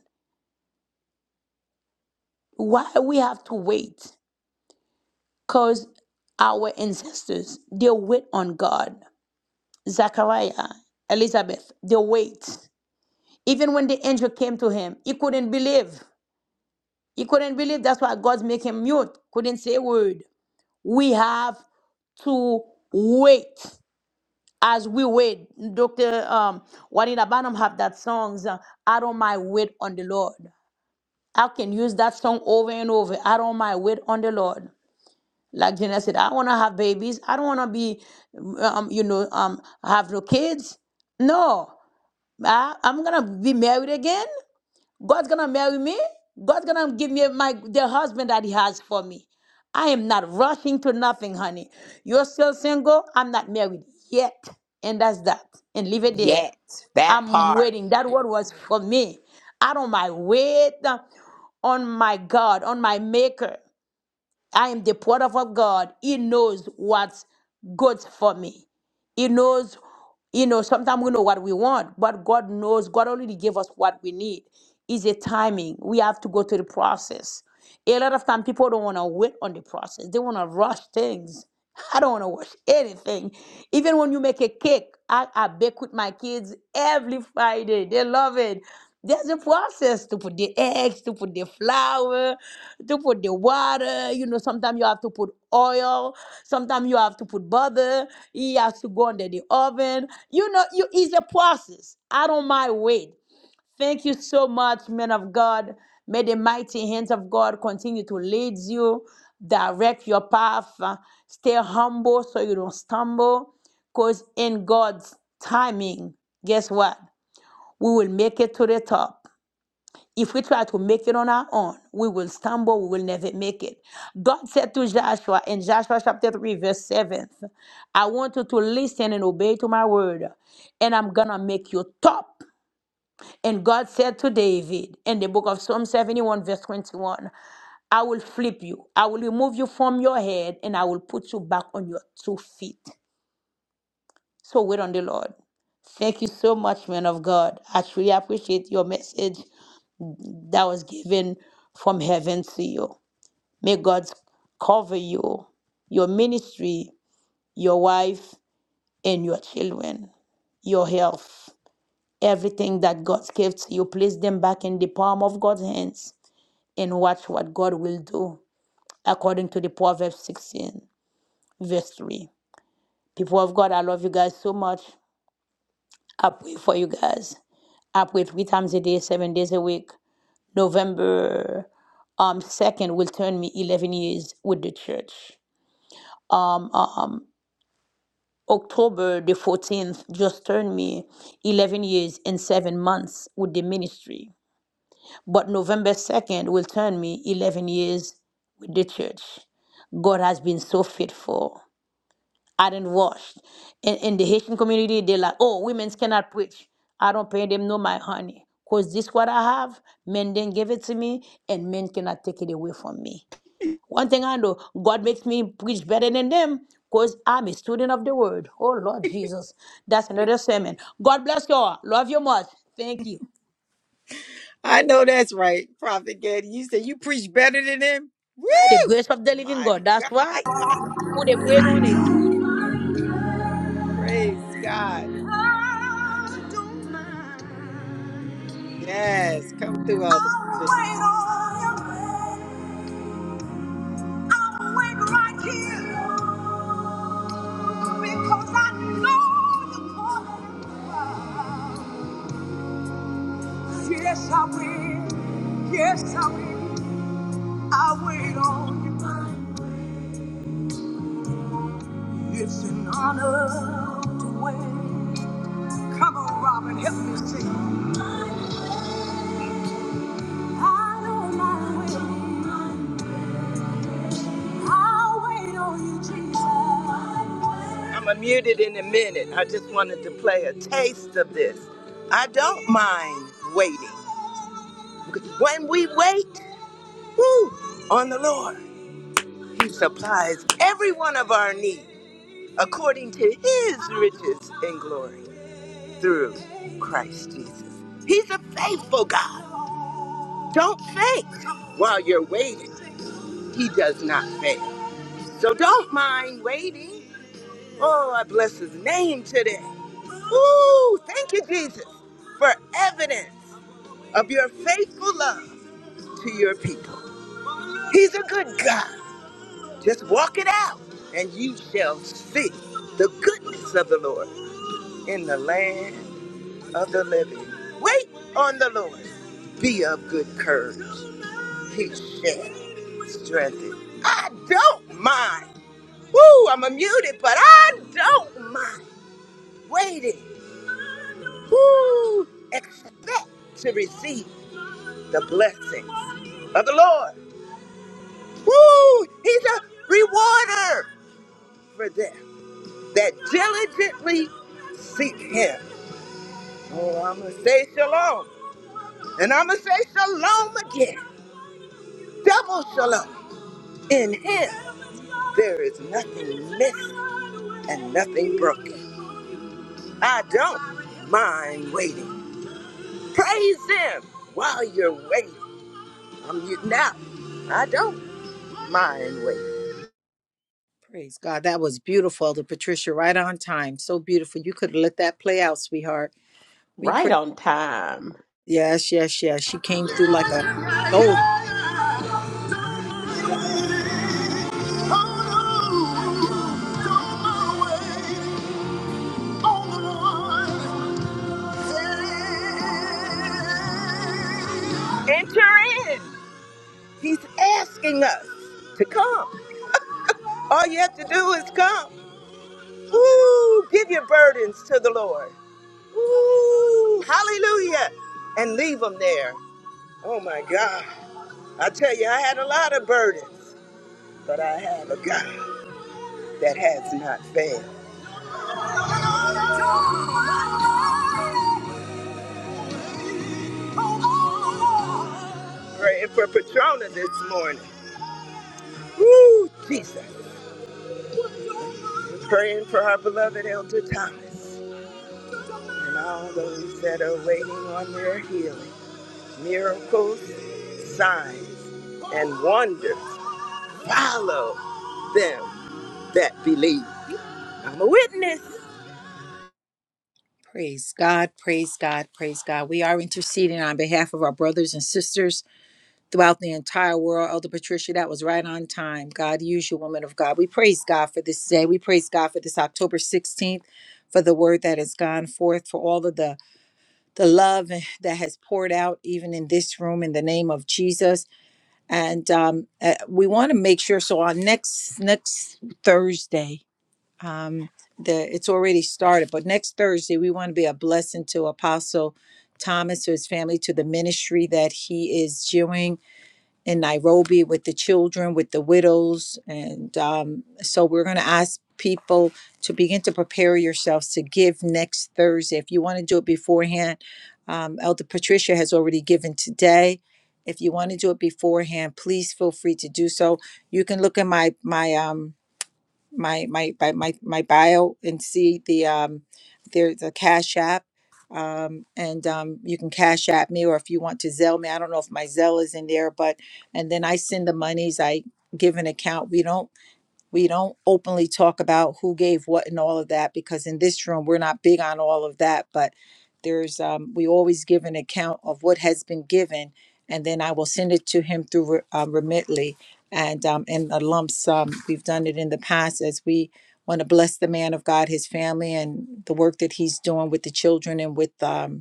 Speaker 2: Why we have to wait? Cause our ancestors they wait on God. Zachariah, Elizabeth, they wait. Even when the angel came to him, he couldn't believe. He couldn't believe. That's why God made him mute, couldn't say a word. We have to wait as we wait. Dr. Um, Juanita Banham have that song, uh, Out of My Wait on the Lord. I can use that song over and over. I don't mind Wait on the Lord. Like Jenna said, I want to have babies. I don't want to be, um, you know, um, have no kids. No. I, I'm gonna be married again. God's gonna marry me. God's gonna give me my the husband that He has for me. I am not rushing to nothing, honey. You're still single. I'm not married yet, and that's that. And leave it there.
Speaker 5: Yet, that
Speaker 2: I'm
Speaker 5: part,
Speaker 2: waiting. That word was for me. Out on my wait uh, on my God, on my Maker. I am the product of God. He knows what's good for me. He knows, you know, sometimes we know what we want, but God knows, God already gave us what we need. It's a timing. We have to go through the process. A lot of time people don't want to wait on the process. They want to rush things. I don't want to rush anything. Even when you make a cake, I, I bake with my kids every Friday. They love it. There's a process to put the eggs, to put the flour, to put the water. You know, sometimes you have to put oil. Sometimes you have to put butter. It has to go under the oven. You know, you it's a process. I don't mind wait. Thank you so much, men of God. May the mighty hands of God continue to lead you, direct your path. Uh, Stay humble so you don't stumble. Because in God's timing, guess what? We will make it to the top. If we try to make it on our own, we will stumble, we will never make it. God said to Joshua in Joshua chapter 3, verse 7, I want you to listen and obey to my word, and I'm gonna make you top. And God said to David in the book of Psalm 71, verse 21, I will flip you, I will remove you from your head, and I will put you back on your two feet. So wait on the Lord. Thank you so much, man of God. I truly appreciate your message. that was given from heaven to you. May God cover you, your ministry, your wife, and your children, your health, everything that God gave to you. Place them back in the palm of God's hands and watch what God will do, according to the Proverbs 16, verse 3. People of God, I love you guys so much. I pray for you guys. I pray three times a day, seven days a week. November um, 2nd will turn me 11 years with the church. Um, um, October the 14th just turned me 11 years and 7 months with the ministry. But November 2nd will turn me 11 years with the church. God has been so faithful. I didn't wash. In, in the Haitian community, they're like, oh, women cannot preach. I don't pay them no my honey. Because this what I have, men didn't give it to me, and men cannot take it away from me. One thing I know, God makes me preach better than them because I'm a student of the word. Oh, Lord Jesus. That's another sermon. God bless you all. Love you much. Thank you.
Speaker 1: I know that's right, Prophet Getty. You said you preach better than him. Woo!
Speaker 2: By the grace of the living
Speaker 1: My
Speaker 2: God. That's
Speaker 1: God,
Speaker 2: why. Put a praise on it.
Speaker 1: praise God. Yes, come through, Elder Patricia.
Speaker 7: Yes, I will. Yes, I will. I wait on you. mind. It's an honor to wait. Come on, Robin, help me sing. I don't mind waiting. I'll wait on you, Jesus. I'm unmuted in a minute. I just wanted to play a taste of this. I don't mind waiting. When we wait woo, on the Lord, He supplies every one of our needs. according to his riches and glory through Christ Jesus. He's a faithful God. Don't faint while you're waiting. He does not fail. So don't mind waiting. Oh, I bless his name today. Ooh, thank you, Jesus, for evidence of your faithful love to your people. He's a good God. Just walk it out, and you shall see the goodness of the Lord in the land of the living. Wait on the Lord. Be of good courage. He shall strengthen. I don't mind. Woo, I'm muted, but I don't mind waiting. Woo, expect to receive the blessings of the Lord. Woo, he's a rewarder for them that diligently seek him. Oh, I'm going to say shalom. And I'm going to say shalom again. Double shalom. In Him, there is nothing missing and nothing broken. I don't mind waiting. Praise Him while you're waiting. I'm you now. I don't mind waiting.
Speaker 1: Praise God. That was beautiful, Elder Patricia, right on time. So beautiful. You could have let that play out, sweetheart. We
Speaker 5: right
Speaker 1: pray.
Speaker 5: on time.
Speaker 1: Yes, yes, yes. She came through like a soldier.
Speaker 7: Enter in. He's asking us to come. All you have to do is come. Woo! Give your burdens to the Lord. Woo! Hallelujah! And leave them there. Oh my God. I tell you, I had a lot of burdens, but I have a God that has not failed. Praying for Patrona this morning. Woo! Jesus. Praying for our beloved Elder Thomas. and all those that are waiting on their healing. Miracles, signs, and wonders follow them that believe. I'm a witness.
Speaker 1: Praise God, praise God, praise God. We are interceding on behalf of our brothers and sisters throughout the entire world. Elder Patricia, that was right on time. God, use you, woman of God. We praise God for this day. We praise God for this October 16th, for the word that has gone forth, for all of the the love that has poured out even in this room in the name of Jesus. And um, uh, we want to make sure. So our next next Thursday, um, the it's already started, but next Thursday we want to be a blessing to Apostle Thomas to his family to the ministry that he is doing in Nairobi with the children, with the widows. And um, so we're going to ask people to begin to prepare yourselves to give next Thursday. If you want to do it beforehand, um, Elder Patricia has already given today. If you want to do it beforehand, please feel free to do so. You can look at my my um, my my by my my bio and see the um there's a cash app um and um you can cash app me or if you want to zell me i don't know if my zell is in there but and then i send the monies i give an account we don't we don't openly talk about who gave what and all of that because in this room we're not big on all of that. But there's um, we always give an account of what has been given, and then I will send it to him through um, Remitly and um, in a lump sum. We've done it in the past as we want to bless the man of God, his family, and the work that he's doing with the children and with um,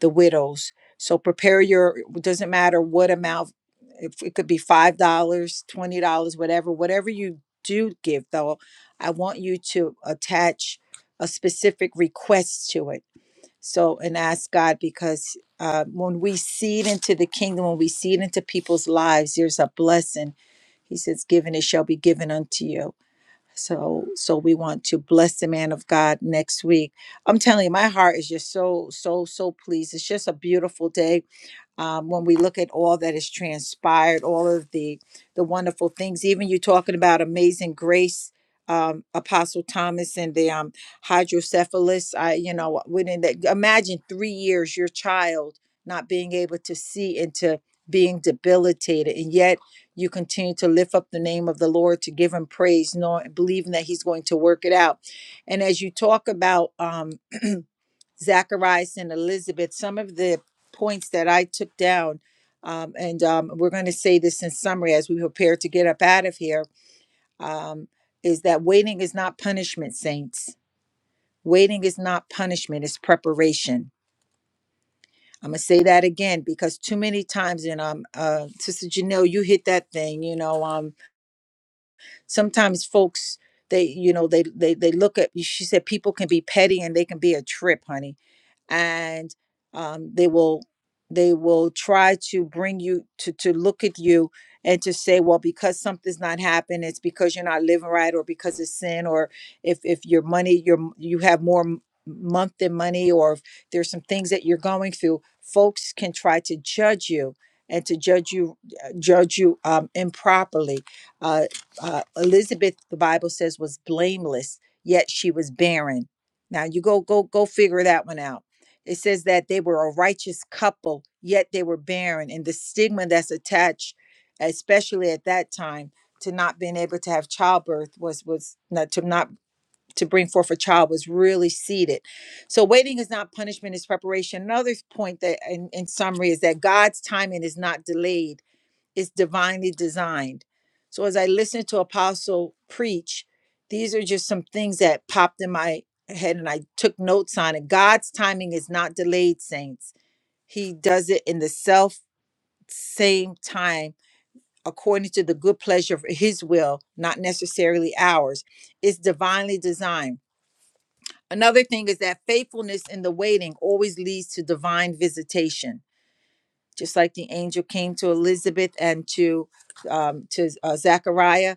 Speaker 1: the widows. So prepare your, it doesn't matter what amount, if it could be $5, dollars, $20, whatever, whatever you do give, though, I want you to attach a specific request to it. So, and ask God because uh, when we seed into the kingdom, when we seed into people's lives, there's a blessing. He says, Given it shall be given unto you. So, so we want to bless the man of God next week. I'm telling you, my heart is just so, so, so pleased. It's just a beautiful day um, when we look at all that has transpired, all of the the wonderful things. Even you talking about amazing grace, um, Apostle Thomas and the um, hydrocephalus. I, you know, within that, imagine three years, your child not being able to see and to being debilitated, and yet you continue to lift up the name of the Lord to give Him praise, knowing believing that He's going to work it out. And as you talk about, um, Zacharias and Elizabeth, some of the points that I took down. Um, and um, we're going to say this in summary as we prepare to get up out of here um, is that waiting is not punishment, saints. Waiting is not punishment, it's preparation. I'm going to say that again because too many times, and um, uh, Sister Janelle, you hit that thing, you know, um, sometimes folks. They, you know, they, they they look at. She said people can be petty and they can be a trip, honey and um, they will they will try to bring you to to look at you and to say well because something's not happened it's because you're not living right or because it's sin or if if your money your m- you have more m- month than money or if there's some things that you're going through folks can try to judge you and to judge you uh, judge you um, improperly uh, uh, elizabeth the bible says was blameless yet she was barren now you go go go figure that one out it says that they were a righteous couple, yet they were barren, and the stigma that's attached, especially at that time, to not being able to have childbirth was was not to not to bring forth a child was really seated. So waiting is not punishment; it's preparation. Another point that, in, in summary, is that God's timing is not delayed is divinely designed. So as I listened to Apostle preach, these are just some things that popped in my head and I took notes on it. God's timing is not delayed, saints. He does it in the self same time according to the good pleasure of his will, not necessarily ours. It's divinely designed. Another thing is that faithfulness in the waiting always leads to divine visitation just like the angel came to Elizabeth and to um, to uh, Zechariah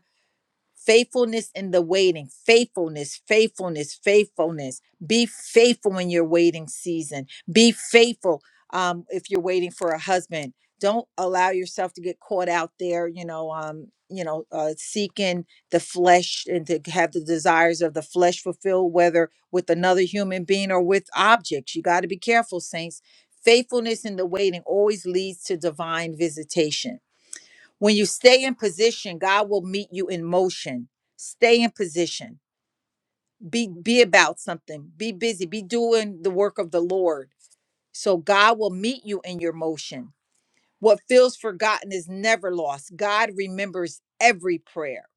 Speaker 1: Faithfulness in the waiting, faithfulness, faithfulness, faithfulness. Be faithful in your waiting season. Be faithful um, if you're waiting for a husband. Don't allow yourself to get caught out there, you know, um, you know, uh, seeking the flesh and to have the desires of the flesh fulfilled, whether with another human being or with objects. You got to be careful, saints. Faithfulness in the waiting always leads to divine visitation when you stay in position, God will meet you in motion. Stay in position. Be be about something. Be busy. Be doing the work of the Lord. So God will meet you in your motion. What feels forgotten is never lost. God remembers every prayer.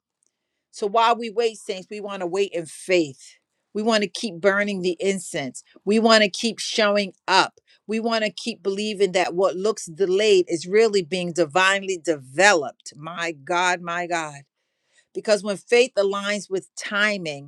Speaker 1: So while we wait, saints, we want to wait in faith. We want to keep burning the incense. We want to keep showing up. We want to keep believing that what looks delayed is really being divinely developed. My God, my God because when faith aligns with timing,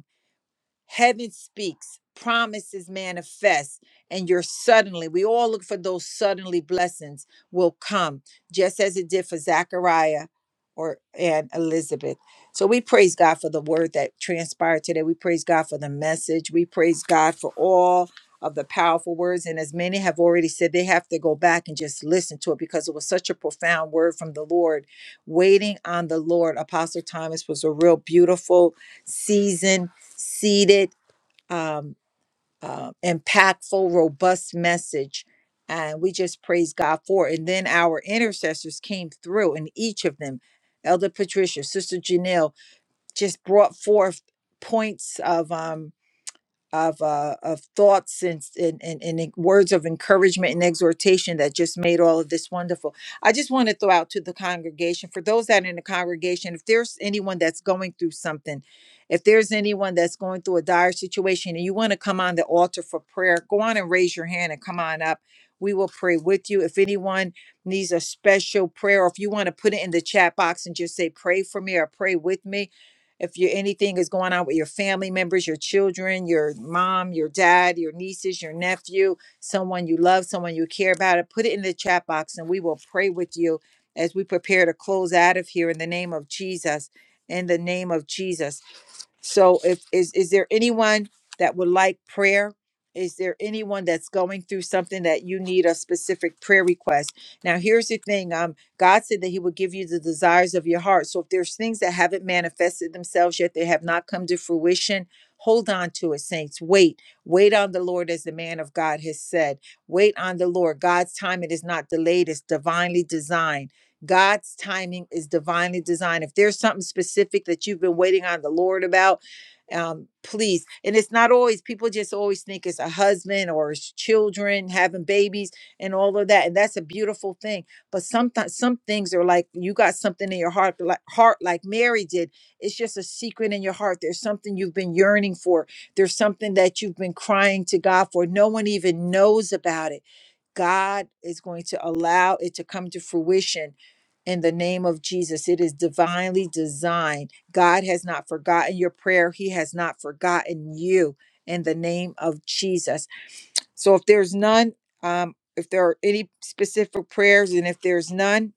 Speaker 1: Heaven speaks, promises manifest, and you're suddenly, we all look for those suddenly blessings will come, just as it did for Zachariah or and Elizabeth. So we praise God for the word that transpired today. We praise God for the message. We praise God for all of the powerful words. And as many have already said, they have to go back and just listen to it because it was such a profound word from the Lord. Waiting on the Lord. Apostle Thomas was a real beautiful season Seeded, um, uh, impactful, robust message. And we just praise God for it. And then our intercessors came through, and each of them, Elder Patricia, Sister Janelle, just brought forth points of. um, of uh, of thoughts and, and and and words of encouragement and exhortation that just made all of this wonderful. I just want to throw out to the congregation for those that are in the congregation, if there's anyone that's going through something, if there's anyone that's going through a dire situation and you want to come on the altar for prayer, go on and raise your hand and come on up. We will pray with you. If anyone needs a special prayer, or if you want to put it in the chat box and just say, pray for me or pray with me, if you anything is going on with your family members, your children, your mom, your dad, your nieces, your nephew, someone you love, someone you care about, it, put it in the chat box and we will pray with you as we prepare to close out of here in the name of Jesus. In the name of Jesus. So if is is there anyone that would like prayer? Is there anyone that's going through something that you need a specific prayer request? Now here's the thing. Um God said that he would give you the desires of your heart. So if there's things that haven't manifested themselves yet, they have not come to fruition, hold on to it, saints. Wait. Wait on the Lord as the man of God has said. Wait on the Lord. God's timing is not delayed, it's divinely designed. God's timing is divinely designed. If there's something specific that you've been waiting on the Lord about, um, please. And it's not always, people just always think it's a husband or it's children having babies and all of that. And that's a beautiful thing. But sometimes some things are like you got something in your heart, like, heart like Mary did. It's just a secret in your heart. There's something you've been yearning for, there's something that you've been crying to God for. No one even knows about it. God is going to allow it to come to fruition in the name of Jesus. It is divinely designed. God has not forgotten your prayer, He has not forgotten you in the name of Jesus. So if there's none, um, if there are any specific prayers, and if there's none,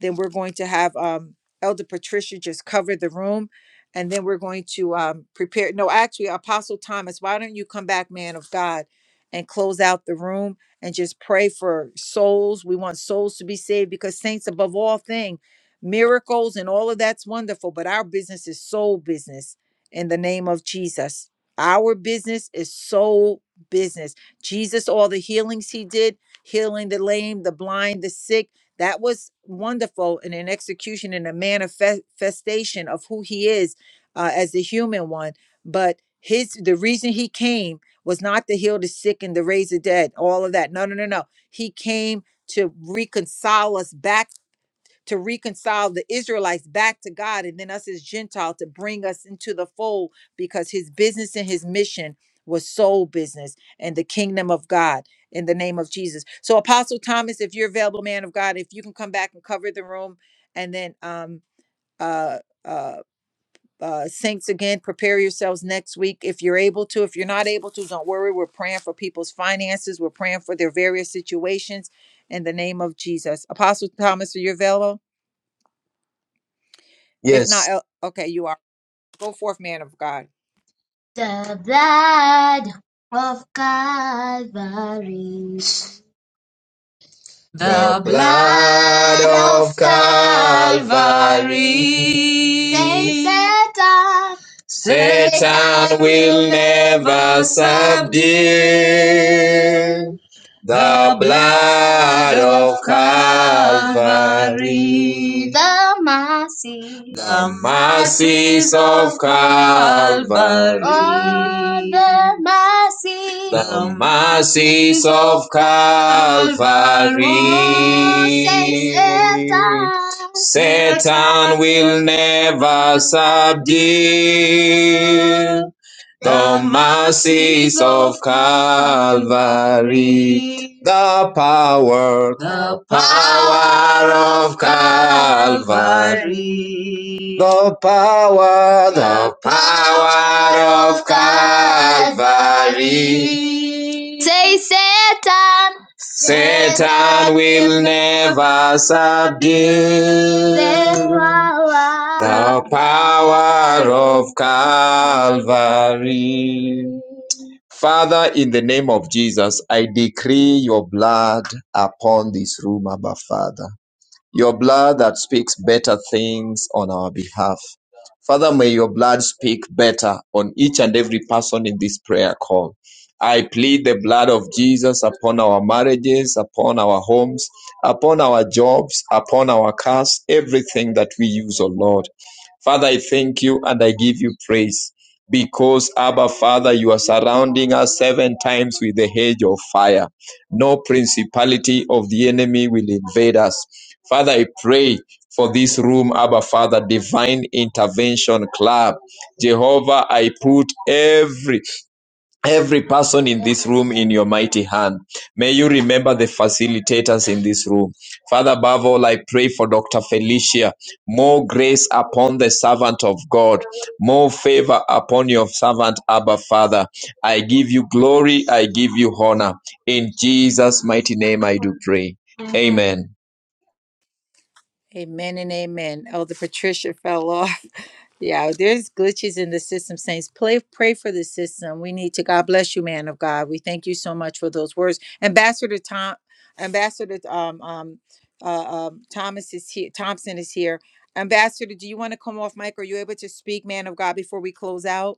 Speaker 1: then we're going to have um, Elder Patricia just cover the room. And then we're going to um, prepare. No, actually, Apostle Thomas, why don't you come back, man of God, and close out the room and just pray for souls? We want souls to be saved because, saints, above all thing, miracles and all of that's wonderful, but our business is soul business in the name of Jesus. Our business is soul business. Jesus, all the healings he did, healing the lame, the blind, the sick that was wonderful in an execution and a manifestation of who he is uh, as the human one. But his the reason he came was not to heal the sick and to raise the dead, all of that. No, no, no, no. He came to reconcile us back to reconcile the Israelites back to God and then us as Gentile to bring us into the fold because his business and his mission was soul business and the kingdom of God in the name of Jesus. So Apostle Thomas, if you're available, man of God, if you can come back and cover the room and then um uh uh uh, saints again prepare yourselves next week if you're able to if you're not able to don't worry we're praying for people's finances we're praying for their various situations in the name of jesus apostle thomas are you available If
Speaker 3: Yes.
Speaker 1: not, El- okay, you are. Go forth, man of God.
Speaker 3: The blood of Calvary. The blood of Calvary. Calvary. Satan, Satan will never subdue. The blood of Calvary, The mercy the mercies of Oh, Calvary, oh, the mercy the mercies of Oh, Calvary. Oh, Satan Satan will never subdue. The mercies of Calvary, the power, the power of Calvary, the power, the power of Calvary. Say, Satan, Satan will never subdue. The power of Calvary. Father, in the name of Jesus, I decree your blood upon this room, Abba Father. Your blood that speaks better things on our behalf. Father, may your blood speak better on each and every person in this prayer call. I plead the blood of Jesus upon our marriages, upon our homes, upon our jobs, upon our cars, everything that we use, O Lord. Father, I thank you and I give you praise because, Abba, Father, you are surrounding us seven times with the hedge of fire. No principality of the enemy will invade us. Father, I pray for this room, Abba Father, Divine Intervention Club. Jehovah, I put every every person in this room in your mighty hand. May you remember the facilitators in this room. Father, above all, I pray for Dr. Felicia. More grace upon the servant of God. More favor upon your servant, Abba Father. I give you glory. I give you honor. In Jesus' mighty name I do pray. Amen.
Speaker 1: Amen and amen. Elder Patricia fell off. [laughs] Yeah, there's glitches in the system, saints. Play, pray for the system. We need to. God bless you, man of God. We thank you so much for those words, Ambassador Tom. Ambassador um um uh, um Thomas is here. Thompson is here. Ambassador, do you want to come off mic? Are you able to speak, man of God, before we close out?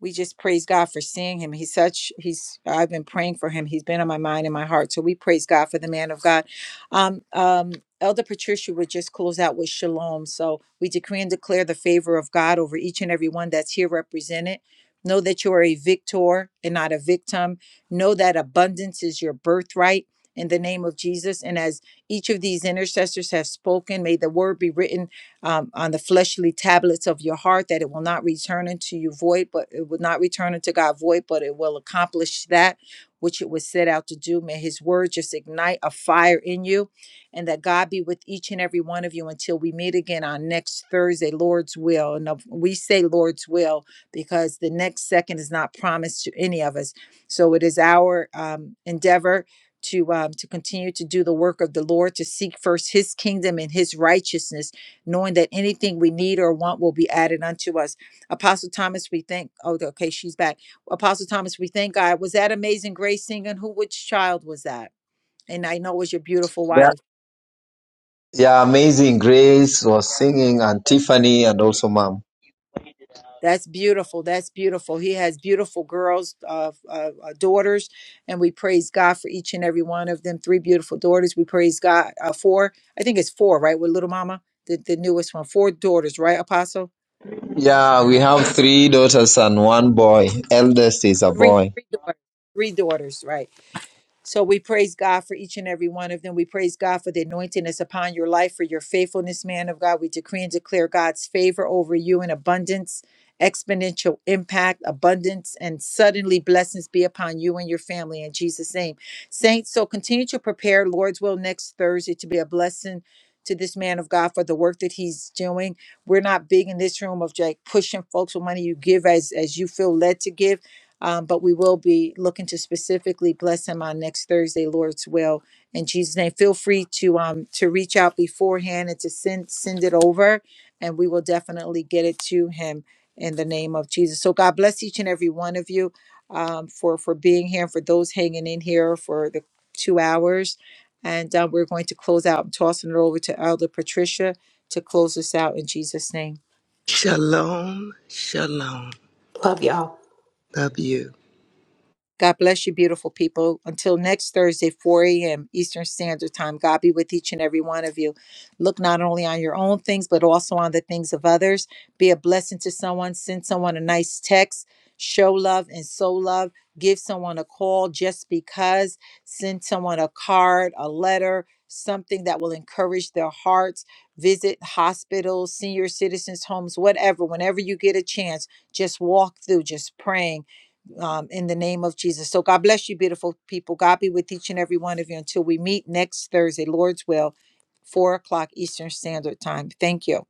Speaker 1: we just praise God for seeing him. He's such he's I've been praying for him. He's been on my mind and my heart. So we praise God for the man of God. Um um Elder Patricia would just close out with shalom. So we decree and declare the favor of God over each and every one that's here represented. Know that you are a victor and not a victim. Know that abundance is your birthright in the name of Jesus. And as each of these intercessors have spoken, may the word be written um, on the fleshly tablets of your heart that it will not return unto you void, but it will not return unto God void, but it will accomplish that which it was set out to do. May His word just ignite a fire in you, and that God be with each and every one of you until we meet again on next Thursday, Lord's will. And of- we say Lord's will because the next second is not promised to any of us. So it is our um, endeavor to um, to continue to do the work of the Lord, to seek first His kingdom and His righteousness knowing that anything we need or want will be added unto us. Apostle Thomas, we thank, oh, okay, she's back. Apostle Thomas, we thank God. Was that Amazing Grace singing? Who, which child was that? And I know it was your beautiful
Speaker 3: There,
Speaker 1: wife.
Speaker 3: Yeah, amazing. Grace was singing, and Tiffany, and also mom.
Speaker 1: That's beautiful. That's beautiful. He has beautiful girls, uh, uh, uh, daughters, and we praise God for each and every one of them. Three beautiful daughters. We praise God. Uh, four, I think it's four, right? With little mama, the, the newest one. Four daughters, right, Apostle?
Speaker 3: Yeah, we have three daughters and one boy. Eldest is a
Speaker 1: Three,
Speaker 3: boy.
Speaker 1: three daughters. Three daughters, right? So we praise God for each and every one of them. We praise God for the anointing that's upon your life, for your faithfulness, man of God. We decree and declare God's favor over you in abundance, exponential impact, abundance, and suddenly blessings be upon you and your family in Jesus' name. Saints, so continue to prepare Lord's will next Thursday to be a blessing to this man of God for the work that he's doing. We're not big in this room of like pushing folks with money. You give as as you feel led to give um, but we will be looking to specifically bless him on next Thursday, Lord's will. In Jesus' name, feel free to um to reach out beforehand and to send send it over, and we will definitely get it to him in the name of Jesus. So God bless each and every one of you um, for for being here, and for those hanging in here for the two hours, and uh, we're going to close out. I'm tossing it over to Elder Patricia to close us out in Jesus' name.
Speaker 7: Shalom, shalom.
Speaker 5: Love y'all.
Speaker 7: Love you.
Speaker 1: God bless you, beautiful people. Until next Thursday, 4 a.m. Eastern Standard Time, God be with each and every one of you. Look not only on your own things, but also on the things of others. Be a blessing to someone. Send someone a nice text. Show love and sow love. Give someone a call just because. Send someone a card, a letter, something that will encourage their hearts. Visit hospitals, senior citizens' homes, whatever. Whenever you get a chance, just walk through, just praying um, in the name of Jesus. So God bless you, beautiful people. God be with each and every one of you until we meet next Thursday, Lord's will, four o'clock Eastern Standard Time. Thank you.